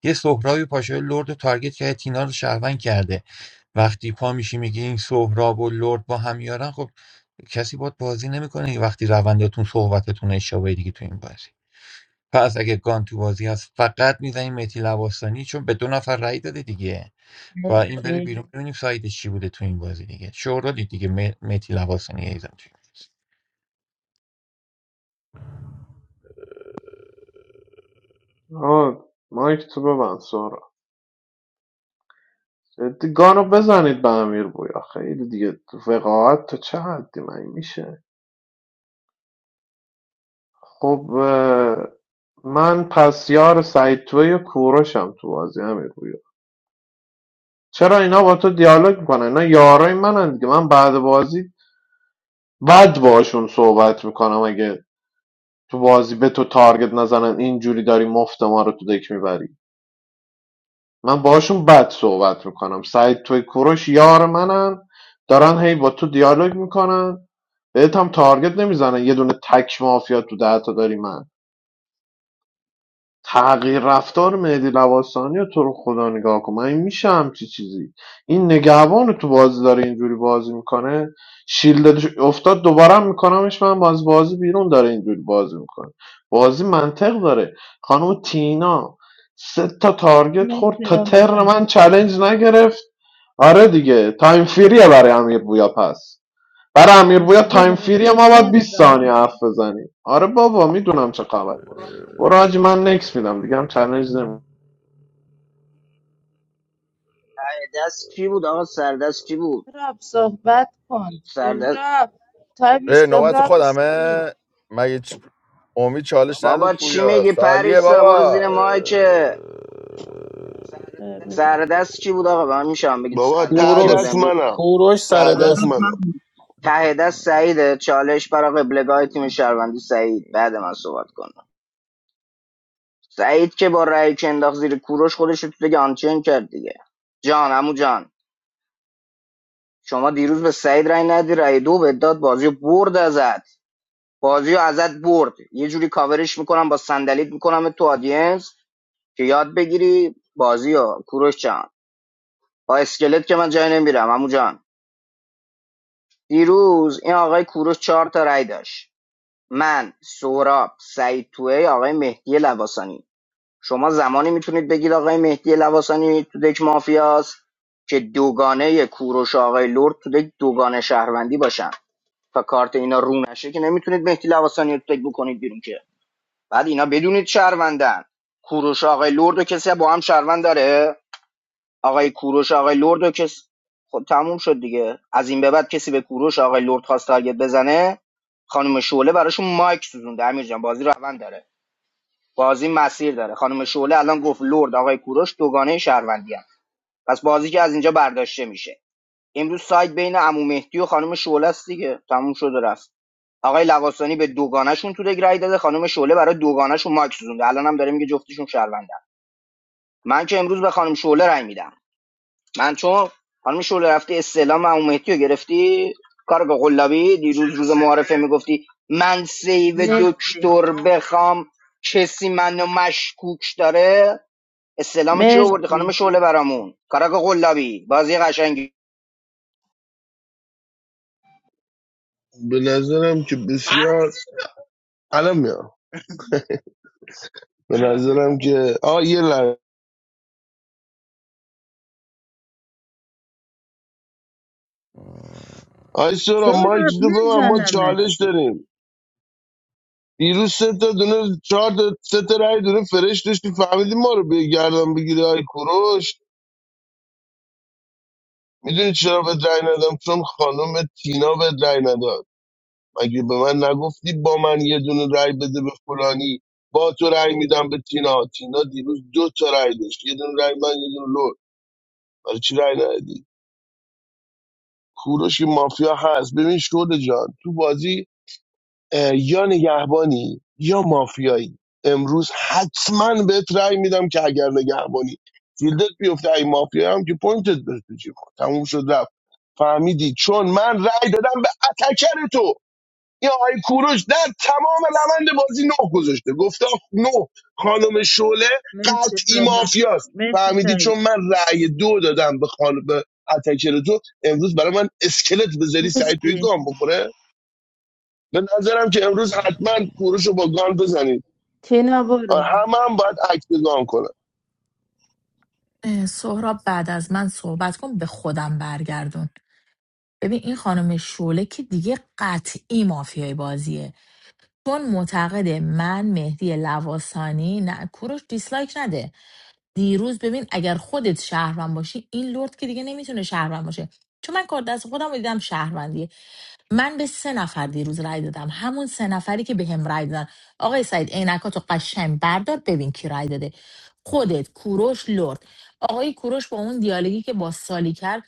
Speaker 13: یه سهرابی پاشای لرد رو تارگت کرده تینا رو شهروند کرده وقتی پا میشی میگی این سهراب و لرد با هم یارن خب کسی باهات بازی نمیکنه وقتی روندتون صحبتتون اشتباهه دیگه تو این بازی پس اگه گان تو بازی هست فقط میزنیم مهدی لواسانی چون به دو نفر رأی داده دیگه با این بره
Speaker 3: مرسی
Speaker 13: بیرون ببینیم سایدش چی بوده تو این بازی دیگه شورالی دیگه مه- مهدی لواسانی ایزم توی این بازی.
Speaker 15: مایک تو ببند سورا جدی گانو بزنید به امیر بویا خیلی دیگه وقاعت تو چه حدی من میشه خب اه، من پس یار سعید توی و کوروشم تو بازی امیر بویا چرا اینا با تو دیالوگ میکنن اینا یارای منن دیگه من بعد بازی بد باشون صحبت میکنم اگه تو بازی به تو تارگت نزنن اینجوری داری مفت ما رو تو دک میبری من باشون بد صحبت میکنم سعید توی کوروش یار منن دارن هی با تو دیالوگ میکنن بهت هم تارگت نمیزنن یه دونه تک مافیا تو دهتا داری من تغییر رفتار مهدی لواسانی رو تو رو خدا نگاه کن من این میشه همچی چیزی این نگهبان رو تو بازی داره اینجوری بازی میکنه شیلدش افتاد دوباره هم میکنمش من باز بازی بیرون داره اینجوری بازی میکنه بازی منطق داره خانم تینا سه تا تارگت خورد
Speaker 3: مرسی
Speaker 15: تا
Speaker 3: آمه
Speaker 15: تر
Speaker 3: جان
Speaker 15: من چلنج نگرفت آره دیگه تایم فیریه برای امیر بویا پس برای امیر بویا تایم
Speaker 3: زبر
Speaker 15: فیریه ما باید 20
Speaker 3: گوشم
Speaker 15: ثانیه حرف بزنیم آره بابا میدونم چه خبر برو حاجی من نکس میدم دیگه هم چالنج نمی
Speaker 1: دست چی بود آقا سردست چی بود
Speaker 3: سهراب صحبت کن
Speaker 1: سردست
Speaker 3: سهراب تایم
Speaker 2: اه، نوبت
Speaker 3: سهراب سالی
Speaker 2: خودمه مگه چ... امید چالش نداد
Speaker 1: بابا چی
Speaker 2: پویا
Speaker 1: میگی
Speaker 2: سالیه
Speaker 1: پریسا برو
Speaker 2: بابا
Speaker 1: زیر مایکه
Speaker 2: اه،
Speaker 1: سردست کی بود آقا به من میشه هم بگید
Speaker 7: بابا
Speaker 1: سردست
Speaker 7: ته
Speaker 1: کی
Speaker 9: کوروش
Speaker 1: بود
Speaker 7: دست
Speaker 1: امرو
Speaker 7: منم
Speaker 9: کوروش سر
Speaker 7: ته دست
Speaker 9: دست بود.
Speaker 7: منم
Speaker 1: ته دست سعیده چالش برای قبلگاه تیم شهروندی سعید بعد من صحبت کنم سعید که با رأی که انداخت زیر کوروش خودش رو تو دیگه آنچین کرد دیگه جان عمو جان شما دیروز به سعید رأی ندی رأی دو به داد بازی رو برد ازت بازی رو ازت برد یه جوری کاورش میکنم با صندلیت میکنم تو آدینس که یاد بگیری بازی رو کوروش جان. با اسکلت که من جایی نمیرم عمو جان دیروز این آقای کوروش چهار تا رأی داشت من سهراب سعید توهی آقای مهدی لواسانی شما زمانی میتونید بگید آقای مهدی لواسانی تو دک مافیاست که دوگانه کوروش آقای لرد تو دک دوگانه شهروندی باشن تا کارت اینا رو نشه که نمیتونید مهدی لواسانی رو تو دک بکنید بیرون که بعد اینا بدونید شهروندن کوروش آقای لرد و کسی با هم شهروند داره آقای کوروش آقای لرد رو که س- خب تموم شد دیگه از این به بعد کسی به کوروش آقای لرد خواست تارگت بزنه خانم شعله براشون مایک سوزونده امیر جان بازی روند داره بازی مسیر داره خانم شعله الان گفت لرد آقای کوروش دوگانه شهروندی هم. پس بازی که از اینجا برداشته میشه امروز سایت بین عمو مهدی و خانم شعله است دیگه تموم شد و رفت آقای لواسانی به دوگانشون تو رگ رای داده خانم شعله برای دوگانشون مایک سوزونده الان هم داره میگه جفتشون شهروندن من که امروز به خانم شعله رای میدم من چون خانم شوله رفتی استعلام عمو مهدی رو گرفتی کار به قلابی دیروز روز معارفه میگفتی من سیو
Speaker 3: مرسی
Speaker 1: دکتر بخوام کسی منو مشکوک داره استعلام کی آوردی
Speaker 3: مرسی
Speaker 1: خانم شوله برامون کاراک قلابی بازی قشنگی
Speaker 7: به نظرم که بسیار الان میام به نظرم که آه یه لحظه آی سورا مایک
Speaker 3: سهراب
Speaker 7: تو به من ما
Speaker 3: میزنمت
Speaker 7: چالش داریم دیروز سه تا دونه چهار تا سه تا رای دونه فرش داشتی فهمیدی ما رو بگردم بگیری آی کوروش میدونی چرا به رای ندم چون خانم تینا به رای نداد مگه به من نگفتی با من یه دونه رای بده به فلانی با تو رای میدم به تینا تینا دیروز دو تا رای داشت یه دونه رای من یه دونه لور برای چی رای ندادی کوروش که مافیا هست ببین شده جان تو بازی یا نگهبانی یا مافیایی امروز حتما بهت رأی میدم که اگر نگهبانی فیلدت بیفته ای مافیا هم که پوینتت بره تو جیب تموم شد رفت فهمیدی چون من رأی دادم به اتکر تو یا آقای کوروش در تمام روند بازی نه گذاشته گفته نه خانم شعله
Speaker 3: مرسی
Speaker 7: قطعی
Speaker 3: سهراب
Speaker 7: مافیاست
Speaker 3: مرسی
Speaker 7: فهمیدی چون
Speaker 3: سعید
Speaker 7: من رأی دو دادم به خانم به اتکر تو امروز برای من اسکلت بذاری سعی توی
Speaker 3: مرسی
Speaker 7: گام بخوره به نظرم که امروز حتما کوروش رو با گان بزنید
Speaker 3: تینا برو
Speaker 7: آه، همه هم باید عکس گان کنن
Speaker 10: اه، سهراب بعد از من صحبت کن به خودم برگردون ببین این خانم شوله که دیگه قطعی مافیای بازیه چون معتقده من مهدی لواسانی نه کوروش دیسلایک نده دیروز ببین اگر خودت شهروند باشی این لرد که دیگه نمیتونه شهروند باشه چون من کار دست خودم رو دیدم شهروندیه من به سه نفر دیروز رای دادم همون سه نفری که به هم رای دادن آقای سعید عینکاتو قشنگ بردار ببین کی رای داده خودت کوروش لرد آقای کوروش با اون دیالوگی که با سالی کرد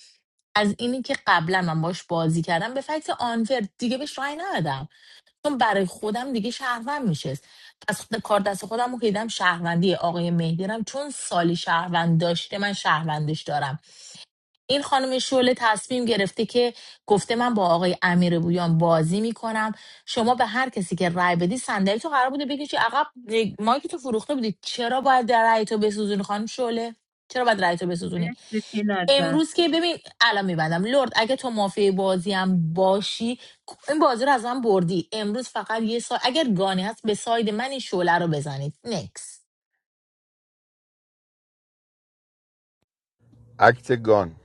Speaker 10: از اینی که قبلا من باش بازی کردم به فکت آنفر دیگه بهش رای ندادم چون برای خودم دیگه شهروند میشه. پس خود- کار دست خودم رو که دیدم شهروندی آقای مهدی رم چون سالی شهروند داشته من شهروندش دارم این خانم شعله تصمیم گرفته که گفته من با آقای امیر بویان بازی میکنم شما به هر کسی که رای بدی صندلی تو قرار بوده بکشی عقب مایک تو فروخته بودی چرا باید در رای تو بسوزونی خانم شعله چرا باید رای تو بسوزونی
Speaker 3: مرسی تینا جان
Speaker 10: امروز که ببین الان میبندم لرد اگه تو مافیای بازی هم باشی این بازی رو از من بردی امروز فقط یه سال اگر گانی هست به ساید من این شعله رو بزنید نکس
Speaker 2: اکت گان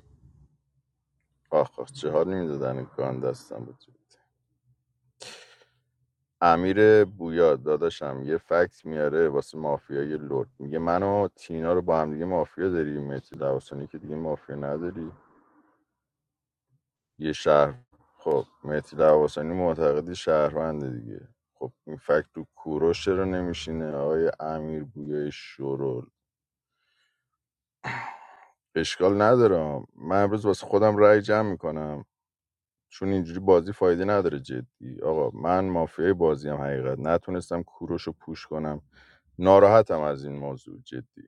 Speaker 2: آخ آخ چه حال نمیدادن گان دستم بود امیر بویا داداشم یه فکت میاره واسه مافیای لرد میگه من و تینا رو با هم دیگه مافیا داری مهدی لواسانی که دیگه مافیا نداری یه شهر خب مهدی لواسانی معتقدی شهرونده دیگه خب این فکت تو کوروش رو نمیشینه آقای امیر بویای شورول اشکال ندارم من امروز واسه خودم رأی جمع میکنم چون اینجوری بازی فایده نداره جدی آقا من مافیای بازی هم حقیقت نتونستم کوروش رو پوش کنم ناراحتم از این موضوع جدی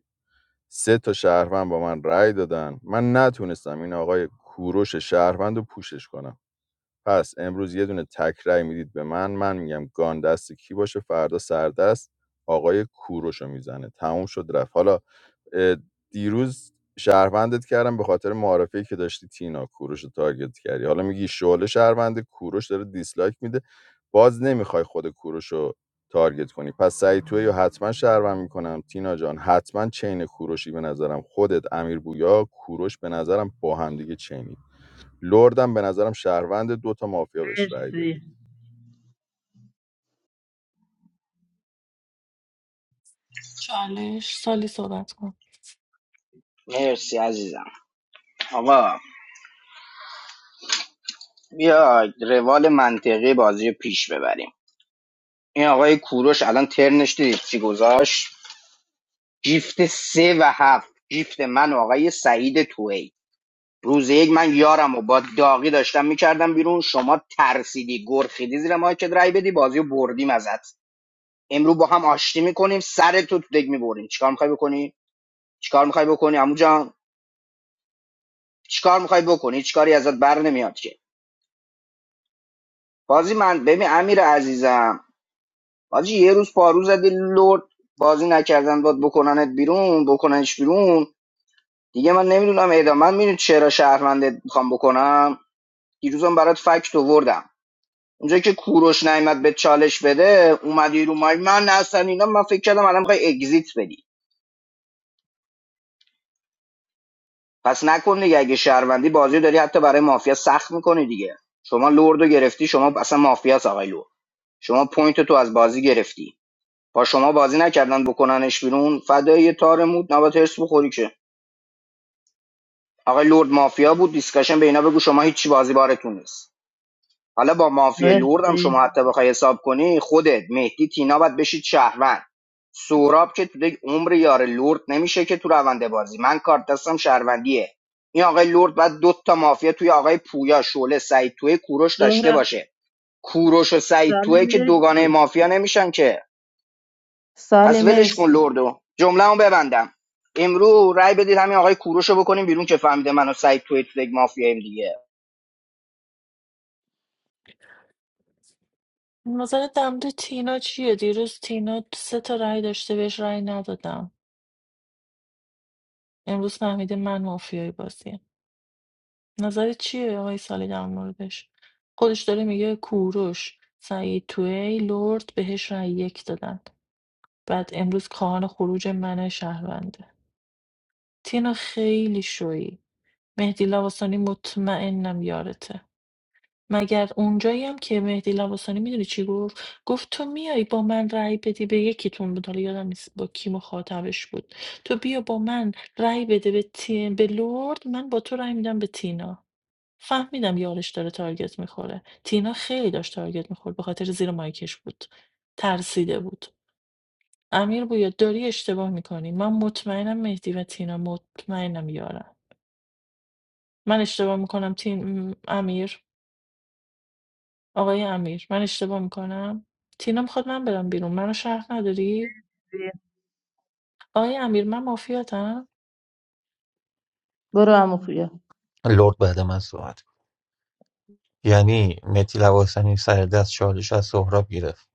Speaker 2: سه تا شهروند با من رأی دادن من نتونستم این آقای کوروش شهروند رو پوشش کنم پس امروز یه دونه تک رأی میدید به من من میگم گان دست کی باشه فردا سردست آقای کوروشو میزنه تموم شد رفت حالا اه، دیروز شهروندت کردم به خاطر معارفی که داشتی تینا کوروش رو تارگت کردی حالا میگی شعله شهرونده کوروش داره دیسلایک میده باز نمیخوای خود کوروش رو تارگت کنی پس سعی توی یا حتما شهروند میکنم تینا جان حتما چین کوروشی به نظرم خودت امیر بویا کوروش به نظرم با هم دیگه چینی لردم به نظرم شهروند دو تا مافیا بهش رأی
Speaker 3: مرسی
Speaker 2: دادی
Speaker 12: چالش سالی صحبت کن
Speaker 1: مرسی عزیزم آقا بیا روال منطقی بازی رو پیش ببریم این آقای کوروش الان ترنش دیدید چی گذاشت گیفت سه و هفت گیفت من و آقای سعید توهی روز یک من یارم و با داغی داشتم میکردم بیرون شما ترسیدی گرخیدی زیر مایکت رای بدی بازی رو بردیم ازت امروز با هم آشتی میکنیم سر تو تو دگ میبریم چیکار میخوای بکنی چیکار میخوای بکنی عمو جان چیکار میخوای بکنی چیکاری ازت بر نمیاد که بازی من ببین امیر عزیزم بازی یه روز پارو زدی لرد بازی نکردن باد بکننت بیرون بکننش بیرون دیگه من نمیدونم اعدام من میدونی چرا شهروندت میخوام بکنم دیروزم برات فکت آوردم اونجایی که کوروش نعمت به چالش بده اومدی رو مای من اصلا اینا من فکر کردم الان میخوای اگزییت بدی پس نکن دیگه اگه شهروندی بازی داری حتی برای مافیا سخت میکنی دیگه شما لوردو گرفتی شما اصلا مافیا آقای لرد شما پوینت تو از بازی گرفتی با شما بازی نکردن بکننش بیرون فدای تارمود نبات هرس بخوری که آقای لرد مافیا بود دیسکشن به اینا بگو شما هیچی بازی بارتون نیست حالا با مافیای لوردم
Speaker 3: مرسی
Speaker 1: شما حتی بخوای حساب کنی خودت مهدی تینا باید بشید شهروند سوراب که تو دیگه عمر یار لورد نمیشه که تو روند بازی من کارت دستم شهروندیه این آقای لورد باید دو تا مافیا توی آقای پویا شعله سعید توی کوروش داشته
Speaker 3: سهراب
Speaker 1: باشه کوروش و سعید
Speaker 3: سالی
Speaker 1: توی که
Speaker 3: مرسی
Speaker 1: دوگانه مافیا نمیشن که
Speaker 3: سالی
Speaker 1: پس ولش کن
Speaker 3: مرسی
Speaker 1: لوردو جمله‌مو ببندم امرو رای بدید همین آقای کوروش رو بکنیم بیرون که فهمیده منو سعید توی تو دیگه مافیاییم
Speaker 12: نظر دمده تینا چیه دیروز تینا سه تا رأی داشته بهش رأی ندادم امروز فهمیده من مافیای بازیه نظر چیه آقای سالی در موردش خودش داره میگه کوروش سعید توی لرد بهش رأی یک دادن بعد امروز خواهان خروج من شهرونده تینا خیلی شویی مهدی لواسانی مطمئنم یارته مگر اونجایی هم که مهدی لواسانی میدونی چی گفت گفت تو میای با من رأی بدی به یکیتون بود حالا یادم نیست با کی مخاطبش بود تو بیا با من رأی بده به, تی... به لورد من با تو رأی میدم به تینا فهمیدم یارش داره تارگت میخوره تینا خیلی داشت تارگت میخورد به خاطر زیر مایکش بود ترسیده بود امیر بویا داری اشتباه میکنی من مطمئنم مهدی و تینا مطمئنم یارم من اشتباه میکنم تین امیر آقای امیر من اشتباه میکنم تینا میخواد من برم بیرون منو شهر نداری آقای امیر من مافیاتم
Speaker 3: برو عمو خویا
Speaker 13: لرد بعد من صحبت کن. یعنی متی لواسنی سر دست چالش از سهراب گرفت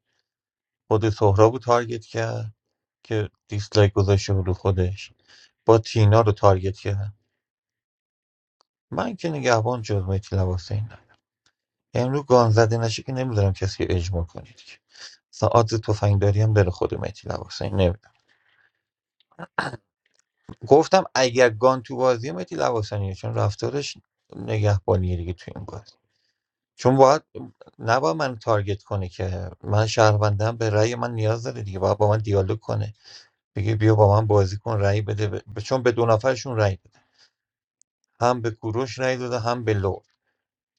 Speaker 13: خود سهراب رو تارگت کرد که دیسلایک گذاشته بود رو خودش با تینا رو تارگت کردم من که نگهبان جز مهدی لواسه این امرو گان زده نشه که نمیذارم کسی رو اجماع کنید که مثلا آدز تفنگداری هم داره خود مهدی لواسانی نمیدونم گفتم اگر گان تو بازی مهدی لواسانیه چون رفتارش نگهبانیه دیگه تو این بازی چون باید نباید من تارگت کنه که من شهروندم به رأی من نیاز داره دیگه باید با من دیالوگ کنه بگه بیا با من بازی کن رأی بده به- چون به دو نفرشون رأی داد هم به کوروش رأی داده هم به لرد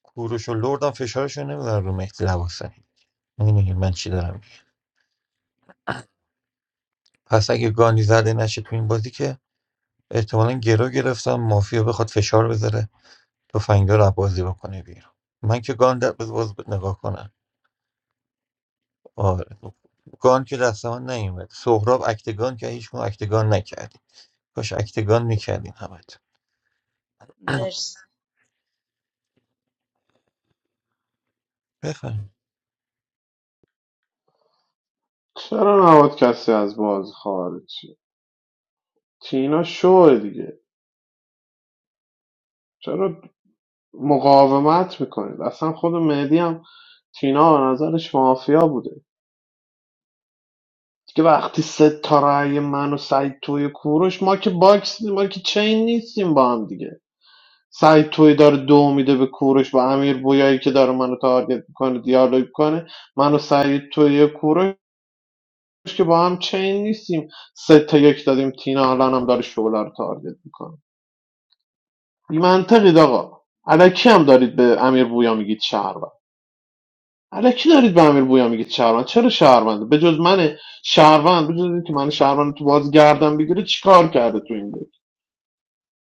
Speaker 13: کوروش و لرد هم فشارشون نمیدن رو مهدی لواسنی میدونی من چی دارم میگم. پس اگه گانی زده نشه تو این بازی که احتمالا گرو گرفتم مافیا بخواد فشار بذاره تفنگدار رو بازی بکنه بیرون من که گان در باز نگاه کنم آره گان که دست من نیومد سهراب اکتگان که هیچ کدوم اکتگان نکردی کاش اکتگان میکردین همت
Speaker 3: مرسی
Speaker 13: بفهم
Speaker 15: چرا نباید کسی از باز خارج شه؟ تینا شوه دیگه چرا مقاومت میکنید اصلا خود مهدی هم تینا به نظرش مافیا بوده دیگه وقتی سه تا رأی من و سعید توی کوروش ما که باکس نی- ما که چین نیستیم با هم دیگه سعید توی داره دو میده به کوروش با امیر بویایی که داره منو تارگت میکنه دیالوگ کنه منو سعید توی کوروش که با هم چین نیستیم سه تا یک دادیم تینا الان هم داره شعله رو تارگت میکنه بی منطقید آقا الکی هم دارید به امیر بویا میگید شهروند الکی دارید به امیر بویا میگید شهروند چرا شهروند به جز من شهروند به جز اینکه من شهروند تو باز گردم بگیره چیکار کرده تو این ده؟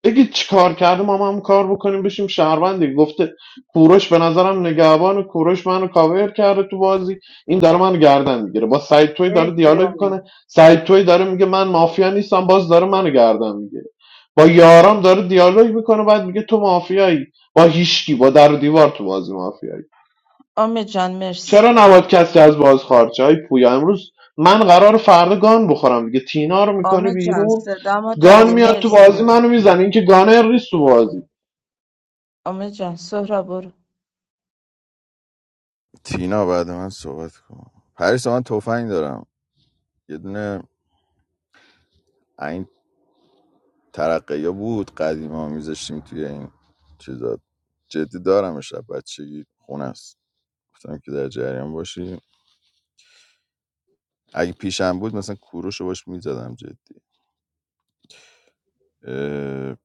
Speaker 15: بگید چی کار کردیم ما هم همون کار بکنیم بشیم شهروندی گفته کوروش به نظرم نگهبان کوروش منو کاور کرده تو بازی این داره منو گردن میگیره با سعید توی داره
Speaker 3: مرسی
Speaker 15: دیالوگ
Speaker 3: امید
Speaker 15: کنه سعید توی داره میگه من مافیا نیستم باز داره منو گردن میگیره با یارام داره دیالوگ میکنه بعد میگه تو مافیایی با هیشکی با در و دیوار تو بازی مافیایی
Speaker 3: امید جان مرسی
Speaker 15: چرا نباید کسی از باز خارج شه؟ آی پویا امروز من قرار فردا گان بخورم دیگه تینا رو میکنه
Speaker 3: امید جان
Speaker 15: بیرون
Speaker 3: صدامو
Speaker 15: گان
Speaker 3: داری
Speaker 15: میاد تو
Speaker 3: مرسی
Speaker 15: بازی منو میزنه این که گانر نیست تو بازی
Speaker 3: آمه جان سهرا برو
Speaker 2: تینا بعد من صحبت کن پریسا من تفنگ دارم یه دونه این ترقه بود قدیما میذاشتیم توی این چیزا جدی دارم شب بچگی خونه است گفتم که در جریان باشی اگه پیشم بود مثلا کوروش رو باش میزدم جدی اه،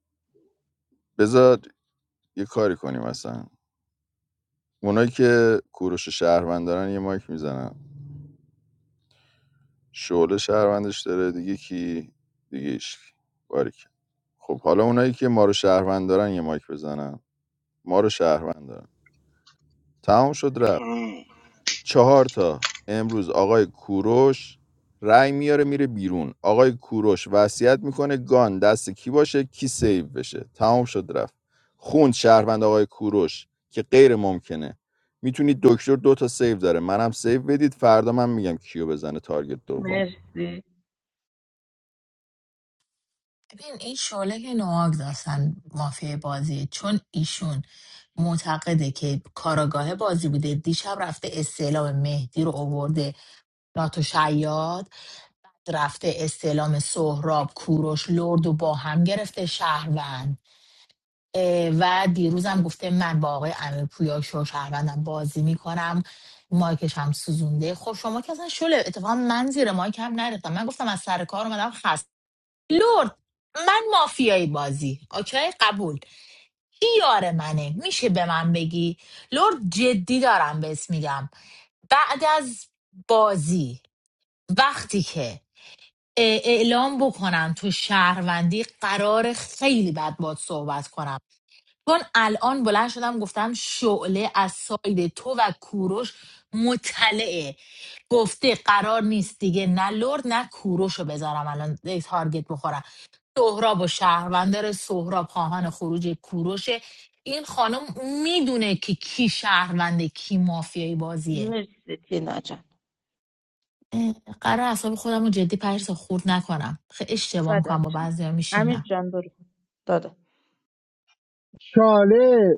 Speaker 2: بذار یه کاری کنیم مثلا اونایی که کوروش شهروند دارن یه مایک میزنن شعله شهروندش داره دیگه کی دیگه ایش خب حالا اونایی که ما رو شهروند دارن یه مایک بزنن ما رو شهروند دارن تمام شد رفت
Speaker 1: دیگه
Speaker 2: چهار تا امروز آقای کوروش رأی میاره میره بیرون آقای کوروش وصیت میکنه گان دست کی باشه کی سیو بشه تمام شد رفت خوند شهروند آقای کوروش که غیر ممکنه میتونید دکتر دو تا سیو داره منم سیو بدید فردا من میگم کیو بزنه تارگت دوم
Speaker 3: مرسی
Speaker 10: ببین این شعله که نواک داشتن مافیای بازی چون ایشون معتقده که کاراگاه بازی بوده دیشب رفته استعلام مهدی رو آورده ناتو شیاد رفته استعلام سهراب کوروش لرد و با هم گرفته شهروند و دیروزم گفته من با آقای امیر پویا شو شهروندم بازی میکنم مایکش هم سوزونده خب شما که اصلا شله اتفاقا من زیر مایک هم نرفتم من گفتم از سر کار اومدم خست لورد من مافیایی بازی اوکی قبول کی یار منه میشه به من بگی لورد جدی دارم بهت میگم بعد از بازی وقتی که اعلام بکنم تو شهروندی قرار خیلی بد باد صحبت کنم چون الان بلند شدم گفتم شعله از ساید تو و کوروش مطلعه گفته قرار نیست دیگه نه لرد نه کوروش رو بذارم الان تارگت بخورم سهراب و شهروندار سهراب خواهان خروج کوروشه این خانم میدونه که کی شهرونده کی مافیایی بازیه
Speaker 3: مرسی دینا جان
Speaker 10: اه، قرار اصاب خودم رو جدی پرس خورد نکنم خیلی اشتباه
Speaker 3: فدات
Speaker 10: میکنم با
Speaker 3: جان
Speaker 10: بعضی
Speaker 3: امیر
Speaker 10: میشینم
Speaker 3: جان برو دادا
Speaker 4: چالش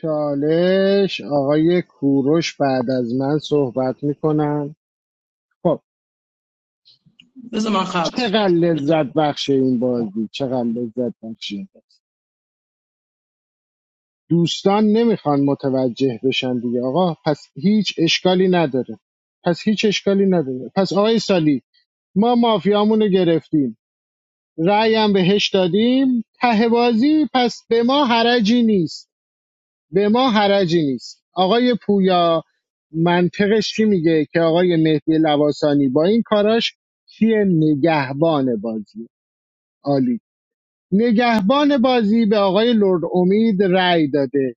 Speaker 4: چالش آقای کوروش بعد از من صحبت میکنن خب
Speaker 14: بذار من خبر
Speaker 4: چقدر لذت بخش این بازی چقدر لذت بخش این بازی دوستان نمیخوان متوجه بشن دیگه آقا پس هیچ اشکالی نداره پس هیچ اشکالی نداره پس آقای سالی ما مافیامونو گرفتیم رأی هم بهش دادیم ته بازی پس به ما حرجی نیست به ما حرجی نیست آقای پویا منطقش چی میگه که آقای مهدی لواسانی با این کاراش چیه نگهبان بازی عالی نگهبان بازی به آقای لرد امید رأی داده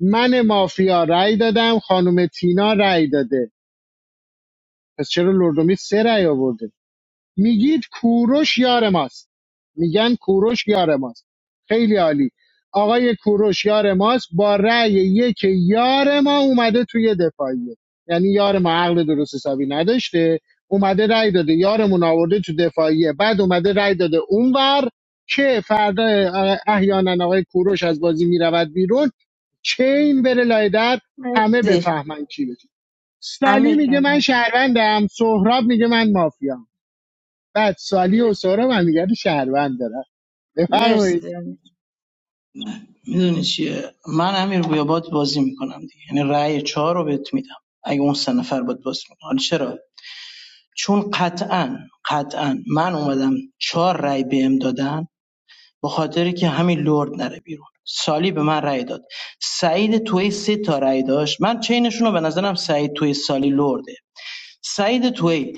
Speaker 4: من مافیا رأی دادم خانم تینا رأی داده پس چرا لرد امید سه رأی آورده میگید کوروش یار ماست میگن کوروش یار ماست خیلی عالی آقای کوروش یار ماست با رأی یک یار ما اومده توی دفاعیه یعنی یار ما عقل درست حسابی نداشته اومده رأی داده یارمون آورده تو دفاعیه بعد اومده رأی داده اونور که فردا اه، احیانا آقای کوروش از بازی میرود بیرون چین بره لای در
Speaker 3: مرسی
Speaker 4: همه
Speaker 3: زی
Speaker 4: بفهمن چی بشه. سالی
Speaker 3: امیر
Speaker 4: میگه
Speaker 3: جان
Speaker 4: من
Speaker 3: مرسی
Speaker 4: شهروندم سهراب میگه من مافیا بعد سالی و
Speaker 3: مرسی
Speaker 4: سهراب هم دیگر شهروند دارن
Speaker 3: مرسی
Speaker 4: بفرمایید
Speaker 3: زیانی.
Speaker 14: میدونی چیه من امیر بیابات بازی میکنم دیگه یعنی رأی چهار رو بهت میدم اگه اون سه نفر باید بازی میکنم حالا چرا چون قطعا قطعا من اومدم چهار رأی بهم دادن به خاطر که همین لرد نره بیرون سالی به من رأی داد سعید توی سه تا رأی داشت من چینشون رو به نظرم سعید توی سالی لرده سعید توی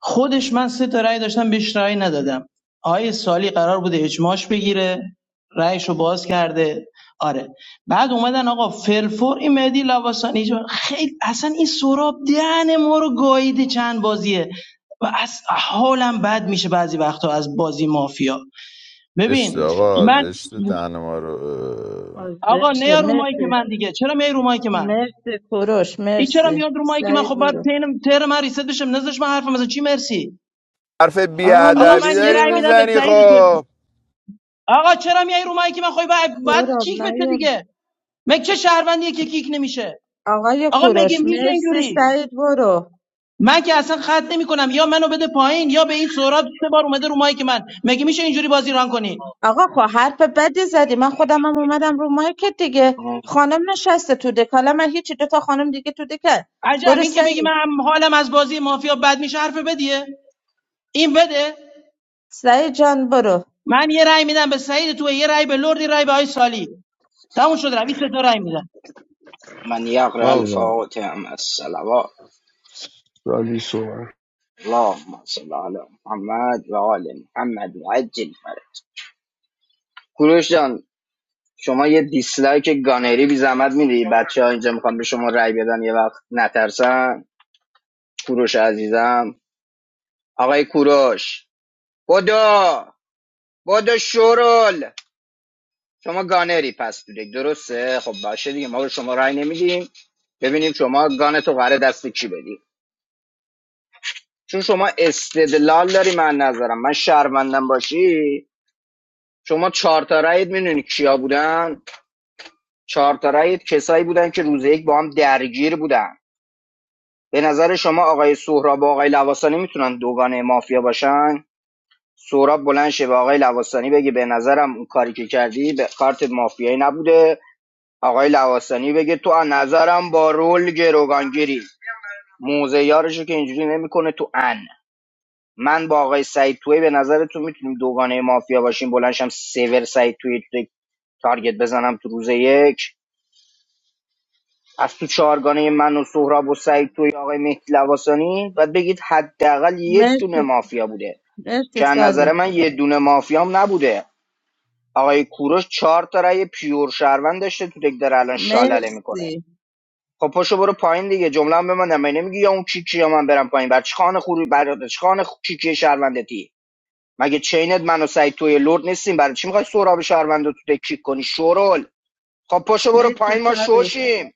Speaker 14: خودش من سه تا رأی داشتم بهش رأی ندادم آقای سالی قرار بوده اجماعش بگیره رأیشو باز کرده آره بعد اومدن آقا فلفور این مهدی لواسانی جو- خیلی اصلا این سراب دهن ما رو گاییده چند بازیه و از حالم بد میشه بعضی وقتا از بازی مافیا
Speaker 2: اشت
Speaker 14: ببین
Speaker 2: آقا
Speaker 14: من
Speaker 2: زشت دهن ما رو اه.
Speaker 3: حاضر
Speaker 14: آقا نه رو مایی
Speaker 3: مرسی
Speaker 14: که
Speaker 3: مرسی
Speaker 14: من دیگه چرا میای رو مایی که من
Speaker 3: مرسی کوروش
Speaker 14: این چرا
Speaker 3: مرسی
Speaker 14: میاد رو مایی که من
Speaker 3: سعید
Speaker 14: خب باید
Speaker 3: برو
Speaker 14: تین تر من ریست بشم نذاش من حرفم از چی مرسی
Speaker 2: حرف
Speaker 3: آقا
Speaker 14: آقا
Speaker 2: بیادبی
Speaker 14: من
Speaker 3: مرسی
Speaker 14: یه
Speaker 3: یه
Speaker 2: داری
Speaker 14: رأی
Speaker 3: ساعت
Speaker 14: میدم به
Speaker 2: میزنی
Speaker 14: سعید تو
Speaker 2: خب
Speaker 14: آقا چرا میای رو مایی که من خواهی باید, باید
Speaker 3: دارم
Speaker 14: کیک بشه
Speaker 3: نیارم
Speaker 14: دیگه مگه چه شهروندیه که کیک نمیشه
Speaker 3: آقای
Speaker 14: آقا
Speaker 3: کوروش
Speaker 14: مگه میشه
Speaker 3: مرسی
Speaker 14: اینجوری
Speaker 3: سعید برو
Speaker 14: من که اصلا خط نمیکنم یا منو بده پایین یا به این سهراب سه بار اومده رو مایی که من مگه میشه اینجوری بازی ران کنی
Speaker 3: آقا خب حرف بدی زدی من خودم هم اومدم رو مایکت دیگه خانم نشسته تو دکالا من هیچی دو تا خانم دیگه تو دکل
Speaker 14: عجب
Speaker 3: برو
Speaker 14: این که بگی من
Speaker 3: سعید
Speaker 14: هم- حالم از بازی مافیا بد میشه حرف بدیه این بده
Speaker 3: سعید جان برو
Speaker 14: من یه رأی میدم به سعید تو یه رأی به لردی رأی به آی سالی تموم شد روی سه تا رأی میدم
Speaker 1: من يقرأ
Speaker 7: اول
Speaker 1: الفواتح مع الصلوات
Speaker 7: رالی سومن
Speaker 1: اللهم صل على محمد و آل محمد وعجل فرج کوروش جان شما یه دیسلایک گانری بی زحمت میدی بچه اینجا میخوان به شما رأی بدن یه وقت نترسن کوروش عزیزم آقای کوروش بدو بدو شورل شما گانری پس تو دیگه، درسته خب باشه دیگه ما به شما رأی نمیدیم ببینیم شما گانتو قراره دست کی بدی چون شما استدلال داری من نظرم من شهروندم باشی شما چهار تا رأیت میدونی کیا بودن چهار تا رأیت کسایی بودن که روز یک با هم درگیر بودن به نظر شما آقای سهراب با آقای لواسانی میتونن دوگانه مافیا باشن سهراب بلند شه به آقای لواسانی بگه به نظرم اون کاری که کردی به کارت مافیایی نبوده آقای لواسانی بگه تو از نظرم با رول گروگانگیری موزه یارشو که اینجوری نمیکنه تو ان من با آقای سعید توی به نظرتون میتونیم دوگانه مافیا باشیم بلنشم سیور سعید توی یک تارگت بزنم تو روز یک از تو چهارگانه من و سهراب و سعید توی آقای مهدی لواسانی باید بگید حداقل یه دونه
Speaker 3: مرسی
Speaker 1: مافیا بوده
Speaker 3: مرسی
Speaker 1: که از نظر
Speaker 3: سالی
Speaker 1: من یه دونه مافیام نبوده آقای کوروش چهار تا رأی پیور شهروند داشته تو دک داره الان شالله میکنه
Speaker 3: مرسی
Speaker 1: خب پاشو برو پایین دیگه جمله هم به من نمیگی یا اون کیکی یا من برم پایین بر چی خانه خوری برادر چی خانه خ- کیکی شهروندتی مگه چینت من و سعید توی لرد نیستیم برای چی میخوای سهراب شهروند رو تو تکیک کنی شورول خب پاشو برو
Speaker 3: مرسی
Speaker 1: پایین ما
Speaker 3: سالی
Speaker 1: شوشیم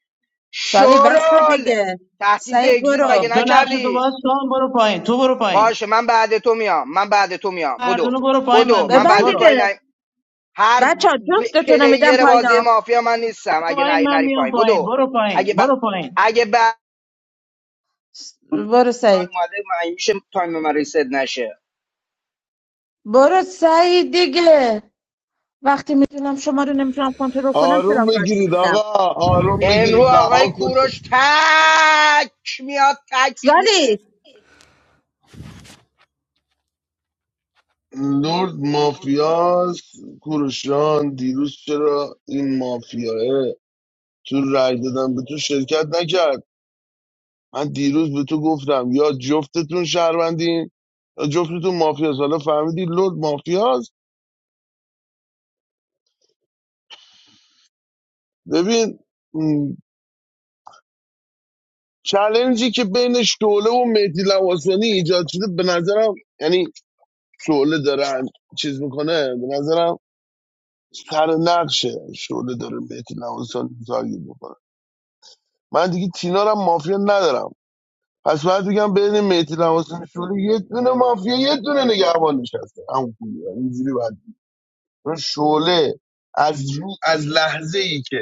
Speaker 3: سالی بس
Speaker 1: شورول
Speaker 3: دیگه
Speaker 1: تهدید به
Speaker 3: سعید
Speaker 1: اگزیت
Speaker 3: برو
Speaker 1: مگه
Speaker 14: پایین تو نقش تو
Speaker 1: نکردی
Speaker 14: باز کن برو پایین تو برو پایین
Speaker 1: باشه من بعد تو میام من بعد تو میام
Speaker 14: مردونه
Speaker 1: بدو
Speaker 14: برو پایین
Speaker 1: بدو
Speaker 14: من
Speaker 1: من
Speaker 14: بیام
Speaker 3: ببند
Speaker 1: بعد تو
Speaker 14: برو
Speaker 1: ای
Speaker 3: دیگه
Speaker 1: هر
Speaker 3: بچه ها
Speaker 1: ب...
Speaker 3: جفتتون میدم
Speaker 1: پلیر
Speaker 3: پایین
Speaker 1: بازی مافیا من نیستم اگه
Speaker 14: پایین
Speaker 1: نری,
Speaker 14: من
Speaker 1: نری
Speaker 14: میام
Speaker 1: پایین
Speaker 14: پایین
Speaker 1: بدو
Speaker 14: برو پایین
Speaker 1: اگه ب...
Speaker 14: برو پایین
Speaker 1: اگه ب...
Speaker 3: س- برو سعید
Speaker 1: اومده مگه میشه تایم من ریست نشه
Speaker 3: برو سعید دیگه وقتی میدونم شما رو نمیتونم کنترل کنم
Speaker 7: آروم
Speaker 3: چرا باید
Speaker 7: بگیرید آقا
Speaker 3: میشینم
Speaker 7: آروم
Speaker 1: امرو
Speaker 7: بگیرید
Speaker 1: آقای
Speaker 7: رها کنید
Speaker 1: کوروش تک میاد تک میره
Speaker 3: سالی
Speaker 7: لرد مافیاس کوروشان دیروز چرا این مافیاه تو رای دادن به تو شرکت نکرد من دیروز به تو گفتم یا جفتتون شهروندین یا جفتتون مافیاس حالا فهمیدی لرد مافیاس ببین چلنجی که بین شعله و مهدی لواسانی ایجاد شده به نظرم یعنی شعله داره چیز میکنه به نظرم سر نقشه شعله داره مهدی لواسانی تارگت میکنه من دیگه تینا رو هم مافیا ندارم پس باید بگم بین مهدی لواسانی شعله یه دونه مافیا یه دونه نگهبان نشسته همون خوبیه. اینجوری باید بگم. شعله از رو از لحظه ای که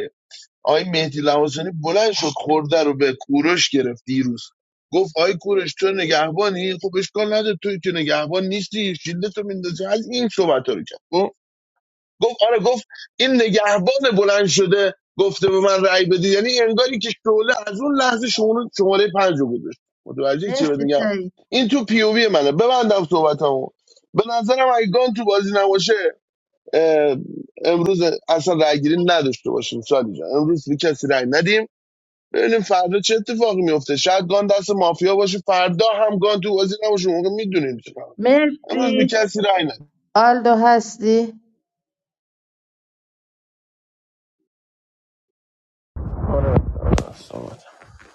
Speaker 7: آقای مهدی لواسانی بلند شد خورده رو به کوروش گرفت دیروز گفت آی کوروش تو نگهبانی خب اشکال نداره توی که نگهبان نیستی شیلدتو میندازی از این صحبت رو کرد خب؟ گفت آره گفت این نگهبان بلند شده گفته به من رأی بدید یعنی انگاری که شعله از اون لحظه شما شماره پنج رو گذاشت متوجه چی بهت
Speaker 3: مرسی
Speaker 7: میگم
Speaker 3: سعید
Speaker 7: این تو پی او وی منه ببندم صحبتمو به نظرم ایگان تو بازی نباشه اه، امروز اصلا رأیگیری نداشته باشیم سالی جان امروز به کسی رأی ندیم ببینیم فردا چه اتفاقی میفته شاید گان دست مافیا باشه فردا هم گان تو بازی نباشه اون موقع میدونیم چیکار کنیم. امروز به
Speaker 3: مرسی
Speaker 7: کسی رأی ندیم
Speaker 3: آلدو هستی؟
Speaker 9: بس آمد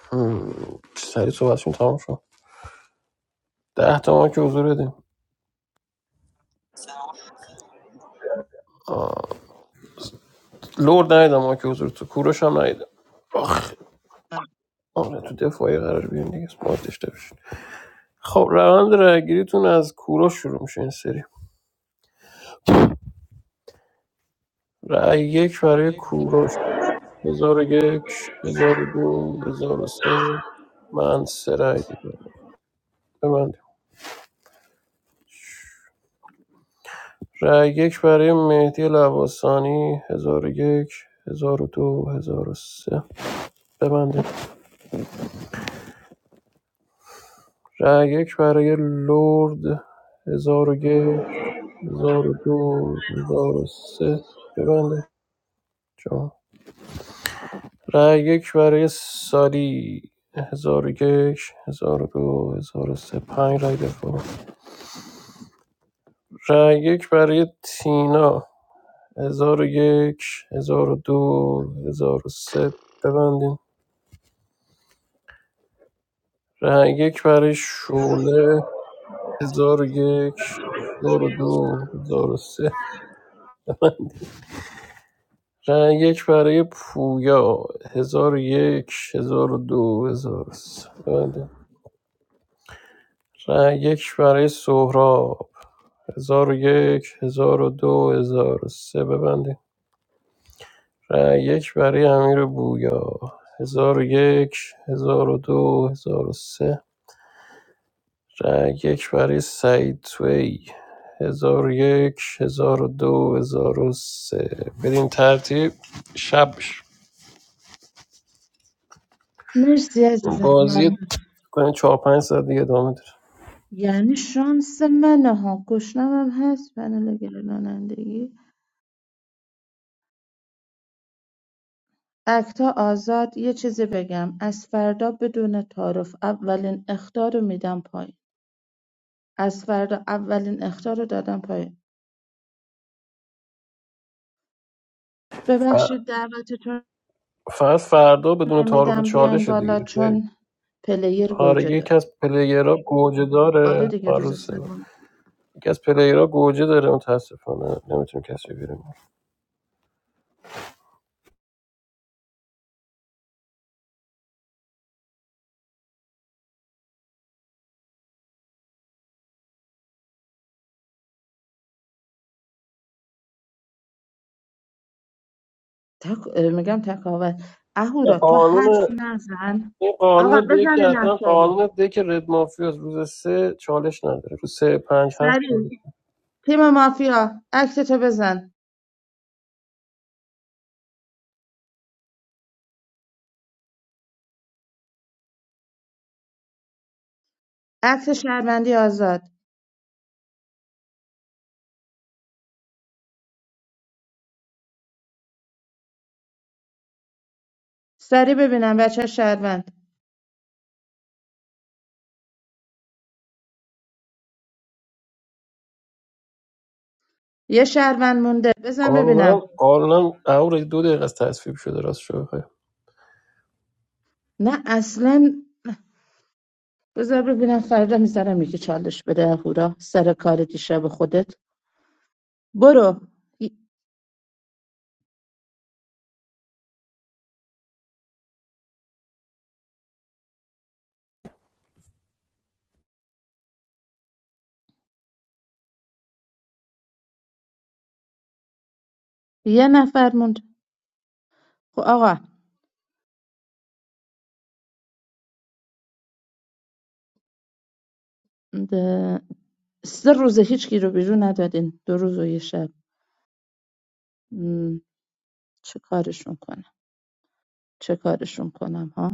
Speaker 9: هم. سریع صحبتشون تمام شد ده تا ما که حضور بدیم لورد ندیدم ما که حضور تو کوروش هم ندیدم آخ آره تو دفاعی قرار بیان دیگه اسمارت داشته باشین خب روند رأیگیریتون از کوروش شروع میشه این سری رأی یک برای کوروش هزار و یک هزار و دو هزار و سه من سه رأی دیدم به من رأی یک برای مهدی لواسانی 1001 1002 1003 ببندید رأی یک برای لرد 1001 1002 1003 ببندید جان رأی یک برای سالی هزار 1002 1003 پنج رأی دفاع رأی یک برای تینا 1001 1002 سه ببندید رای یک برای شعله هزار و یک هزار و دو هزار و سه رای یک برای پویا هزار و یک هزار و دو هزار و سه بله. رای یک برای سهراب هزار و یک هزار و دو هزار و سه ببندید رای یک برای امیر بویا هزار و یک هزار و دو هزار و سه رنگ یک برای سعید توی هزار و یک هزار و دو هزار و سه بدین ترتیب شب
Speaker 3: مرسی عزیزم
Speaker 9: بازی
Speaker 3: ممنون
Speaker 9: کنین چهار پنج ساعت دیگه ادامه داره
Speaker 3: یعنی شانس منه ها گشنمم هست پنل گرانندگی اکتا آزاد یه چیزی بگم از فردا بدون تعارف اولین اختار رو میدم پایین از فردا اولین اختار رو دادم پایین
Speaker 9: ف-
Speaker 3: ببخشید دعوتتون
Speaker 9: فقط فردا بدون تعارف و
Speaker 3: نمیدم بیان
Speaker 9: چالش
Speaker 3: بالا
Speaker 9: دیگه خیلی.
Speaker 3: چون پلیر
Speaker 9: آره
Speaker 3: گوجه
Speaker 9: یکی
Speaker 3: داره
Speaker 9: از پلیرها گوجه
Speaker 3: آره
Speaker 9: داره
Speaker 3: دیگه روز
Speaker 9: آروسه
Speaker 3: سوم
Speaker 9: یکی از پلیرها گوجه داره متاسفانه نمیتونه کسی بیرون
Speaker 3: تک... میگم تکاوت اهورا تو
Speaker 9: قانون
Speaker 3: حرفی نزن
Speaker 9: این
Speaker 3: آقا
Speaker 9: قانون دیگه
Speaker 3: بزن
Speaker 9: که حتما
Speaker 3: نفتاری
Speaker 9: قانون دیگه که رد مافیا روز سه چالش نداره روز سه پنج هفت
Speaker 3: سریع تیم مافیا عکستو بزن عکس شهروندی آزاد سریع ببینم بچه شهروند یه شهروند مونده بزن
Speaker 9: قانونا
Speaker 3: ببینم
Speaker 9: قانونا قرار دو دقیقه از تصویب شده راست شو بخوای
Speaker 3: نه اصلا بذار ببینم فردا میذارم یکی چالش بده اهورا سر کار دیشب خودت برو ی- یه نفر موند خب آقا ده- سه روزه هیچ کی رو بیرون ندادین دو روز و یه شب چه کارشون کنم چه کارشون کنم ها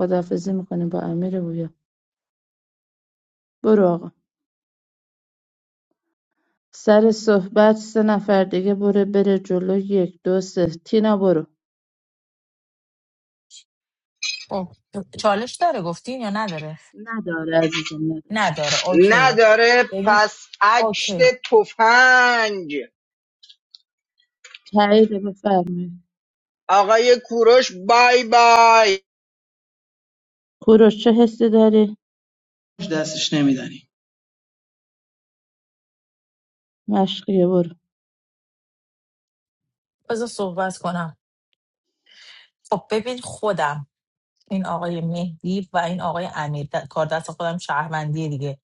Speaker 3: خداحافظی میکنیم با امیر بویا برو آقا سر صحبت سه نفر دیگه بره بره جلو یک دو سه تینا برو
Speaker 10: خب، چالش داره گفتین یا نداره
Speaker 3: نداره عزیزم نداره
Speaker 10: نداره اوکیه
Speaker 1: نداره
Speaker 10: ببین
Speaker 1: پس
Speaker 10: اوکی
Speaker 1: اکت تفنگ
Speaker 3: تایید بفرمایید
Speaker 1: آقای کوروش بای بای
Speaker 3: کوروش چه حسی داری
Speaker 14: دستش نمیدنی
Speaker 3: مشقیه برو
Speaker 10: بذار صحبت کنم خب ببین خودم این آقای مهدی و این آقای امیر د... کار دست خودم شهروندی دیگه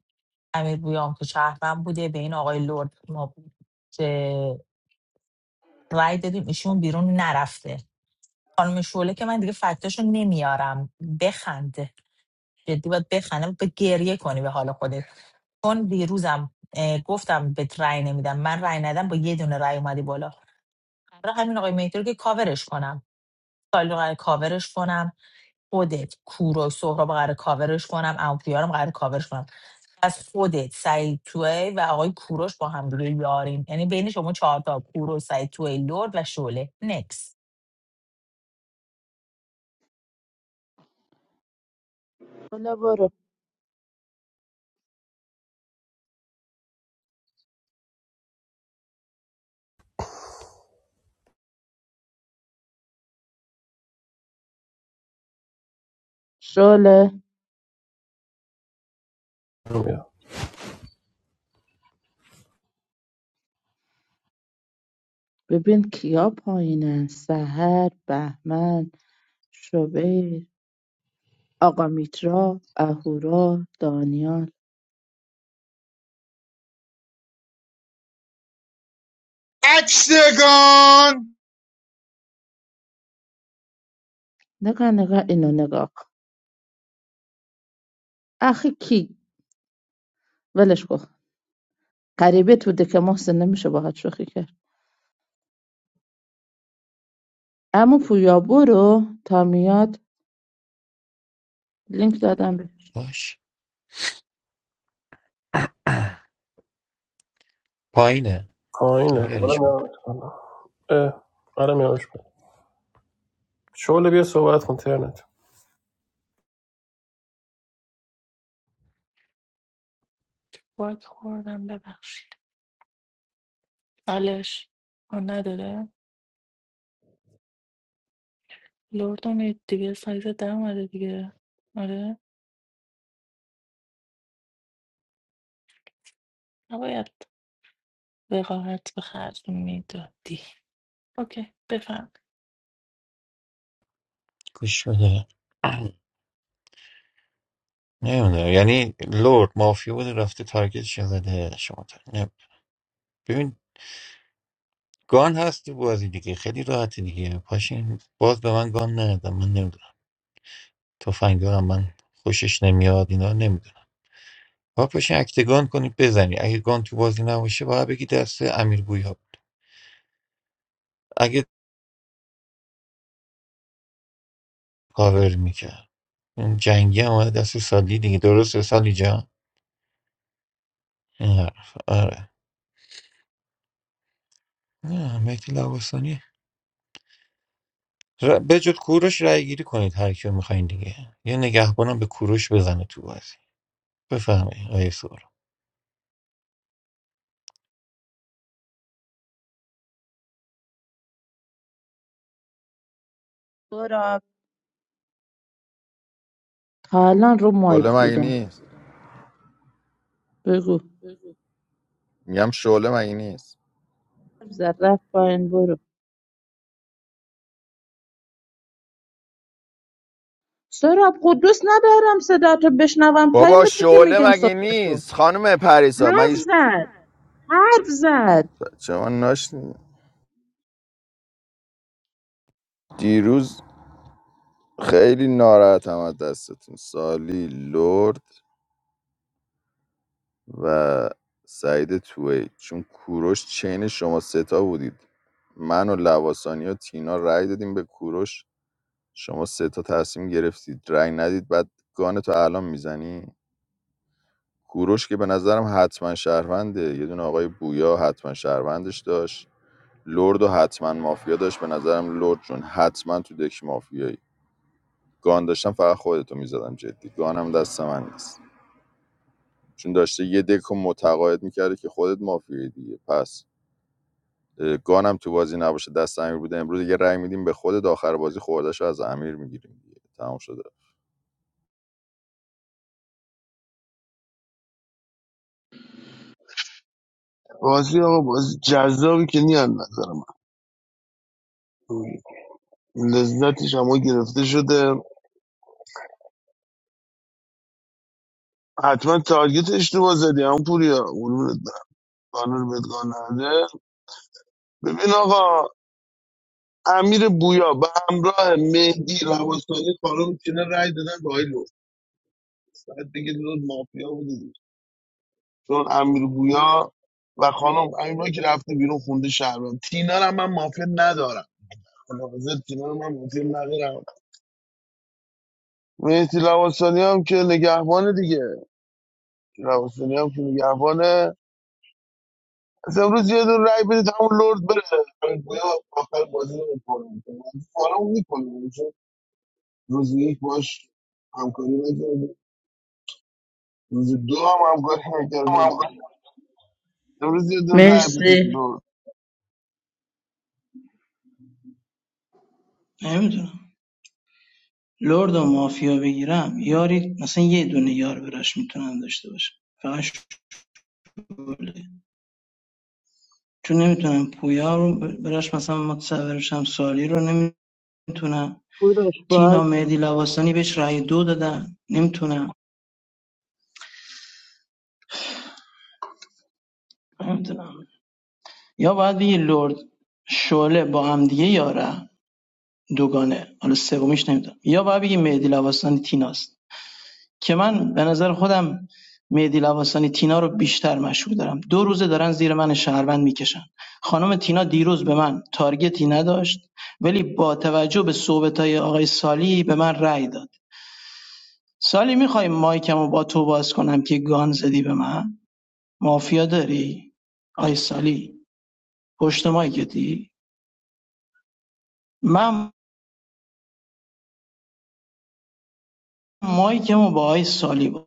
Speaker 10: امیر بویام که شهروند بوده به این آقای لرد ما بود که رای دادیم ایشون بیرون نرفته خانم شعله که من دیگه فکتاشو نمیارم بخنده جدی باید بخنده به گریه کنی به حال خودت چون دیروزم اه، گفتم به رای نمیدم من رای ندم با یه دونه رای اومدی بالا برای همین آقای مهدی رو که کاورش کنم سالی قراره کاورش کنم خودت کوروش سهراب قراره کاورش کنم امپیارم قراره کاورش کنم از خودت سعید توی و آقای کوروش با هم دیگه یاریم یعنی بین شما چهار تا کوروش سعید توی لرد و شعله نکس
Speaker 3: شله برو شله
Speaker 9: بیا
Speaker 3: ببین کیا پایینن سهر بهمن شبیر آقا میترا اهورا دانیال
Speaker 16: اکشتگان
Speaker 3: نگاه نگاه اینو نگاه کن. آخه کی ولش کن غریبه تو دکه محسن نمیشه باهات شوخی کرد اما پویا برو تا میاد لینک دادم بهش
Speaker 13: باش پایینه
Speaker 9: پایینه آره
Speaker 13: بیاریش ما
Speaker 9: میارمش بالا. اه، آره میارمش بالا. شعله بیا صحبت کن ترنت
Speaker 12: باک خوردم ببخشید بلش آن نداره لرد امید دیگه سایز در اومده دیگه آره نباید وقاحت به خرج میدادی اوکی بفهم
Speaker 13: گوش بده نمیدونم یعنی لرد مافیا بوده رفته تارگتش زده شما تا- نه. ببین گان هست تو بازی دیگه خیلی راحته دیگه پاشین باز به من گان ندادم من نمیدونم تفنگدارم من خوشش نمیاد اینا نمیدونم با پاشین اکتگان کنید بزنی اگه گان تو بازی نباشه باید بگی دست امیر بویا بود. اگه کاور میکرد اون جنگی هم اومده دست سالی دیگه درسته سالی جان این حرف آره نه مهدی لواسانی ر- به جز کوروش رای گیری کنید هر کیو میخواین دیگه یه نگهبانم به کوروش بزنه تو بازی بفهمه آیه سورا
Speaker 3: سراب تا الان رو مایک
Speaker 2: شعله مگه
Speaker 3: بودم
Speaker 2: نیست
Speaker 3: بگو
Speaker 2: میگم شعله مگه نیست
Speaker 3: زد رفت پایین برو سوراب خود ندارم صدا تو بشنوم
Speaker 2: بابا
Speaker 3: تایمته که
Speaker 2: شعله
Speaker 3: میگم
Speaker 2: مگه
Speaker 3: صحبت کن
Speaker 2: نیست خانم پریسا
Speaker 3: حرف
Speaker 2: مگه ش...
Speaker 3: زد حرف زد
Speaker 2: بچه من ناشنیدی؟ دیروز خیلی ناراحتم از دستتون سالی لرد و سعید توی چون کوروش چین شما ستا بودید من و لواسانی و تینا رأی دادیم به کوروش شما سه تا تصمیم گرفتید رأی ندید بعد گان تو الان میزنی کوروش که به نظرم حتما شهرونده یه دونه آقای بویا حتما شهروندش داشت لرد و حتما مافیا داشت به نظرم لرد جون حتما تو دک مافیایی گان داشتم فقط خودتو میزدم جدی گانم دست من نیست چون داشته یه دک متقاعد میکرده که خودت مافیایی دیگه پس گانم تو بازی نباشه دست امیر بوده امروز یه رأی میدیم به خودت آخر بازی خوردش از امیر میگیریم دیگه تمام شده
Speaker 7: بازی آقا بازی جذابی که نیان نظر من لذتش هم گرفته شده حتما تارگت اشتباه زدی هم پوریا قربونت برم. قانون بهت قانون نده. ببین آقا امیر بویا به همراه مهدی رواسانی خانم چینه رای دادن به آقای لرد. بعد دیگه دیروز مافیا بودی چون امیر بویا و خانم امیرا که رفته بیرون خونده شهرام تینا رو هم من مافیا ندارم حاضر تینا رو من مافیا ندارم مهدی لواسانی هم که نگهبانه دیگه لواسانی هم که نگهبانه از امروز یه دور رای بدید همون لرد بره امیر بویا آخر بازی رو میکنم فارم میکنم چون روز یک باش همکاری نکردیم روز دو هم همکاری نکردیم امروز یه دور رای بدید
Speaker 3: مرسی
Speaker 7: لرد
Speaker 14: نمیدونم لرد و مافیا بگیرم یاری مثلا یه دونه یار براش میتونم داشته باشم فقط شعله چون نمیتونم پویا رو براش مثلا متصورشم سالی رو نمیتونم
Speaker 3: بروش
Speaker 14: تینا
Speaker 3: باگی
Speaker 14: مهدی لباسانی بهش رای دو دادن نمیتونم نمیتونم یا باید بگی لرد شعله با هم دیگه یاره دوگانه حالا سومیش نمیدونم یا باید بگی مهدی لباسانی تیناست که من به نظر خودم مهدی لواسانی تینا رو بیشتر مشهور دارم دو روزه دارن زیر من شهروند میکشن خانم تینا دیروز به من تارگتی نداشت ولی با توجه به صحبت های آقای سالی به من رأی داد سالی میخوای مایکمو با تو باز کنم که گان زدی به من مافیا داری آقای سالی پشت مایکتی من مایکمو با آقای سالی باز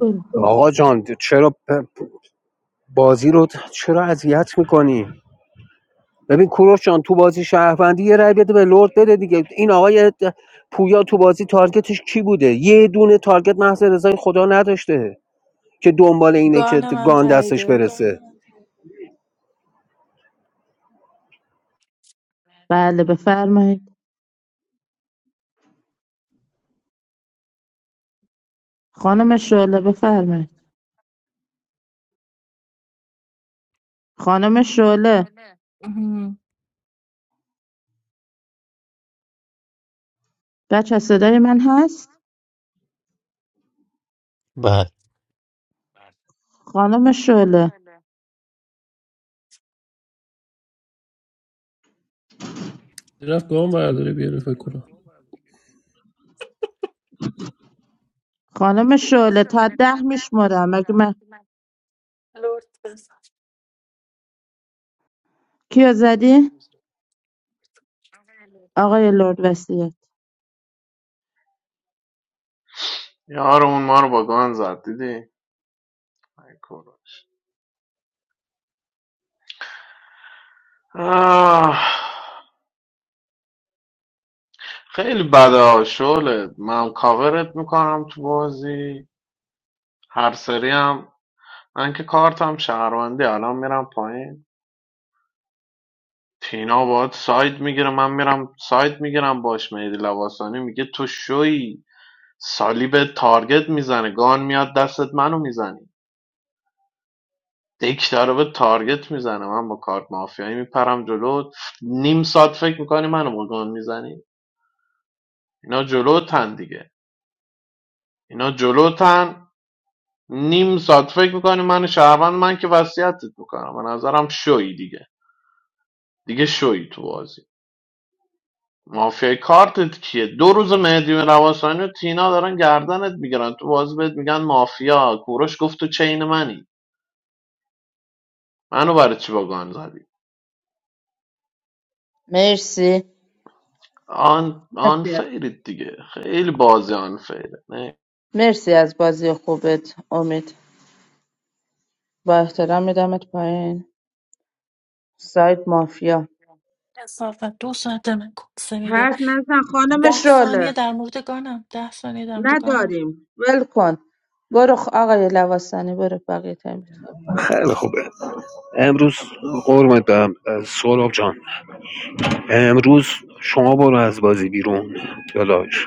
Speaker 3: برو.
Speaker 11: آقا جان چرا ب- بازی رو چرا اذیت میکنی ببین کوروش جان تو بازی شهروندی یه رای بده به لرد بده دیگه این آقای پویا تو بازی تارگتش کی بوده یه دونه تارگت محض رضای خدا نداشته که دنبال اینه که
Speaker 12: گان من
Speaker 11: گان دستش
Speaker 12: تاییده
Speaker 11: برسه
Speaker 3: بله بفرمایید خانم شعله بفرمایید خانم شعله
Speaker 12: مهم.
Speaker 3: بچه صدای من هست
Speaker 13: بعد.
Speaker 3: خانم شعله
Speaker 9: رفت گام برداره بیا فکر کنم
Speaker 3: خانم شعله تا ده میشمرم اگه من
Speaker 12: لرد بزن
Speaker 3: کیو زدی؟ آقای لرد وسیعت
Speaker 15: یار اون ما رو با گان زد دیدی ای کورو. آه، خیلی بده ها، من کاورت میکنم تو بازی هر سری هم من که کارتم شهروندی الان میرم پایین تینا باید ساید میگیره من میرم ساید میگیرم باش مهدی لواسانی میگه تو شوی سالی به تارگت میزنه گان میاد دستت منو میزنی دک داره به تارگت میزنه من با کارت مافیایی میپرم جلو نیم ساعت فکر میکنی منو با گان میزنی اینا جلوتن دیگه اینا جلوتن نیم ساعت فکر میکنی من شهروند من که وصیتت میکنم به نظرم شوی دیگه دیگه شوی تو بازی مافیای کارتت کیه دو روز مهدی رواسانی و تینا دارن گردنت میگیرن تو بازی بهت میگن مافیا کوروش گفت تو چین منی منو برای چی با گان زدی
Speaker 3: مرسی
Speaker 15: آن آن
Speaker 3: وسیعت.
Speaker 15: فیرید دیگه خیلی بازی آن فیره
Speaker 3: مرسی از بازی خوبت امید با احترام میدمت پایین سایت مافیا
Speaker 12: انصافا دو ساعت من کنسه میده
Speaker 3: حرف نزن خانم
Speaker 12: ده ثانیه
Speaker 3: شعله
Speaker 12: در مورد گانم ده ثانیه در مورد گانم
Speaker 3: نداریم ول کن برو خ- آقای لواسانی برو بقیه تایمت
Speaker 11: خیلی خوبه امروز قرمت برم سولاب جان امروز شما برو از بازی بیرون دلاش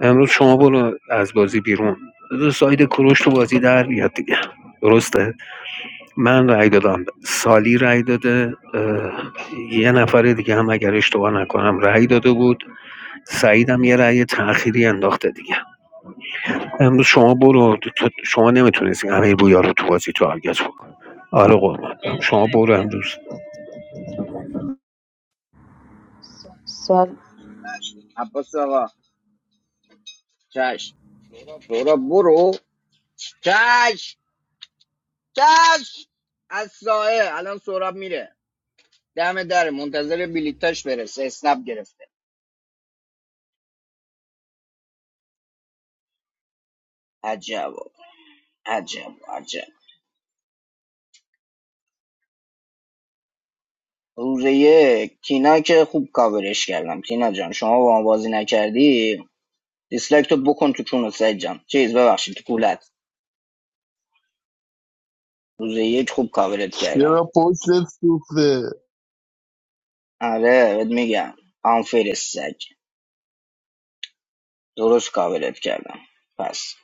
Speaker 11: امروز شما برو از بازی بیرون بذار ساید کروش تو بازی در بیاد دیگه درسته من رأی دادم سالی رأی داده یه نفر دیگه هم اگر اشتباه نکنم رأی داده بود سعیدم یه رأی تأخیری انداخته دیگه امروز شما برو تو- شما نمیتونستی امیر بویا رو تو بازی تارگت بکن آره قربان شما
Speaker 3: مرسی
Speaker 11: برو امروز
Speaker 3: سال
Speaker 1: عباس آقا چش سورا برو چش چش از سایه الان سوراب میره دم دره منتظر بلیتاش برسه اسنپ گرفته عجب آقا. عجب عجب روز یک تینا که خوب کاورش کردم تینا جان شما با ما بازی نکردی دیسلایک تو بکن تو چون سعید جان چیز ببخشید تو کولت روز یک خوب کاورت کردم
Speaker 7: چرا پشتت سوخته
Speaker 1: آره بهت میگم آنفیر سگ درست کاورت کردم پس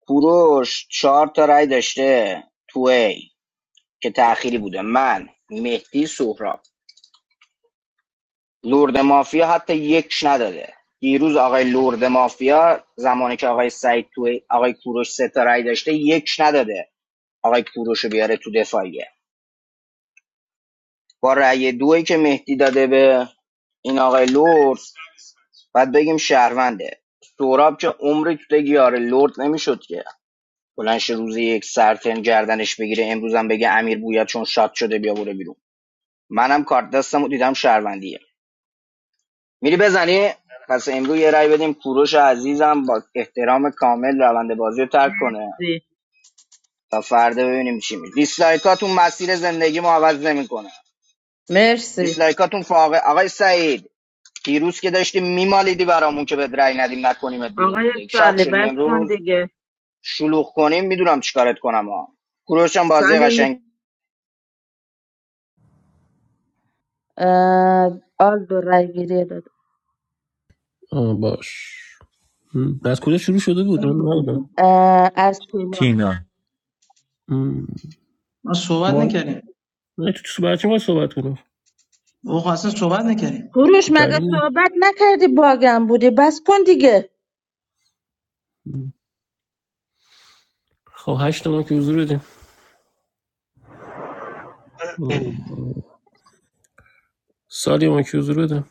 Speaker 1: کوروش چهار تا رای داشته تو ای که تأخیری بوده من مهدی سهراب لرد مافیا حتی یکش نداده دیروز آقای لرد مافیا زمانی که آقای سعید تو آقای کوروش سه تا رای داشته یکش نداده آقای کوروش رو بیاره تو دفاعیه با رأی دویی که مهدی داده به این آقای لورد بعد بگیم شهرونده سوراب که عمری تو دیگه آره لورد نمیشد که بلنش روزی یک سرتن گردنش بگیره امروزم بگه امیر بویا چون شاد شده بیا بره بیرون منم کارت دستم و دیدم شهروندیه میری بزنی پس امروز یه رأی بدیم کوروش عزیزم با احترام کامل روند بازی رو ترک کنه
Speaker 3: مرسی.
Speaker 1: تا فردا ببینیم چی میشه دیسلایکاتون مسیر زندگی ما عوض نمیکنه
Speaker 3: مرسی
Speaker 1: دیسلایکاتون فاقه آقای سعید دیروز که داشتی میمالیدی برامون که به رأی ندیم نکنیمت بیرون تو
Speaker 3: آقای
Speaker 1: دیگ. شاق
Speaker 3: سالی
Speaker 1: شدی
Speaker 3: بس کن
Speaker 1: امروز
Speaker 3: دیگه
Speaker 1: شلوغ کنیم میدونم چیکارت کنم ها کوروش هم بازی
Speaker 3: سالی
Speaker 1: قشنگ
Speaker 3: اه، آلدو رای گیری داد
Speaker 9: آه باش م. از کجا شروع شده بود من نبودم
Speaker 3: اه، از شما
Speaker 13: تینا
Speaker 9: م.
Speaker 14: من صحبت
Speaker 9: ما
Speaker 14: نکردیم
Speaker 9: نه تو تو بچه ما صحبت کنم
Speaker 14: او اصلا صحبت نکردیم
Speaker 3: کوروش مگه
Speaker 9: دلیل
Speaker 3: صحبت نکردی باگم بودی بس کن دیگه
Speaker 9: نه خب هشت ما که حضور بدیم سالی ما که حضور بدیم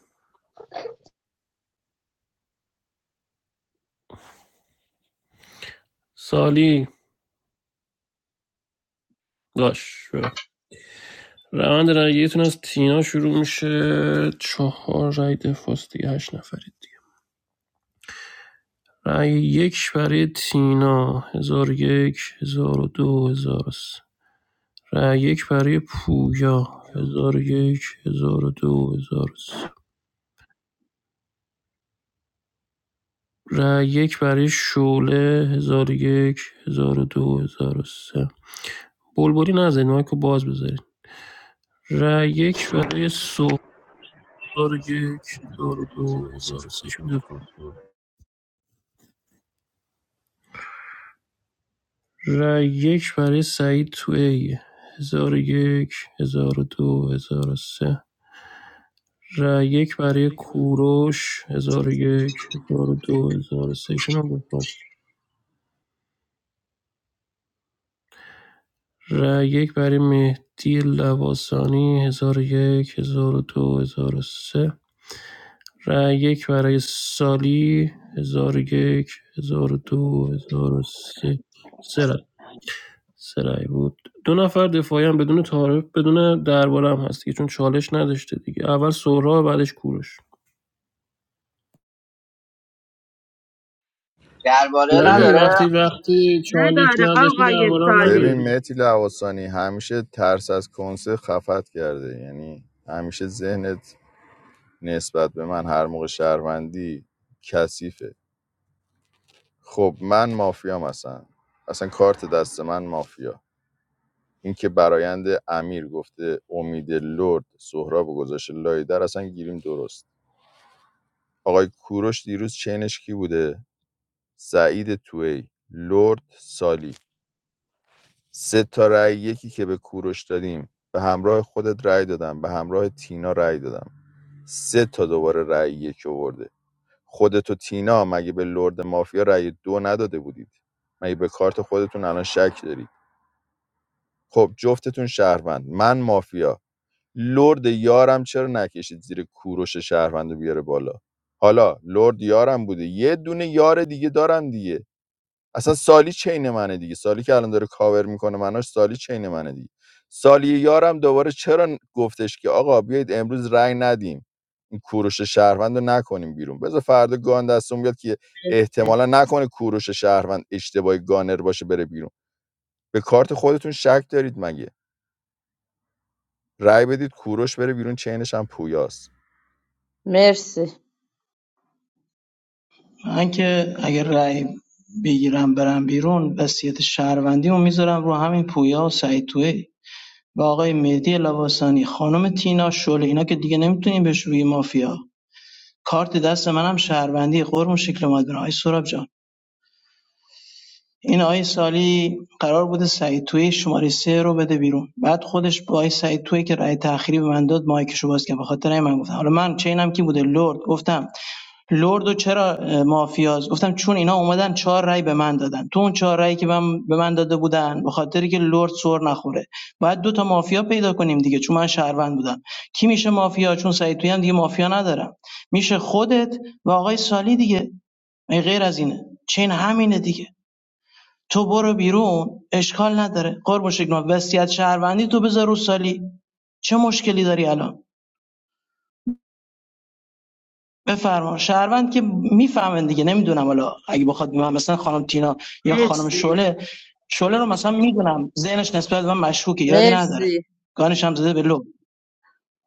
Speaker 9: سالی داش روند رأیتون از تینا شروع میشه چهار رأی دفاست دیگه هشت نفرید دیگه رأی یک برای تینا هزار و یک هزار و دو هزار و سه رأی یک برای پویا هزار و یک هزار و دو هزار و سه رأی یک برای شعله هزار و یک هزار و دو هزار و سه بلبلی نزدید مایکو باز بذارید رای یک برای سهراب یک هزار و دو هزار و سه شون رای یک برای سعید توی هزار و یک هزار و دو هزار و سه رای یک برای کوروش هزار و یک هزار و دو هزار و سه شون هم دفاع. رای یک برای مهدی لواسانی هزار و یک هزار و دو هزار و سه رای یک برای سالی هزار و یک هزار و دو هزار و سه سه رای. سرای بود دو نفر دفاعی هم بدون تعارف بدون درباره هم هست دیگه چون چالش نداشته دیگه اول سهرا بعدش کوروش
Speaker 1: درباره
Speaker 9: نه
Speaker 2: ببین
Speaker 9: دیگه
Speaker 1: نداره
Speaker 9: وقتی وقتی چالش
Speaker 3: نداره
Speaker 9: نداشته
Speaker 3: آقای
Speaker 9: درباره هم نداره
Speaker 2: ببین
Speaker 3: سالی
Speaker 9: دیگه
Speaker 2: متی لواسانی همیشه ترس از کنسه خفت کرده یعنی همیشه ذهنت نسبت به من هر موقع شهروندی کثیفه خب من مافیا اصلا اصلا کارت دست من مافیا اینکه برایند امیر گفته امید لرد سهراب و گذاشته لای در اصلا گیریم درست آقای کوروش دیروز چینش کی بوده سعید توی لرد سالی سه تا رأی یکی که به کوروش دادیم به همراه خودت رأی دادم به همراه تینا رأی دادم سه تا دوباره رأی یک آورده خودت و تینا مگه به لرد مافیا رأی دو نداده بودید مگه به کارت خودتون الان شک دارید خب جفتتون شهروند من مافیا لرد یارم چرا نکشید زیر کوروش شهروند بیاره بالا حالا لرد یارم بوده یه دونه یار دیگه دارم دیگه اصلا سالی چین منه دیگه سالی که الان داره کاور میکنه مناش سالی چین منه دیگه سالی یارم دوباره چرا ن- گفتش که آقا بیایید امروز رأی ندیم این کوروش شهروند رو نکنیم بیرون بذار فردا گان دستون بیاد که احتمالا نکنه کوروش شهروند اشتباهی گانر باشه بره بیرون به کارت خودتون شک دارید مگه رای بدید کوروش بره بیرون چینش هم پویاست
Speaker 3: مرسی
Speaker 14: من که اگر رأی بگیرم برم بیرون وصیت شهروندیمو میذارم رو همین پویا و سعید توی و آقای مهدی لواسانی خانم تینا شله اینا که دیگه نمیتونیم بهش روی مافیا کارت دست منم شهروندی قرم شکل اومد برن آقای سوراب جان این آقای سالی قرار بوده سعید توی شماره سه رو بده بیرون بعد خودش با آقای سعید توی که رأی تأخیری به من داد مایکشو باز کرد به خاطر این من گفتم حالا من چینم کی بوده لرد گفتم لرد چرا اه، مافیاست گفتم چون اینا اومدن چهار رای به من دادن تو اون چهار رأیی که من به من داده بودن به خاطر که لرد سر نخوره باید دو تا مافیا پیدا کنیم دیگه چون من شهروند بودم کی میشه مافیا چون سعید تویی هم دیگه مافیا ندارم میشه خودت و آقای سالی دیگه ای غیر از اینه چین همینه دیگه تو برو بیرون اشکال نداره قرب شکل وصیت شهروندی تو بذار رو سالی چه مشکلی داری الان بفرما شهروند که میفهمن دیگه نمیدونم حالا اگه بخواد مثلا خانم تینا یا خانم
Speaker 3: مرسی
Speaker 14: شعله شعله رو مثلا میدونم ذهنش نسبت به من مشکوکه ایرادی نداره
Speaker 3: مرسی
Speaker 14: گانش هم زده به لب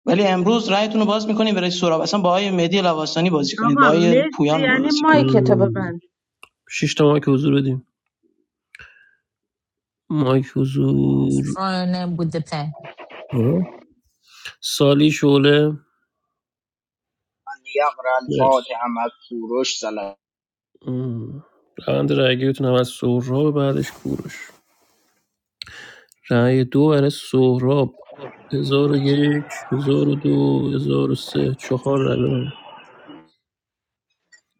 Speaker 14: ولی امروز رأیتون رو باز میکنید برای سورا اصلا با آقای مهدی لواسانی بازی کنید
Speaker 3: آقا
Speaker 14: با آقای
Speaker 3: مرسی
Speaker 14: پویان
Speaker 3: یعنی
Speaker 14: بازی کنید
Speaker 3: مایک تو ببند
Speaker 9: شش تا مایک حضور بدیم مایک حضور
Speaker 10: بود پلن
Speaker 9: آره. سالی شعله
Speaker 1: من یقر الفاتح
Speaker 9: مرسی
Speaker 1: اما کوروش سلام
Speaker 9: مم. روند رأیگیریتون هم از سهراب بعدش کوروش رای دو برای سهراب هزار و یک هزار و دو هزار و سه چهار رأی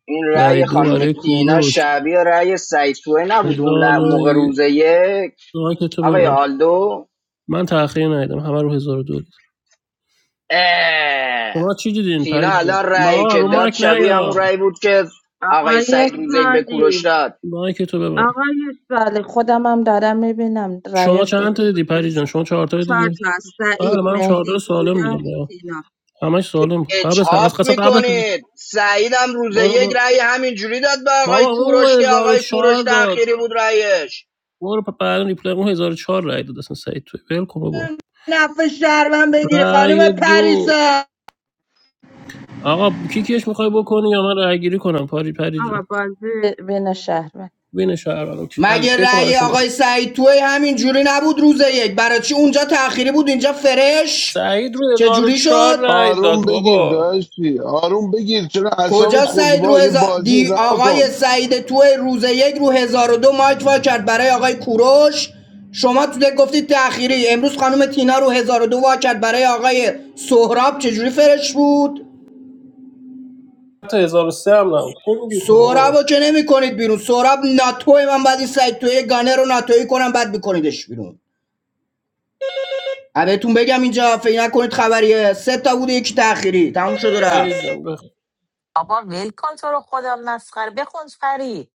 Speaker 1: این
Speaker 9: رای
Speaker 1: رأی
Speaker 9: دو
Speaker 1: خانم
Speaker 9: برای
Speaker 1: تینا
Speaker 9: کوروش
Speaker 1: شبیه رأی سعید توی نبود اون
Speaker 9: هزار
Speaker 1: ل-
Speaker 9: و
Speaker 1: موقع
Speaker 9: ی-
Speaker 1: روزه یک
Speaker 9: آه، که تو
Speaker 1: آقای
Speaker 9: ببر
Speaker 1: آلدو
Speaker 9: من تأخیر ندیدم همه رو هزار و دو دید
Speaker 1: اه.
Speaker 9: شما چی دیدین
Speaker 1: تینا
Speaker 9: پری جان
Speaker 1: الان رأی
Speaker 9: با
Speaker 1: که
Speaker 9: رو
Speaker 3: درست
Speaker 1: داد
Speaker 9: مایک
Speaker 1: شبیه
Speaker 3: بود
Speaker 1: همون
Speaker 9: نیا
Speaker 1: رأی بود که آقای
Speaker 3: آقای
Speaker 1: سعید روزه یک به کوروش
Speaker 3: سالی
Speaker 1: داد
Speaker 9: مایک تو ببر
Speaker 3: آقای سالی خودم هم دارم میبینم
Speaker 9: شما
Speaker 3: رایاش
Speaker 9: چند تا
Speaker 3: درست
Speaker 9: دیدی
Speaker 3: بود
Speaker 9: پری جان
Speaker 3: مرسی.
Speaker 9: شما چهار تا
Speaker 3: چهار
Speaker 9: دیدی
Speaker 3: تا از
Speaker 9: بله
Speaker 3: سعید
Speaker 9: منم چهار تا
Speaker 3: مهدی
Speaker 9: سالم دیدم
Speaker 3: پویا
Speaker 9: بابا
Speaker 3: تینا
Speaker 9: همش سالم بود قبل از
Speaker 1: اجحاف
Speaker 9: قسم قبل از
Speaker 1: میکنید سعیدم روز
Speaker 9: بابا
Speaker 1: یک
Speaker 9: برو.
Speaker 1: رأی همینجوری داد به آقای
Speaker 9: بابا
Speaker 1: کوروش
Speaker 9: اون
Speaker 1: که آقای
Speaker 9: 1004
Speaker 1: کوروش
Speaker 9: داد
Speaker 1: تأخیری بود رأیش
Speaker 9: برو پ- بعد ریپلای اون 1004 رای داد اصلا سعید توی ول کن بابا
Speaker 1: نفع شهروند بگیری خانم
Speaker 9: رای دو
Speaker 1: پریسا
Speaker 9: آقا کیکش میخوای بکنی یا من رای گیری کنم پاری پری جون
Speaker 3: آقا بازی بین شهر
Speaker 9: بین شهران اوکی. حل
Speaker 1: مگه
Speaker 9: دکو
Speaker 1: رأی
Speaker 9: براشون بخون
Speaker 1: آقای سعید توی همین جوری نبود روز یک برای چی اونجا تأخیری بود اینجا فرش
Speaker 9: سعید رو
Speaker 1: چه جوری
Speaker 9: 1004
Speaker 1: شد
Speaker 9: رای
Speaker 7: آروم
Speaker 9: داد
Speaker 7: بگیر
Speaker 9: بابا
Speaker 7: داشتی آروم بگیر چرا اعصابت
Speaker 1: کجا
Speaker 7: خورده
Speaker 1: سعید رو
Speaker 7: با یه
Speaker 1: هزار
Speaker 7: بازی
Speaker 1: دی
Speaker 7: رها
Speaker 1: آقای
Speaker 7: کن
Speaker 1: سعید تو روز یک رو هزار و دو مایک وا کرد برای آقای کوروش شما تو دک گفتید تأخیری امروز خانم تینا رو هزار و دو وا کرد برای آقای سهراب چجوری فرش بود
Speaker 9: حتی 1003 هم نه تو میگی تو
Speaker 1: سهراب
Speaker 9: بابا
Speaker 1: رو که نمی کنید بیرون سهراب ناتوی من بعد این سعید توی گانه رو ناتوی کنم بعد بکنیدش بیرون اه، بهتون بگم اینجا فکر نکنید خبریه سه تا بوده یکی تأخیری تموم شد و رفت
Speaker 9: فرید جان بخون
Speaker 10: بابا ول کن تو رو خدا مسخره بخون پری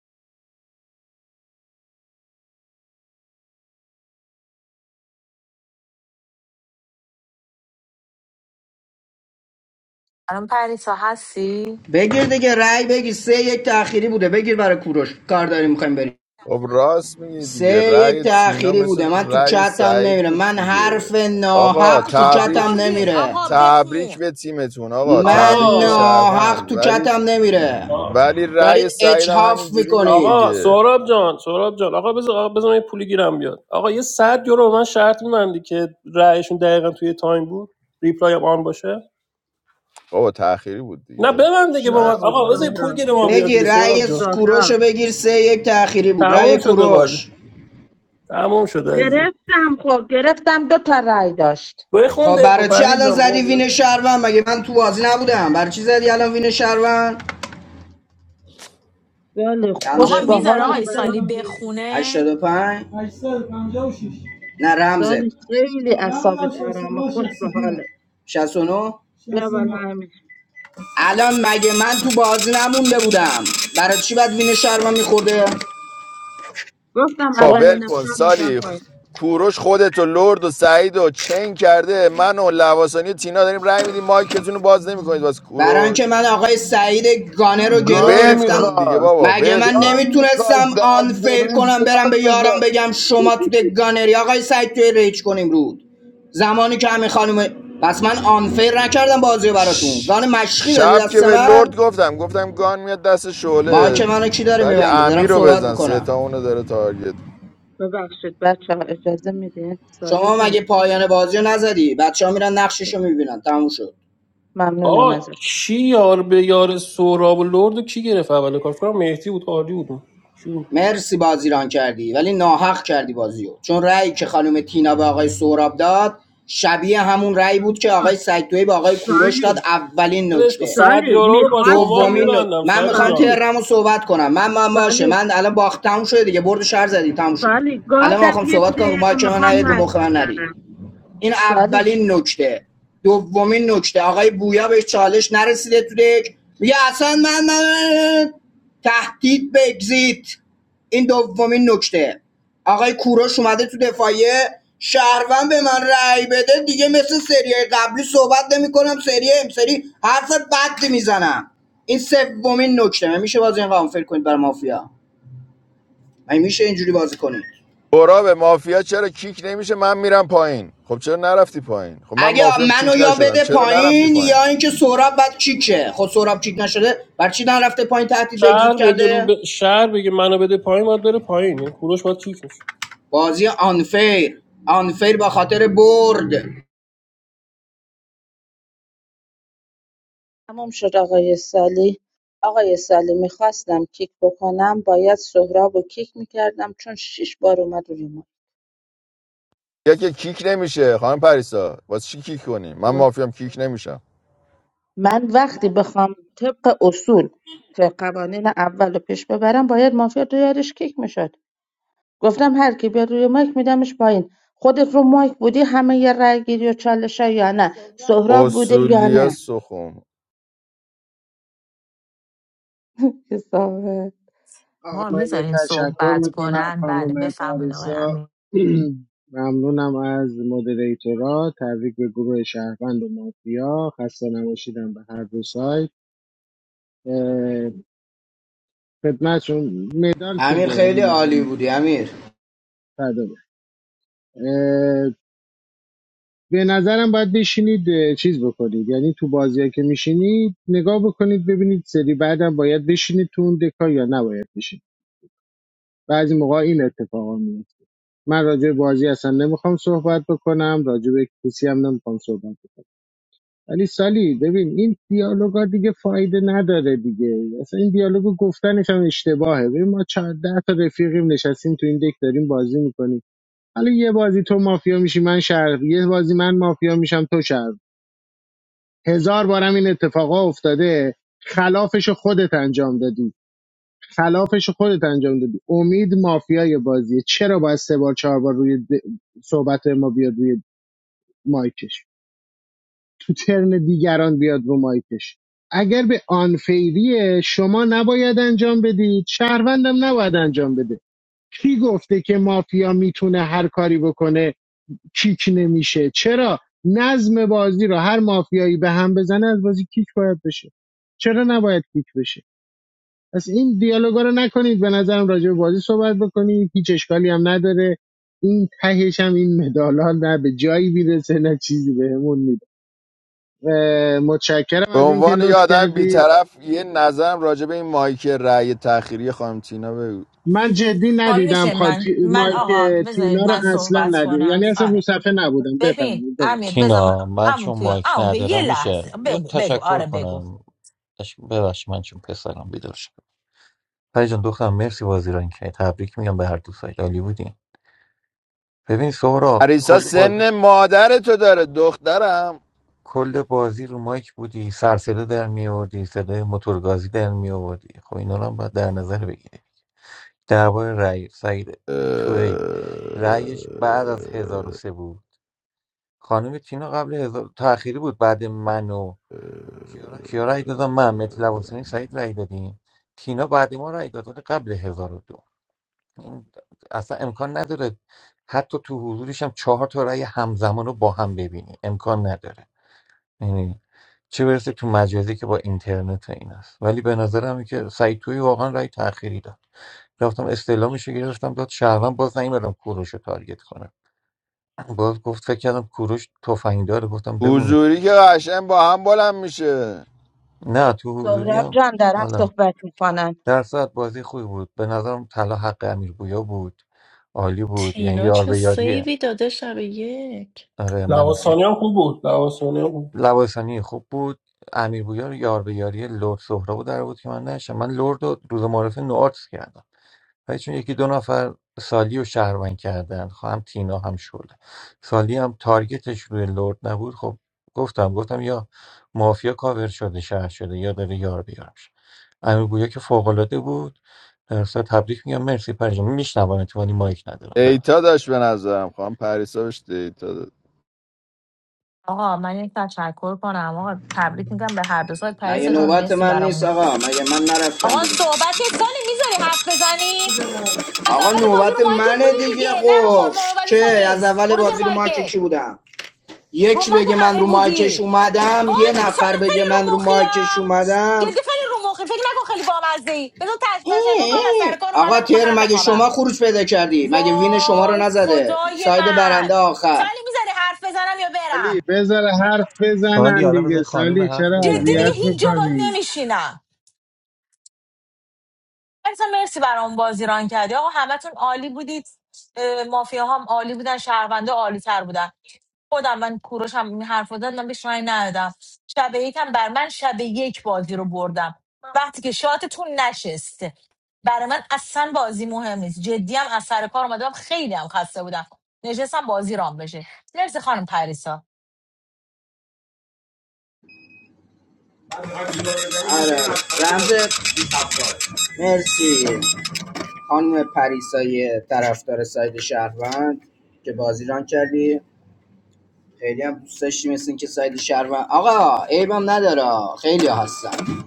Speaker 10: الان پریسا هستی
Speaker 1: بگیر دیگه رأی بگیر سه یک تأخیری بوده بگیر برای کوروش کار داریم میخوایم بریم
Speaker 2: خب راست میگه دیگه
Speaker 1: سه یک
Speaker 2: رأی تینا
Speaker 1: تأخیری بوده
Speaker 2: مثل
Speaker 1: من تو
Speaker 2: رأی
Speaker 1: چتم
Speaker 2: سعید
Speaker 1: نمیره
Speaker 2: بود
Speaker 1: من
Speaker 2: دیگه
Speaker 1: حرف
Speaker 2: آقا
Speaker 1: ناحق تو
Speaker 10: شما
Speaker 1: چتم
Speaker 2: تبریک
Speaker 10: بردین
Speaker 1: نمیره
Speaker 10: آقا
Speaker 2: تبریک
Speaker 10: بخون
Speaker 2: به تیمتون آقا
Speaker 1: من
Speaker 9: آقا
Speaker 2: تبریک به
Speaker 1: ناحق
Speaker 2: شهروند
Speaker 1: تو
Speaker 2: ولی
Speaker 1: چتم نمیره
Speaker 9: آ-
Speaker 2: ولی
Speaker 1: دارید
Speaker 2: رأی سعید هم
Speaker 1: اجحاف
Speaker 2: همینجوری بود
Speaker 1: میکنید
Speaker 9: آقا
Speaker 2: دیگه
Speaker 9: سهراب جان سهراب جان آقا بذار آقا بذار من یه پولی گیرم بیاد آقا یه 100 یورو به من شرط میبندی که رأیشون دقیقا توی تایم بود ریپلای هم آن باشه
Speaker 2: بابا تأخیری بود
Speaker 9: نه
Speaker 2: دیگه
Speaker 9: ببند دیگه با من
Speaker 2: شرط
Speaker 3: نبود
Speaker 9: آقا بذار یه
Speaker 2: میبندی
Speaker 9: پول
Speaker 3: سهراب
Speaker 9: گیر ما بیاد دیگه
Speaker 1: بگیر
Speaker 9: سهراب
Speaker 1: رأی
Speaker 9: جان
Speaker 1: کوروش
Speaker 3: سهراب
Speaker 1: بگیر سه یک تأخیری بود رأی
Speaker 9: تموم شده بازی
Speaker 1: کوروش
Speaker 9: تموم شده عزیزم
Speaker 3: گرفتم خب گرفتم دو تا رای داشت
Speaker 9: بخون
Speaker 1: خب
Speaker 9: دکو
Speaker 1: برای چی
Speaker 9: پری
Speaker 1: الان
Speaker 9: جان بابا
Speaker 1: زدی وین
Speaker 9: بخون.
Speaker 1: شهروند مگه من تو بازی نبودم برای چی زدی الان وین شهروند
Speaker 3: بله خوش
Speaker 10: آقا
Speaker 1: رمزت
Speaker 3: به
Speaker 1: 856
Speaker 10: میذاره
Speaker 3: حالت
Speaker 10: آقای سالی
Speaker 3: برام
Speaker 10: بخونه
Speaker 1: 85 856 نه رمزت
Speaker 3: سالی خیلی اعصابت
Speaker 1: رمزم
Speaker 3: آرامه خوش
Speaker 1: 69
Speaker 3: به حالت
Speaker 1: 69 69
Speaker 3: بیا بالا
Speaker 1: 69
Speaker 3: همین
Speaker 1: الان مگه من تو بازی نمونده بودم برای چی بعد وین شهر میخورده
Speaker 3: گفتم
Speaker 2: آقا
Speaker 9: شما
Speaker 2: ول
Speaker 3: اولین
Speaker 2: کن
Speaker 3: اختار میدم
Speaker 2: سالی
Speaker 3: پایین
Speaker 2: کوروش خودت و لرد و سعید و چین کرده من و لواسانی و تینا داریم رای میدیم مایکتون رو باز نمیکنید واسه
Speaker 1: برای اینکه
Speaker 2: کوروش
Speaker 1: من آقای سعید گانه رو گرو
Speaker 7: گان
Speaker 2: ول
Speaker 1: گرفتم
Speaker 2: کن دیگه
Speaker 7: میخواست
Speaker 2: بابا
Speaker 1: مگه
Speaker 2: ول
Speaker 1: من
Speaker 2: کن
Speaker 7: گان
Speaker 1: نمیتونستم
Speaker 7: میخواست در
Speaker 1: آن فیر
Speaker 7: سرویس
Speaker 1: کنم برم به
Speaker 7: گان
Speaker 1: یارم
Speaker 7: میخواست
Speaker 1: بگم شما تو دک گانری آقای سعید توی ریچ کنیم رود زمانی که همین خانم پس من آن فیر نکردم بازی رو براتون گان مشقی دادی
Speaker 2: شب که
Speaker 1: دست
Speaker 2: به لرد
Speaker 1: من
Speaker 2: گفتم گفتم گان میاد دست
Speaker 1: ما
Speaker 2: شعله
Speaker 1: که منو کی داره
Speaker 2: ولی
Speaker 1: میبنده دارم
Speaker 2: امیر رو
Speaker 1: صحبت
Speaker 2: بزن سه
Speaker 1: بکنم
Speaker 2: تا اونو داره تارگت
Speaker 3: ببخشید بچه ها، اجازه میدین سالی
Speaker 1: شما
Speaker 3: جان
Speaker 1: مگه پایان بازی رو نزدی بچه ها میرن نقشش رو میبینن تموم شد
Speaker 9: آقا
Speaker 3: ممنونم ازت
Speaker 9: کی یار به یار سهراب و لرد رو کی گرفت اول کار فکر کنم مهدی بود عالی بود اون. کی بود
Speaker 1: مرسی بازی ران کردی ولی ناحق کردی بازیو چون رأی که خانم تینا به آقای سهراب داد شبیه همون رأی بود که آقای سگدوی به آقای کوروش داد
Speaker 3: سالی
Speaker 1: اولین
Speaker 9: ولش کن
Speaker 1: نکته
Speaker 9: صد
Speaker 3: سالی
Speaker 9: یورو رو با شما
Speaker 1: دومین نک...
Speaker 3: میخواستم
Speaker 9: میبندم
Speaker 1: من
Speaker 9: سالی
Speaker 1: میخوام
Speaker 9: جان
Speaker 3: سالی
Speaker 1: ترمو صحبت کنم من من باشه
Speaker 3: سالی
Speaker 1: من الان باخت تموم شده دیگه برد شهر زدی تموم شد
Speaker 3: سالی
Speaker 1: الان من
Speaker 3: گادم
Speaker 1: میخوام
Speaker 3: یک
Speaker 1: صحبت کنم رو
Speaker 3: دقیقه
Speaker 1: مایک من
Speaker 3: میخوام
Speaker 1: نرید رو
Speaker 3: حرف
Speaker 1: مخ من نرید
Speaker 3: بزنم
Speaker 1: این
Speaker 3: سالی
Speaker 1: اولین نکته دومین نکته آقای بویا بهش چالش نرسیده تو دک میگه اصلا من, من تهدید به اگزیت این دومین نکته آقای کوروش اومده تو دفاعیه شهروند به من رأی بده دیگه مثل سری قبلی صحبت نمیکنم سری امسری حرف بد میزنم این سومین نکته من میشه بازی این قانون فکر کنید برای مافیا من میشه اینجوری بازی کنید
Speaker 2: برا به مافیا چرا کیک نمیشه من میرم پایین خب چرا نرفتی پایین خب من
Speaker 1: اگه
Speaker 2: مافیام کیک
Speaker 1: منو یا
Speaker 2: نشدم
Speaker 1: بده
Speaker 2: چرا نرفتی
Speaker 1: پایین
Speaker 2: پایین
Speaker 1: یا اینکه سهراب بعد کیکه خب سهراب کیک نشده بر چی دن رفته پایین تهدید به اگزیت
Speaker 9: شهر بگه
Speaker 1: کرده
Speaker 9: ب... شهر بگه منو بده پایین باید بره پایین یعنی کوروش باید کیک میشه
Speaker 1: بازی آنفیر آنفیر با خاطر برد
Speaker 3: تموم شد آقای سالی آقای سالی میخواستم کیک بکنم باید سهراب و کیک میکردم چون شیش بار اومد روی ما
Speaker 2: یکی کیک نمیشه خانم پریسا واسه چی کیک کنی من مافیام کیک نمیشم
Speaker 3: من وقتی بخوام طبق اصول و قوانین اول رو پیش ببرم باید مافیا تو یارش کیک میشد گفتم هر کی بیاد روی مایک میدمش پایین خودت رو مایک بودی همه یه رای گیری و چالش یا نه سهراب بوده یا
Speaker 2: اصولیا
Speaker 3: نه
Speaker 2: سخم
Speaker 3: که صاحب-
Speaker 4: آقا
Speaker 10: آقا
Speaker 4: من یه
Speaker 10: میذارین
Speaker 4: تشکر
Speaker 10: صحبت
Speaker 4: میکنم
Speaker 10: کنن بله
Speaker 4: خانم
Speaker 10: بفرمایید آقای
Speaker 4: پریسا
Speaker 10: امین.
Speaker 4: ممنونم از مدریتورا تبریک به گروه شهروند و مافیا خسته نباشیدم به هر دو سایت اه، خدمتشون مدال که
Speaker 1: امیر
Speaker 4: با هم
Speaker 1: خیلی عالی
Speaker 4: مهم
Speaker 1: بودی امیر
Speaker 4: فدامه. اه، به نظرم باید بشینید اه، چیز بکنید یعنی تو بازی که میشینید نگاه بکنید ببینید سری بعدم باید بشینید تو اون دکا یا نباید بشینید بعضی موقع این اتفاقا میفته من راجع به بازی اصلا نمیخوام صحبت بکنم راجع به کسی هم نمیخوام صحبت بکنم ولی سالی ببین این دیالوگا دیگه فایده نداره دیگه اصلا این دیالوگو گفتنش هم اشتباهه ببین ما چهار ده تا رفیقیم نشستیم تو این دک داریم بازی میکنیم حالا یه بازی تو مافیا میشی من شهر یه بازی من مافیا میشم تو شهر هزار بارم این اتفاقا افتاده خلافش خودت انجام دادی خلافش رو خودت انجام دادی امید مافیای بازیه چرا باید سه بار چهار بار روی د... صحبت ما بیاد روی مایکش تو ترن دیگران بیاد رو مایکش اگر به آنفیری شما نباید انجام بدی شهروندم نباید انجام بده کی گفته که مافیا میتونه هر کاری بکنه کیک نمیشه چرا نظم بازی رو هر مافیایی به هم بزنه از بازی کیک باید بشه چرا نباید کیک بشه پس این دیالوگا رو نکنید به نظرم راجع به بازی صحبت بکنید هیچ اشکالی هم نداره این تهش هم این مدالها نه به جایی میرسه نه چیزی بهمون میده متشکرم
Speaker 2: به
Speaker 4: از اینکه
Speaker 2: عنوان یه
Speaker 4: لطف
Speaker 2: آدم
Speaker 4: کردید
Speaker 2: بیطرف یه نظرم راجع به این مایک رأی تأخیری خانم تینا بگو
Speaker 4: من جدی
Speaker 10: حال
Speaker 4: ندیدم
Speaker 10: میشه
Speaker 4: خا...
Speaker 10: من
Speaker 4: تی...
Speaker 10: من
Speaker 4: مایک
Speaker 10: آقا بذارید
Speaker 4: تینا
Speaker 10: من
Speaker 4: رو اصلا
Speaker 10: صحبت
Speaker 4: ندیدم
Speaker 10: کنم
Speaker 4: یعنی اصلا رو
Speaker 10: آره
Speaker 4: صفحه نبودم
Speaker 10: ببین
Speaker 4: بفرمایید
Speaker 10: امیر
Speaker 4: ببخشید
Speaker 10: بذار من-
Speaker 13: تینا من
Speaker 10: عمو
Speaker 13: چون
Speaker 10: توی
Speaker 13: مایک
Speaker 10: عمو توی یه
Speaker 13: ندارم
Speaker 10: لحظه
Speaker 13: میشه یه
Speaker 10: بگو بگو
Speaker 13: تشکر
Speaker 10: آره بگو
Speaker 13: کنم اش- ببخشید من چون پسرم بیدار شد پری جان دخترم مرسی بازی را این که تبریک میگم به هر دو سایت عالی بودیم ببین سهرا
Speaker 2: پریسا
Speaker 13: کل بازی
Speaker 2: سن مادر تو داره دخترم
Speaker 13: کل بازی رو مایک بودی سرصدا در میآوردی صدای موتورگازی در میآوردی خب اینا رو هم باید در نظر بگیری درباره رأی سعید توی ای
Speaker 2: اه،
Speaker 13: رأیش بعد از هزار و سه بود خانم تینا قبل هزار تأخیری بود بعد من و کیا رأی دادم من متی لواسانی سعید رأی دادیم تینا بعد ما رأی داد ولی قبل هزار و دو این اصلا امکان نداره حتی تو حضورش هم چهار تا رأی همزمان رو با هم ببینی امکان نداره یعنی چه برسه تو مجازی که با اینترنت و این است ولی به نظرم که سعید توی واقعا رأی تأخیری داد رفتم استعلامش رو گرفتم داد شهروند باز نیومدم کوروش رو تارگت کنم باز گفت فکر کردم کوروش تفنگ داره گفتم بمونه
Speaker 2: حضوری که قشنگ با هم بلند میشه
Speaker 13: نه تو حضوری
Speaker 3: سهراب
Speaker 13: هم
Speaker 3: جان دارم
Speaker 13: حالا
Speaker 3: صحبت میکنن
Speaker 13: در ساعت بازی خوبی بود به نظرم طلا حق امیر بویا بود عالی بود یعنی
Speaker 12: تینا
Speaker 13: یار
Speaker 12: چه
Speaker 13: به یاریه
Speaker 12: سیوی داده شب یک
Speaker 13: آره منو
Speaker 9: لواسانی
Speaker 13: سه
Speaker 9: هم خوب بود لواسانی هم خوب
Speaker 13: لواسانی خوب بود امیر بویا رو یار به یاری لرد سهراب رو در بود که من نشم من لرد رو روز معرفه نوارتس کردم ولی چون یکی دو نفر سالی رو شهروند کردن خب هم تینا هم شده سالی هم تارگتش روی لرد نبود خب گفتم گفتم یا مافیا کاور شده شهر شده یا داره یار بیار میشه امیر گویا که فوق العاده بود در اصل تبریک میگم مرسی پرجام میشنوم اتفاقی مایک ندارم ببخش
Speaker 2: دیتا داشت به نظرم خانم پریسا بهش دیتا داد
Speaker 10: آقا من یک تشکر کنم آقا تبریک میگم به هر دو سایت
Speaker 1: مگه
Speaker 10: پریسا جان
Speaker 1: نوبت
Speaker 10: مرسی
Speaker 1: من نیست
Speaker 10: برامون
Speaker 1: آقا مگه من نرفتم
Speaker 10: آقا
Speaker 1: بیرون
Speaker 10: صحبت که سالی میذاری حرف بزنی از
Speaker 1: آقا
Speaker 10: اول بازی رو
Speaker 1: نوبت
Speaker 10: مایکت
Speaker 1: منه
Speaker 10: بودی
Speaker 1: دیگه
Speaker 10: دیگه نه رو ما-
Speaker 1: خب
Speaker 10: ما- مروت تو
Speaker 1: که از
Speaker 10: نیست
Speaker 1: اول
Speaker 10: برو زیر
Speaker 1: بازی رو مایک
Speaker 10: مایکت
Speaker 1: کی بودم
Speaker 10: رو
Speaker 1: یک
Speaker 10: مایک
Speaker 1: بگه من
Speaker 10: همه
Speaker 1: رو مایکش
Speaker 10: بودی
Speaker 1: اومدم یه
Speaker 10: وای سال
Speaker 1: نفر
Speaker 10: خیلی
Speaker 1: بگه من
Speaker 10: رو
Speaker 1: رو
Speaker 10: مخی
Speaker 1: مایکش اومدم
Speaker 10: جدی خیلی رو مخی فکر نکن خیلی بامزه ای بذار تشکر کنم از سر
Speaker 1: این-
Speaker 10: کار اومدم
Speaker 1: آقا
Speaker 10: میخوام
Speaker 1: تیر
Speaker 10: برم
Speaker 1: مگه
Speaker 10: بخوابم
Speaker 1: شما خروج پیدا کردی مگه وین شما رو
Speaker 10: وای
Speaker 1: نزده
Speaker 10: خدای
Speaker 1: ساید
Speaker 10: من
Speaker 1: برنده آخر
Speaker 10: سالی میذاری حرف بزنم یا
Speaker 4: علی
Speaker 10: برم
Speaker 4: بذار حرف
Speaker 13: سالی
Speaker 4: بزنن
Speaker 13: حالا بزن
Speaker 4: دیگه
Speaker 13: خانوم
Speaker 4: سالی
Speaker 13: حرف
Speaker 4: چرا
Speaker 10: جدی
Speaker 13: بزنه
Speaker 10: دیگه
Speaker 4: اذیت
Speaker 13: ایوه.
Speaker 10: هیچ جا باد
Speaker 4: میکنی
Speaker 10: نمیشینم مرسی مرسی برام بازی ران کردی آقا همتون عالی بودید اه، مافیاها هم عالی بودن شهرونده عالی تر بودن خودم من کوروش هم این حرف رو زد من بهش رای ندادم شب یک هم بر من شب یک بازی رو بردم وقتی که شاتتون نشست برای من اصلا بازی مهم نیست جدی هم از سر کار اومدم خیلی هم خسته بودم نشستم بازی رام بشه مرسی خانم پریسا
Speaker 1: آره رمز مرسی خانم پریسای طرفدار ساید شهروند که بازی ران کردی خیلی هم دوست داشتی مثل اینکه ساید شهروند آقا عیبم نداره خیلی هستن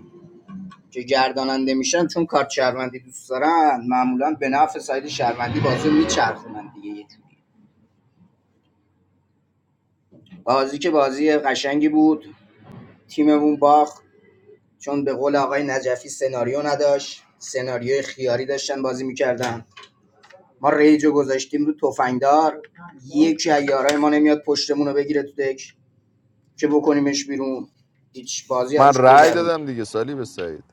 Speaker 1: که گرداننده میشن چون کارت شهروندی دوست دارن معمولا به نفع ساید شهروندی بازی رو میچرخونن دیگه یه جوری. بازی که بازی قشنگی بود تیممون باخت چون به قول آقای نجفی سناریو نداشت سناریوی خیاری داشتن بازی میکردن ما ریجو گذاشتیم رو تفنگدار یکی از یارای ما نمیاد پشتمون رو بگیره تو دک که بکنیمش بیرون هیچ بازی
Speaker 2: من
Speaker 1: عروش
Speaker 2: رأی دادم
Speaker 1: گذروندیم
Speaker 2: دیگه سالی به سعید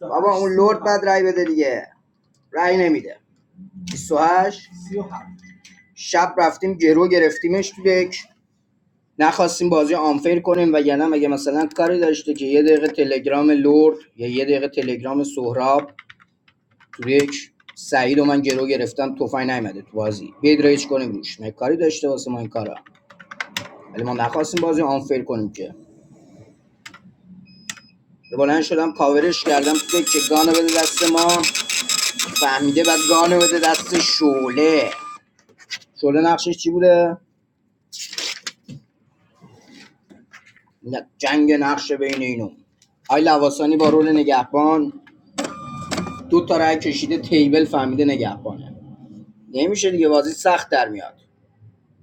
Speaker 1: بابا اون لرد بعد رای بده دیگه رای نمیده 28 شب رفتیم گرو گرفتیمش تو دک نخواستیم بازی آنفیر کنیم و یعنی مگه مثلا کاری داشته که یه دقیقه تلگرام لرد یا یه دقیقه تلگرام سهراب یک سعید و من گرو گرفتم تفنگ نیومده تو بازی بیاید رایج کنیم روش مگه کاری داشته واسه ما این کارا ولی ما نخواستیم بازی آنفر کنیم که بلند شدم کاورش کردم که گانو بده دست ما فهمیده بعد گانو بده دست شوله شوله نقشش چی بوده نه، جنگ نقشه بین اینو آی لواسانی با رول نگهبان دو تا رای کشیده تیبل فهمیده نگهبانه نمیشه دیگه بازی سخت در میاد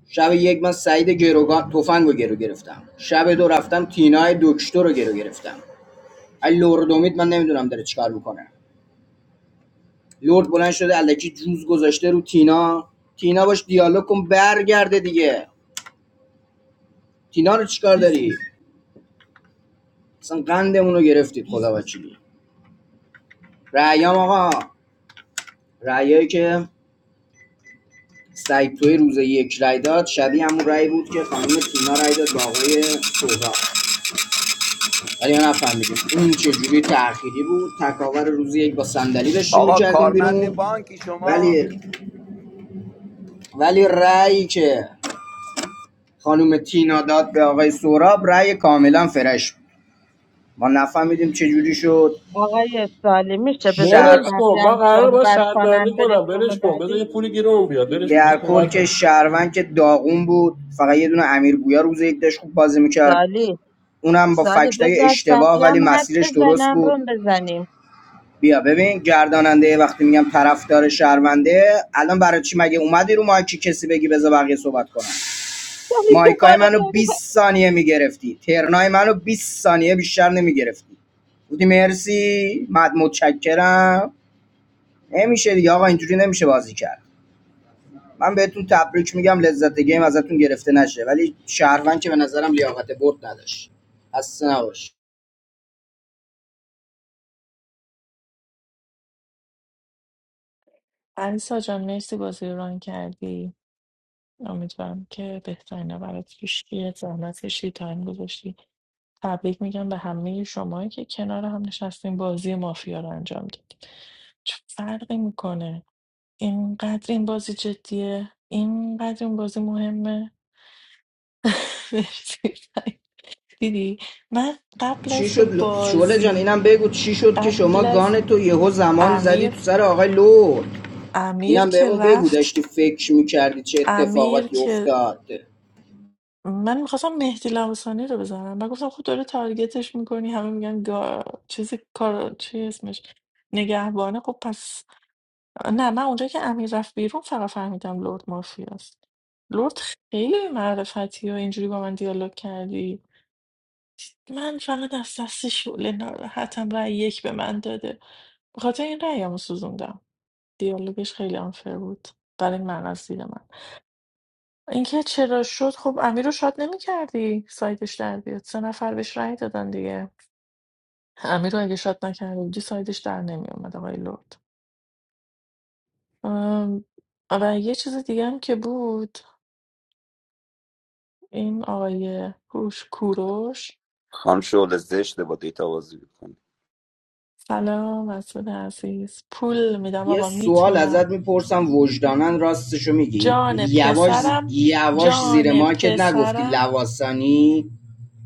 Speaker 1: شب یک من سعید گروگان تفنگ رو گرو گرفتم شب دو رفتم تینای دکتر رو گرو گرفتم ولی لورد امید من نمیدونم داره چیکار میکنه لورد بلند شده الکی روز گذاشته رو تینا تینا باش دیالوگ کن برگرده دیگه تینا رو چیکار داری اصلا قندمون رو گرفتید خدا وکیلی رأیام آقا رأیایی که سعید توی روز یک رأی داد شبیه همون رأی بود که خانم تینا رأی داد با آقای سهراب. ولی ما نفهمیدیم اون چجوری تأخیری بود تکاور روزی یک با صندلی داشتیم
Speaker 17: آقا
Speaker 1: میکردیم
Speaker 17: کارمند
Speaker 1: بیرون
Speaker 17: بانکی شما
Speaker 1: ولی ولی رأیی که خانم تینا داد به آقای سوراب رأی کاملا فرش بود. ما نفهمیدیم چجوری شد
Speaker 3: آقای سالی میشه بذاری
Speaker 1: شهر
Speaker 9: ولش
Speaker 3: بقیه
Speaker 9: کن با
Speaker 3: هم
Speaker 9: قرار با
Speaker 3: صحبت
Speaker 9: شرط
Speaker 3: کنن
Speaker 9: بندی
Speaker 3: بریم
Speaker 9: کنم
Speaker 3: روم
Speaker 9: ولش کن بذار
Speaker 3: بعدی
Speaker 9: یه پولی گیرمون بیاد ولش کن بذار
Speaker 1: در کل
Speaker 9: صحبت
Speaker 1: که
Speaker 9: کن
Speaker 1: شهروند که داغون بود فقط یه دونه امیر گویا روز یک داشت خوب بازی میکرد
Speaker 3: سالی
Speaker 1: اونم با
Speaker 3: سالی
Speaker 1: فکتای
Speaker 3: بذار
Speaker 1: اشتباه
Speaker 3: بقیه
Speaker 1: ولی
Speaker 3: هم حرف
Speaker 1: مسیرش درست
Speaker 3: بزنن
Speaker 1: بود
Speaker 3: روم بزنیم
Speaker 1: بیا ببین گرداننده وقتی میگم طرفدار شهرونده الان برای چی مگه اومدی رو مایکی کسی بگی بذار بقیه صحبت کنن
Speaker 3: سالی
Speaker 1: مایکای
Speaker 3: دوباره
Speaker 1: منو
Speaker 3: داری
Speaker 1: 20 ثانیه میگرفتی ترنای منو 20 ثانیه بیشتر نمیگرفتی بودی مرسی مد متشکرم نمیشه دیگه آقا اینجوری نمیشه بازی کرد من بهتون تبریک میگم لذت گیم ازتون گرفته نشه ولی شهروند که به نظرم لیاقت برد نداشت خسته نباش
Speaker 12: علیسا جان مرسی بازی رو ران کردی امیدوارم که بهترین برات پیش بیاد زحمت کشیدی تایم گذاشتی تبریک میگم به همه شما که کنار هم نشستین بازی مافیا رو انجام دادیم چه فرقی میکنه اینقدر این بازی جدیه اینقدر این بازی مهمه مرسی. دیدی من قبل
Speaker 1: چی
Speaker 12: از که
Speaker 1: شد شعله جان
Speaker 12: بازی
Speaker 1: اینم بگو چی شد که شما
Speaker 12: قبل از
Speaker 1: گان تو یهو زمان زدی
Speaker 12: امیر
Speaker 1: تو سر آقای لرد
Speaker 12: امیر
Speaker 1: اینم
Speaker 12: که
Speaker 1: بهمون بگو
Speaker 12: رفت
Speaker 1: داشتی فکر میکردی چه
Speaker 12: امیر
Speaker 1: اتفاقاتی
Speaker 12: که
Speaker 1: افتاد
Speaker 12: من میخواستم مهدی لواسانی رو بزنم من گفتم خود داره تارگتش میکنی همه میگن گا... چیزی کار چی اسمش نگهبانه خب پس نه من اونجا که امیر رفت بیرون فقط فهمیدم لرد مافیاست لرد خیلی معرفتی و اینجوری با من دیالوگ کردی من فقط از دست شعله ناراحتم رأی یک به من داده بخاطر این رأیمو سوزوندم دیالوگش خیلی آنفر بود برای من از دید من اینکه چرا شد خب امیر رو شاد نمی کردی سایدش در بیاد سه نفر بهش رأی دادن دیگه امیر رو اگه شاد نکرده بودی سایدش در نمی اومد آقای لرد ام، و یه چیز دیگه هم که بود این آقای هوش کوروش
Speaker 17: خانم شعله زشته با دیتا بازی میکنی
Speaker 12: سلام مسعود عزیز پول میدم
Speaker 1: یه
Speaker 12: آقا
Speaker 1: سوال
Speaker 12: میتونم
Speaker 1: ازت میپرسم وجدانن راستشو میگی
Speaker 12: جان
Speaker 1: یواش زی-
Speaker 12: پسرم
Speaker 1: یواش زیر
Speaker 12: جان
Speaker 1: مارکت نگفتی
Speaker 12: پسرم
Speaker 1: لواسانی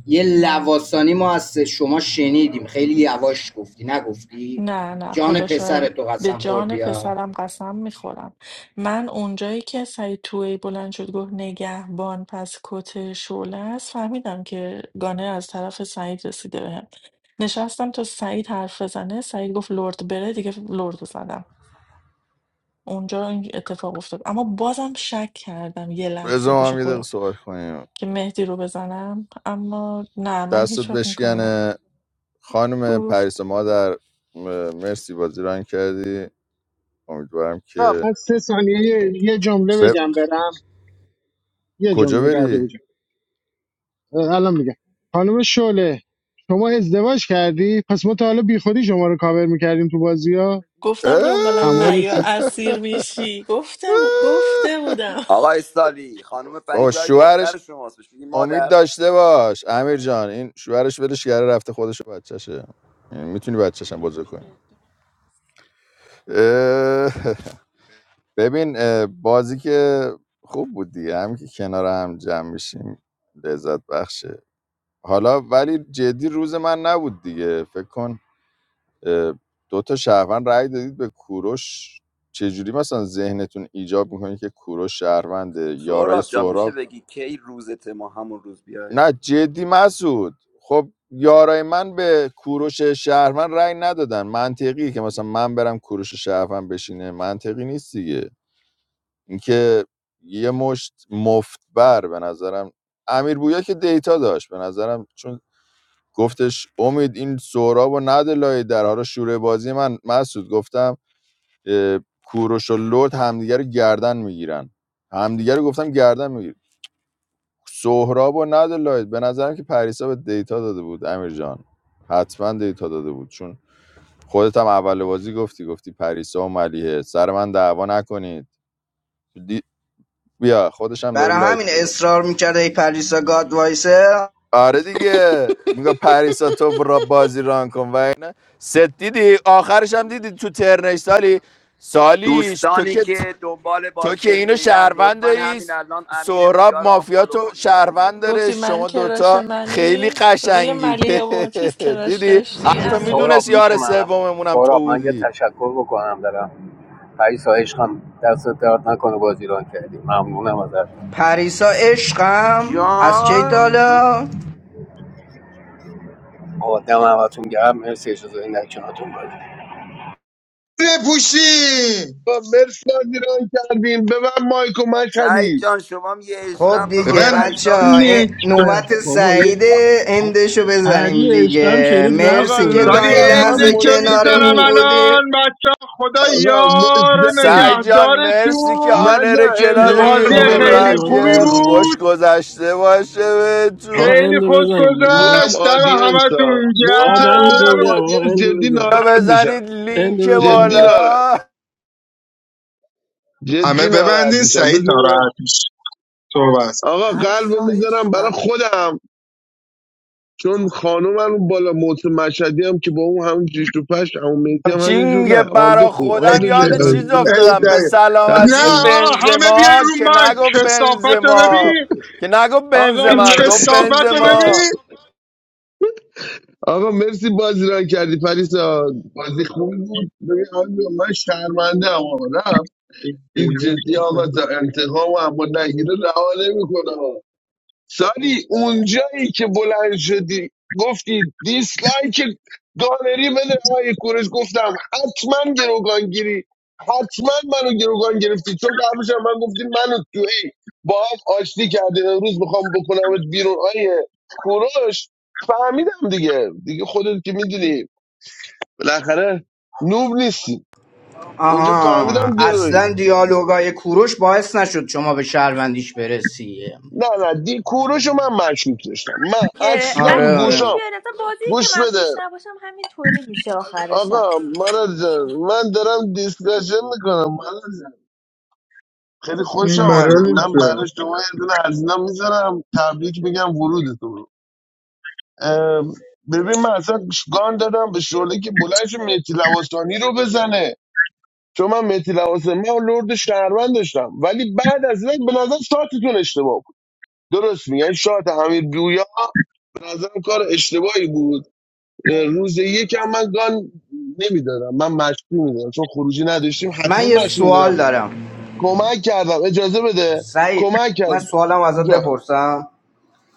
Speaker 1: یه
Speaker 12: نه
Speaker 1: لواسانی ما از شما شنیدیم خیلی یواش گفتی نگفتی
Speaker 12: نه نه
Speaker 1: جان
Speaker 12: خدا
Speaker 1: پسر
Speaker 12: شاهده
Speaker 1: تو
Speaker 12: به
Speaker 1: قسم
Speaker 12: جان
Speaker 1: خوردی ها
Speaker 12: پسرم قسم میخورم من اونجایی که سعید توی بلند شد گفت نگهبان پس کت شعله است فهمیدم که گانه از طرف سعید رسیده بهم نشستم تا سعید حرف بزنه سعید گفت لرد بره دیگه لرد رو زدم اونجا این اتفاق افتاد اما بازم شک کردم یه لحظه
Speaker 2: رضا ما
Speaker 12: پیش
Speaker 2: هم یه دقیقه
Speaker 12: خودم
Speaker 2: صحبت کنیم
Speaker 12: که مهدی رو بزنم اما نه من
Speaker 2: دستت
Speaker 12: هیچ وقت این کار
Speaker 2: بشکنه خانم
Speaker 12: نمیکنم
Speaker 2: پریس مادر م- مرسی بازی رنگ کردی امیدوارم که
Speaker 4: من سه ثانیه یه جمله
Speaker 2: ب...
Speaker 4: بگم برم یه
Speaker 2: کجا
Speaker 4: جمله رد بگم.
Speaker 2: بری
Speaker 4: الان میگم خانم شعله شما ازدواج کردی پس ما تا حالا بیخودی شما رو کاور میکردیم تو بازی ها
Speaker 12: گفتم
Speaker 2: اه!
Speaker 12: دنبالم
Speaker 4: تمام
Speaker 12: نیا
Speaker 4: سیستم
Speaker 12: اسیر میشی گفتم گفته بودم
Speaker 17: آقا استالی خانم پری
Speaker 2: بابا
Speaker 17: جای دختر
Speaker 2: شوهرش
Speaker 17: شماست بهش میگی
Speaker 2: امید
Speaker 17: مادر
Speaker 2: داشته باش امیر جان این شوهرش ولش کرده رفته خودش و بچهشه میتونی بچهشم بزرگ کنی اه! ببین اه، بازی که خوب بود دیگه هم که کنار هم جمع میشیم لذت بخشه حالا ولی جدی روز من نبود دیگه فکر کن اه، دو تا شهروند رأی دادید به کوروش چجوری مثلا ذهنتون ایجاب میکنه که کوروش شهرونده یارای
Speaker 17: سهراب جان میشه
Speaker 2: سهراب
Speaker 17: بگی کی روزت ما همون روز بیایم
Speaker 2: نه جدی مسعود خب یارای من به کوروش شهروند رأی ندادن منطقی که مثلا من برم کوروش شهروند بشینه منطقی نیست دیگه اینکه یه مشت مفتبر به نظرم امیر بویا که دیتا داشت به نظرم چون گفتش امید این سهراب و نده لای در حالا شوره بازی من مسعود گفتم اه، کوروش و لرد همدیگه رو گردن میگیرن همدیگه رو گفتم گردن میگیرن سهراب و ندلاید به نظرم که پریسا به دیتا داده بود امیر جان حتما دیتا داده بود چون خودت هم اول بازی گفتی گفتی پریسا و ملیحه سر من دعوا نکنید دی... بیا خودش هم داره
Speaker 1: برای
Speaker 2: لایک
Speaker 1: همین
Speaker 2: میده
Speaker 1: اصرار میکرده ای پریسا گاد وایسه
Speaker 2: آره دیگه میگه پریسا تو برا بازی ران کن و اینا ست دیدی آخرش هم دیدی تو ترنش سالی سالیش تو
Speaker 17: دوستانی
Speaker 2: که
Speaker 17: که دنبال
Speaker 2: تو که
Speaker 17: بازی
Speaker 2: اینو
Speaker 17: فیرن
Speaker 2: شهروند
Speaker 17: لطفا
Speaker 2: داری
Speaker 17: همین الان امیر
Speaker 2: سهراب
Speaker 17: بویا رو
Speaker 2: مافیا
Speaker 17: آنفالو
Speaker 2: تو
Speaker 17: کنید
Speaker 2: شهروند داره
Speaker 12: گفتی من
Speaker 2: شما
Speaker 12: کراش
Speaker 2: دوتا خیلی
Speaker 12: منی روی
Speaker 2: قشنگید
Speaker 12: ملیه و چیز کراش
Speaker 2: دیدی
Speaker 12: داشتی
Speaker 2: حتی
Speaker 12: امیر
Speaker 11: سهراب
Speaker 2: میدونست
Speaker 11: میشه
Speaker 2: یار
Speaker 11: منم
Speaker 2: سوممونم تو
Speaker 11: سهراب من یه
Speaker 2: بودی
Speaker 11: تشکر بکنم دارم پریسا عشقم دست درد نکنه بازی ران کردی ممنونم ازت
Speaker 1: پریسا عشقم از چه
Speaker 17: جان
Speaker 1: تالا
Speaker 11: آدم همتون گرم مرسی اجازه این نکناتون بازی
Speaker 16: بپوشی
Speaker 7: با مرس ایران کردیم به من مایک و
Speaker 17: سعید
Speaker 7: مشهدی
Speaker 17: جان شما هم یه
Speaker 1: خب
Speaker 17: عشقم بخوام
Speaker 1: دیگه
Speaker 16: ببند
Speaker 1: بچه
Speaker 17: پریسا
Speaker 1: ها
Speaker 17: بگو
Speaker 16: نیست
Speaker 1: نوبت
Speaker 9: بابا یه
Speaker 1: سعید اندشو بزنیم
Speaker 9: پری عشقم
Speaker 1: دیگه
Speaker 9: شنید رفت
Speaker 7: آقا
Speaker 1: مرسی
Speaker 9: گل
Speaker 1: که تا
Speaker 16: داری
Speaker 1: این
Speaker 7: لطفا
Speaker 9: نفری
Speaker 7: من
Speaker 1: لحظه
Speaker 16: اندشو
Speaker 7: مشتری
Speaker 16: میزنم
Speaker 1: کنارمون
Speaker 7: میام
Speaker 1: بودیم
Speaker 16: الان بچه خدا
Speaker 7: آقا
Speaker 16: یار و
Speaker 7: مشتری
Speaker 2: سعی جان مرسی که
Speaker 16: نگهدارتون
Speaker 2: آنر
Speaker 7: نزن اندو
Speaker 9: اند
Speaker 2: کلابی
Speaker 7: حرف
Speaker 16: بازی
Speaker 9: رومو
Speaker 7: دارم
Speaker 9: بزن
Speaker 16: خیلی
Speaker 2: امیدوارم
Speaker 9: آقا
Speaker 16: خوبی
Speaker 2: که
Speaker 9: اند بزن
Speaker 2: خوش
Speaker 16: بود
Speaker 2: گذشته باشه
Speaker 9: آقا
Speaker 2: بهتون
Speaker 16: خیلی
Speaker 9: اندو
Speaker 16: خوش
Speaker 9: بزنیم تموم.
Speaker 7: میرم
Speaker 16: گذشت دم
Speaker 7: آدینس ها
Speaker 16: همتون
Speaker 9: آقا
Speaker 7: موسه میرم
Speaker 9: دمتون
Speaker 16: گرم
Speaker 9: گرم آقا
Speaker 7: آدینس
Speaker 9: اندو
Speaker 7: جدی
Speaker 9: بزن
Speaker 7: ناراحت میشم
Speaker 2: بزنید لینک
Speaker 9: اندو بزن
Speaker 7: جدی
Speaker 9: آقا
Speaker 7: ناراحت
Speaker 2: بالا
Speaker 16: همه
Speaker 7: جدی ناراحت
Speaker 16: ببندین
Speaker 7: میشم
Speaker 16: سعید
Speaker 7: بذار
Speaker 16: ناراحت میشه صحبت کن
Speaker 7: آقا قلبو
Speaker 17: پریسا
Speaker 7: میذارم برای
Speaker 17: عشقم
Speaker 7: خودم چون خانومم اون بالا موت مشهدی هم که با اون همون جیش تو پشت همون مهدی هم
Speaker 2: همچین
Speaker 7: همینجور
Speaker 2: میگه
Speaker 7: نه آلدو
Speaker 2: برا
Speaker 7: خوب
Speaker 16: ای
Speaker 2: خودم
Speaker 7: آلدو جای
Speaker 2: یاد
Speaker 7: قلب
Speaker 2: چیز
Speaker 7: میذاره
Speaker 16: دای،
Speaker 7: برای
Speaker 16: ای
Speaker 7: تو.
Speaker 2: افتادم به
Speaker 16: دای. نه
Speaker 2: سلامتی
Speaker 7: تقسیم
Speaker 16: آقا همه بیاین
Speaker 2: بنزما
Speaker 16: رو
Speaker 2: که
Speaker 16: مایک
Speaker 2: نگفت
Speaker 16: کسافت رو
Speaker 2: بنزما
Speaker 16: ببین
Speaker 2: که نگفت
Speaker 7: آقا
Speaker 16: این
Speaker 2: بنزمن
Speaker 7: لطف
Speaker 2: گفت
Speaker 16: کسافت رو
Speaker 2: بنزما
Speaker 16: ببین
Speaker 7: آقا مرسی بازی ران کردی پریسا بازی خوبی بود ببین آلدو من شرمنده هم آقا نه این جدی آقا تا انتقام هم اما نگیره رها نمیکنه سالی اونجایی که بلند شدی گفتی دیسلایک گالری بده آقای کورش گفتم حتما گروگانگیری حتما منو گروگان گرفتی چون قبلش هم من گفتی منو تو ای با هم آشتی کردین امروز میخوام بکنمت بیرون آیه کوروش فهمیدم دیگه دیگه خودت که میدونی بالاخره نوب نیستی اونجا
Speaker 1: آها
Speaker 7: فهمیدم گروی
Speaker 1: اصلا دیالوگای کوروش باعث نشد شما به شهروندیش برسی
Speaker 7: نه نه دی کوروش رو من مشکوک داشتم من
Speaker 18: که
Speaker 7: اصلا
Speaker 1: آره
Speaker 18: اهی دک
Speaker 1: آره
Speaker 7: گوشام
Speaker 18: بیاد اصلا بازی که
Speaker 7: گوش
Speaker 18: من
Speaker 7: بده
Speaker 18: توش نباشم همینطوری میشه آخرش هم.
Speaker 7: آقا مراد جان من دارم دیسکشن میکنم مراد جان خیلی خوش آمده من
Speaker 16: Maravilha.
Speaker 7: برای شما یه دونه هزینه میذارم تبریک میگم ورودتون اه، ببین من اصلا گان دادم به شعله که بلنش مهدی لواسانی رو بزنه چون من مهدی لواسانی من لرد شهروند داشتم ولی بعد از این به نظر شاتتون اشتباه بود درست میگن شات امیر بویا به نظرم کار اشتباهی بود روز یک هم من گان نمیدادم من مشروع میدادم چون خروجی نداشتیم حتما
Speaker 1: من یه
Speaker 7: مشروع میدادم
Speaker 1: سوال دارم
Speaker 7: کمک کردم اجازه بده
Speaker 1: سعید
Speaker 7: کمک کرد
Speaker 1: من سوالم ازت
Speaker 7: جان
Speaker 1: بپرسم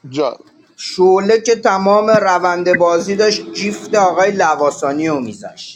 Speaker 7: جان
Speaker 1: شعله که تمام روند بازی داشت جیفت آقای لواسانی رو میذاشت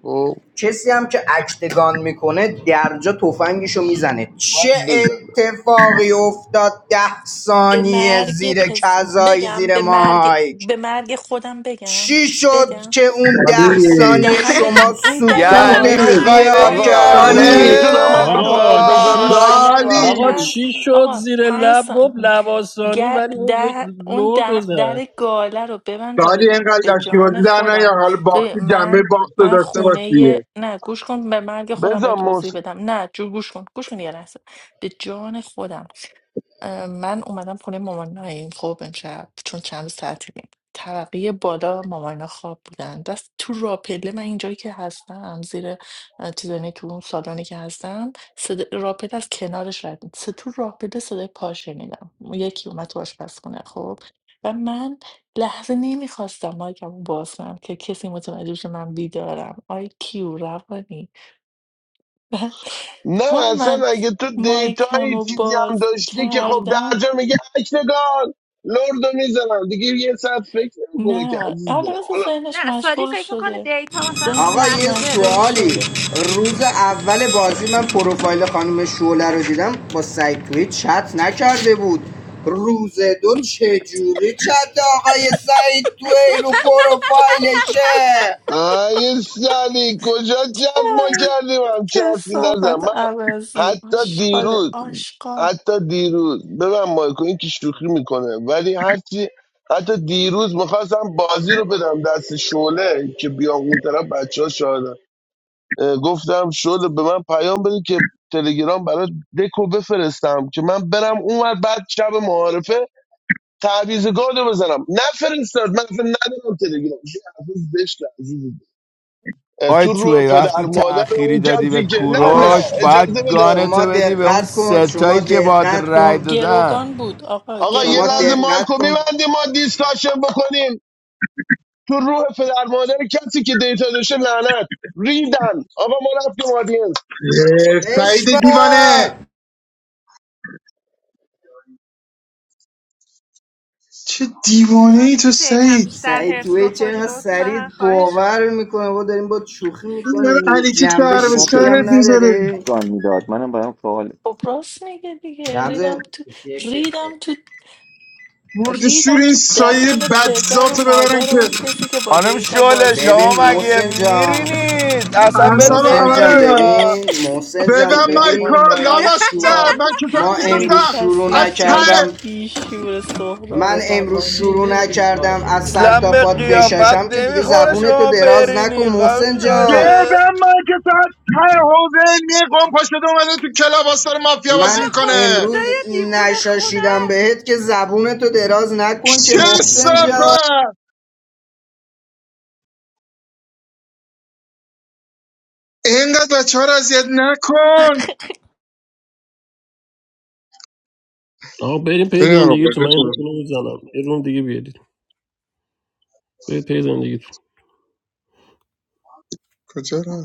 Speaker 7: او،
Speaker 1: کسی هم که اکتگان میکنه درجا تفنگشو میزنه چه
Speaker 7: باید بزنم
Speaker 1: اتفاقی افتاد ده
Speaker 12: به
Speaker 1: ثانیه
Speaker 12: مرگ
Speaker 1: زیر
Speaker 12: پس...
Speaker 1: کذایی
Speaker 12: بگم
Speaker 1: زیر
Speaker 12: به مرگ
Speaker 1: مایک
Speaker 12: به مرگ خودم بگم
Speaker 1: چی شد
Speaker 12: بگم
Speaker 1: که اون ده
Speaker 12: خب
Speaker 16: Ali.
Speaker 1: ثانیه
Speaker 12: دهن
Speaker 1: شما
Speaker 12: اون در
Speaker 1: سکوت
Speaker 18: چقدر
Speaker 2: یعنی
Speaker 18: با
Speaker 16: Dali.
Speaker 12: گاله رو اون
Speaker 2: میخوای
Speaker 18: نمک
Speaker 1: اختیار
Speaker 12: در
Speaker 2: بگی
Speaker 18: حرص
Speaker 7: آقا
Speaker 12: اون
Speaker 16: Dali.
Speaker 7: من
Speaker 18: میخوره
Speaker 12: در
Speaker 1: کردی
Speaker 2: آره
Speaker 7: میتونم
Speaker 12: گاله رو
Speaker 7: حرفمو
Speaker 9: آقا
Speaker 12: در
Speaker 7: بزنم
Speaker 9: چی
Speaker 2: وای
Speaker 9: ش-
Speaker 12: گاله رو
Speaker 16: Dali.
Speaker 2: وای
Speaker 9: آقا
Speaker 12: ببند
Speaker 9: چی شد
Speaker 12: آقا
Speaker 9: زیر
Speaker 12: پنج
Speaker 9: لب گفت
Speaker 12: سان...
Speaker 9: لباسانی
Speaker 12: گ-
Speaker 9: ولی اون یک
Speaker 12: ده... اون
Speaker 9: لرد رو
Speaker 12: ده...
Speaker 9: زد
Speaker 12: در گاله رو ببند تا
Speaker 16: داری
Speaker 12: بگم به
Speaker 16: اینقدر
Speaker 12: جان
Speaker 16: لشیبازی در
Speaker 12: خودم
Speaker 16: نیار حالا
Speaker 12: ببین،
Speaker 16: باختی جنبه
Speaker 12: من
Speaker 16: باخت رو
Speaker 12: من
Speaker 16: داشته
Speaker 12: خونه ی-
Speaker 16: باشیه
Speaker 12: نه گوش کن به مرگ خودم
Speaker 7: بزن
Speaker 12: باید
Speaker 7: موس
Speaker 12: توضیح بدم نه جو گوش کن گوش کن یه لحظه به جان خودم اه، من اومدم خونه مامانا این خب امشب چون چند روز تعطیلیم طبقه بالا مامانا خواب بودن دست تو راپله من اینجایی که هستم زیر اه، چیزانی تو اون سالانی که هستم صدا راپله از کنارش رد می- صدا- تو راپله صدای پا شنیدم یکی اومد تو آشپزخونه خب و من لحظه نمیخواستم مایکم رو باز کنم که کسی متوجه بشه من بیدارم آی کیو روانی و
Speaker 7: نه
Speaker 12: تا من
Speaker 7: اصلا اگه تو
Speaker 12: مایکم
Speaker 7: دیتایی
Speaker 12: رو
Speaker 7: چیزی هم
Speaker 12: باز
Speaker 7: داشتی که خب
Speaker 12: کردم
Speaker 7: درجا میگه اکنگان لردو میزنم دیگه یه ساعت فکر نمیکنه که
Speaker 12: نه
Speaker 7: عزیز
Speaker 12: حالا
Speaker 7: دلم
Speaker 12: مثل
Speaker 7: حالا
Speaker 12: ذهنش
Speaker 18: نه سالی
Speaker 12: مشغول
Speaker 18: فکر میکنه
Speaker 12: شده
Speaker 18: دیتا مثلا اون
Speaker 1: آقا
Speaker 12: ذهنش
Speaker 1: یه
Speaker 18: لحظه ره
Speaker 12: مشغول
Speaker 1: سوالی
Speaker 12: شده
Speaker 1: روز اول بازی من پروفایل خانم شعله رو دیدم با سعید توی چت نکرده بود روز دو چجوری چت آقای سعید توی رو پروفایلشه
Speaker 7: آیه سالی کجا جد ما
Speaker 12: نه، این
Speaker 7: کردیم هم چه حرفی نزن
Speaker 12: کسافت
Speaker 7: من
Speaker 12: عوضی
Speaker 7: حتی
Speaker 12: آشغال
Speaker 7: دیروز
Speaker 12: آشغال
Speaker 7: حتی دیروز ببین مایکو این که شوخی میکنه ولی هرچی حتی دیروز میخواستم بازی رو بدم دست شعله که بیام اون طرف بچه ها شاهدن اه، گفتم شعله به من پیام بده که تلگرام برای دکو بفرستم که من برم اونور بعد شب معارفه تعویض گادو بزنم نفرستاد من اصلا ندارم تلگرام این حرفا زشته، عزیزی.
Speaker 2: آی
Speaker 7: تو رو
Speaker 2: توی
Speaker 7: پدر
Speaker 2: وقتی
Speaker 7: مادر
Speaker 2: تأخیری
Speaker 7: اون
Speaker 2: دادی به
Speaker 7: کسی که نه نه
Speaker 1: آقا ش-
Speaker 2: کوروش
Speaker 7: اجازه
Speaker 2: باید
Speaker 7: بده
Speaker 1: شما
Speaker 2: گانتو بدی به اون
Speaker 1: دقت کن شما
Speaker 2: ستایی که باد
Speaker 1: دقت
Speaker 2: رای
Speaker 1: کن
Speaker 2: دادن
Speaker 12: گروگان بود آقا
Speaker 7: آقا یه
Speaker 1: شما
Speaker 12: گروگان
Speaker 7: لحظه
Speaker 12: بود
Speaker 7: مایکو
Speaker 1: دقت کن
Speaker 7: میبندیم ما دیسکاشن بکنیم تو روح پدر مادر کسی که دیتا داشته لعنت ریدن آقا ما رفتیم
Speaker 16: سعید دیوانه
Speaker 1: بشمار
Speaker 16: چه دیوانه ای
Speaker 18: سالی
Speaker 16: تو
Speaker 18: میشه یکم
Speaker 16: سعید
Speaker 18: بیشتر
Speaker 1: سعید
Speaker 18: هرس
Speaker 1: توی
Speaker 18: بخوری
Speaker 1: چرا سریع
Speaker 18: لطفا خواهش
Speaker 1: باور میکنه ما داریم با شوخی
Speaker 16: این داره
Speaker 1: میکنیم دیگه
Speaker 16: علی چیت که
Speaker 1: جنبه
Speaker 13: ولی
Speaker 16: به
Speaker 13: باید به
Speaker 1: شوخی
Speaker 16: سرت
Speaker 1: هم
Speaker 16: میذاره
Speaker 1: نداره
Speaker 13: گان میداد منم برام سوال
Speaker 12: خب راست میگه دیگه ریدم
Speaker 1: رمزه
Speaker 12: تو ریدم تو
Speaker 16: مرد شور
Speaker 12: ریدم
Speaker 16: این
Speaker 12: تو
Speaker 16: سایه
Speaker 12: دهن پدر و
Speaker 16: بدزاتو ببرن
Speaker 12: مادر اون
Speaker 16: که
Speaker 12: کسی که با
Speaker 2: خانم
Speaker 12: دیتا
Speaker 2: شله
Speaker 12: بازی
Speaker 2: شما
Speaker 1: ببین
Speaker 2: مگه
Speaker 12: میکنه
Speaker 1: محسن جان
Speaker 2: میرینید اصلا بهت
Speaker 16: اعصاب
Speaker 1: محسن
Speaker 16: همه رو
Speaker 1: جان
Speaker 2: نمیاد
Speaker 16: میبرن
Speaker 1: ببین محسن
Speaker 16: ببن
Speaker 1: جان
Speaker 16: مایکا
Speaker 1: ببین ما
Speaker 12: روانی
Speaker 1: امروز
Speaker 16: لامسته
Speaker 1: شروع
Speaker 12: آشغال
Speaker 16: من چطور
Speaker 1: ما
Speaker 12: خیلی
Speaker 1: امروز شروع
Speaker 16: ته
Speaker 12: کثیفی
Speaker 1: نکردم
Speaker 12: بیشور سهراب
Speaker 1: من امروز
Speaker 12: روانی
Speaker 1: شروع نکردم از سر
Speaker 2: اصلا
Speaker 1: تا
Speaker 2: به
Speaker 1: پات
Speaker 2: قیافت
Speaker 1: بششم که دیگه
Speaker 2: نمیخوره
Speaker 1: زبون تو
Speaker 2: شما
Speaker 1: دراز نکن
Speaker 2: برینی خام
Speaker 1: محسن جان
Speaker 2: شله
Speaker 16: گردم من که ساعت ته حوزه علمی قوم پا شده اومده تو کلاب آستار مافیا
Speaker 18: با
Speaker 16: بازی
Speaker 1: من
Speaker 16: میکنه
Speaker 18: خدای
Speaker 1: امروز
Speaker 18: دیوونه خونه
Speaker 1: نشاشیدم بهت که زبون تو دراز نکن که
Speaker 16: چه
Speaker 1: محسن جان
Speaker 16: صفه اینقدر بچه ها رو اذیت نکن
Speaker 9: آقا بریم پی
Speaker 16: بریم آقا
Speaker 9: زندگی تو
Speaker 16: بازی
Speaker 9: من این رو
Speaker 16: کنیم.
Speaker 9: بزنم یه روم دیگه بیادید برید پی زندگی
Speaker 16: کجا رفت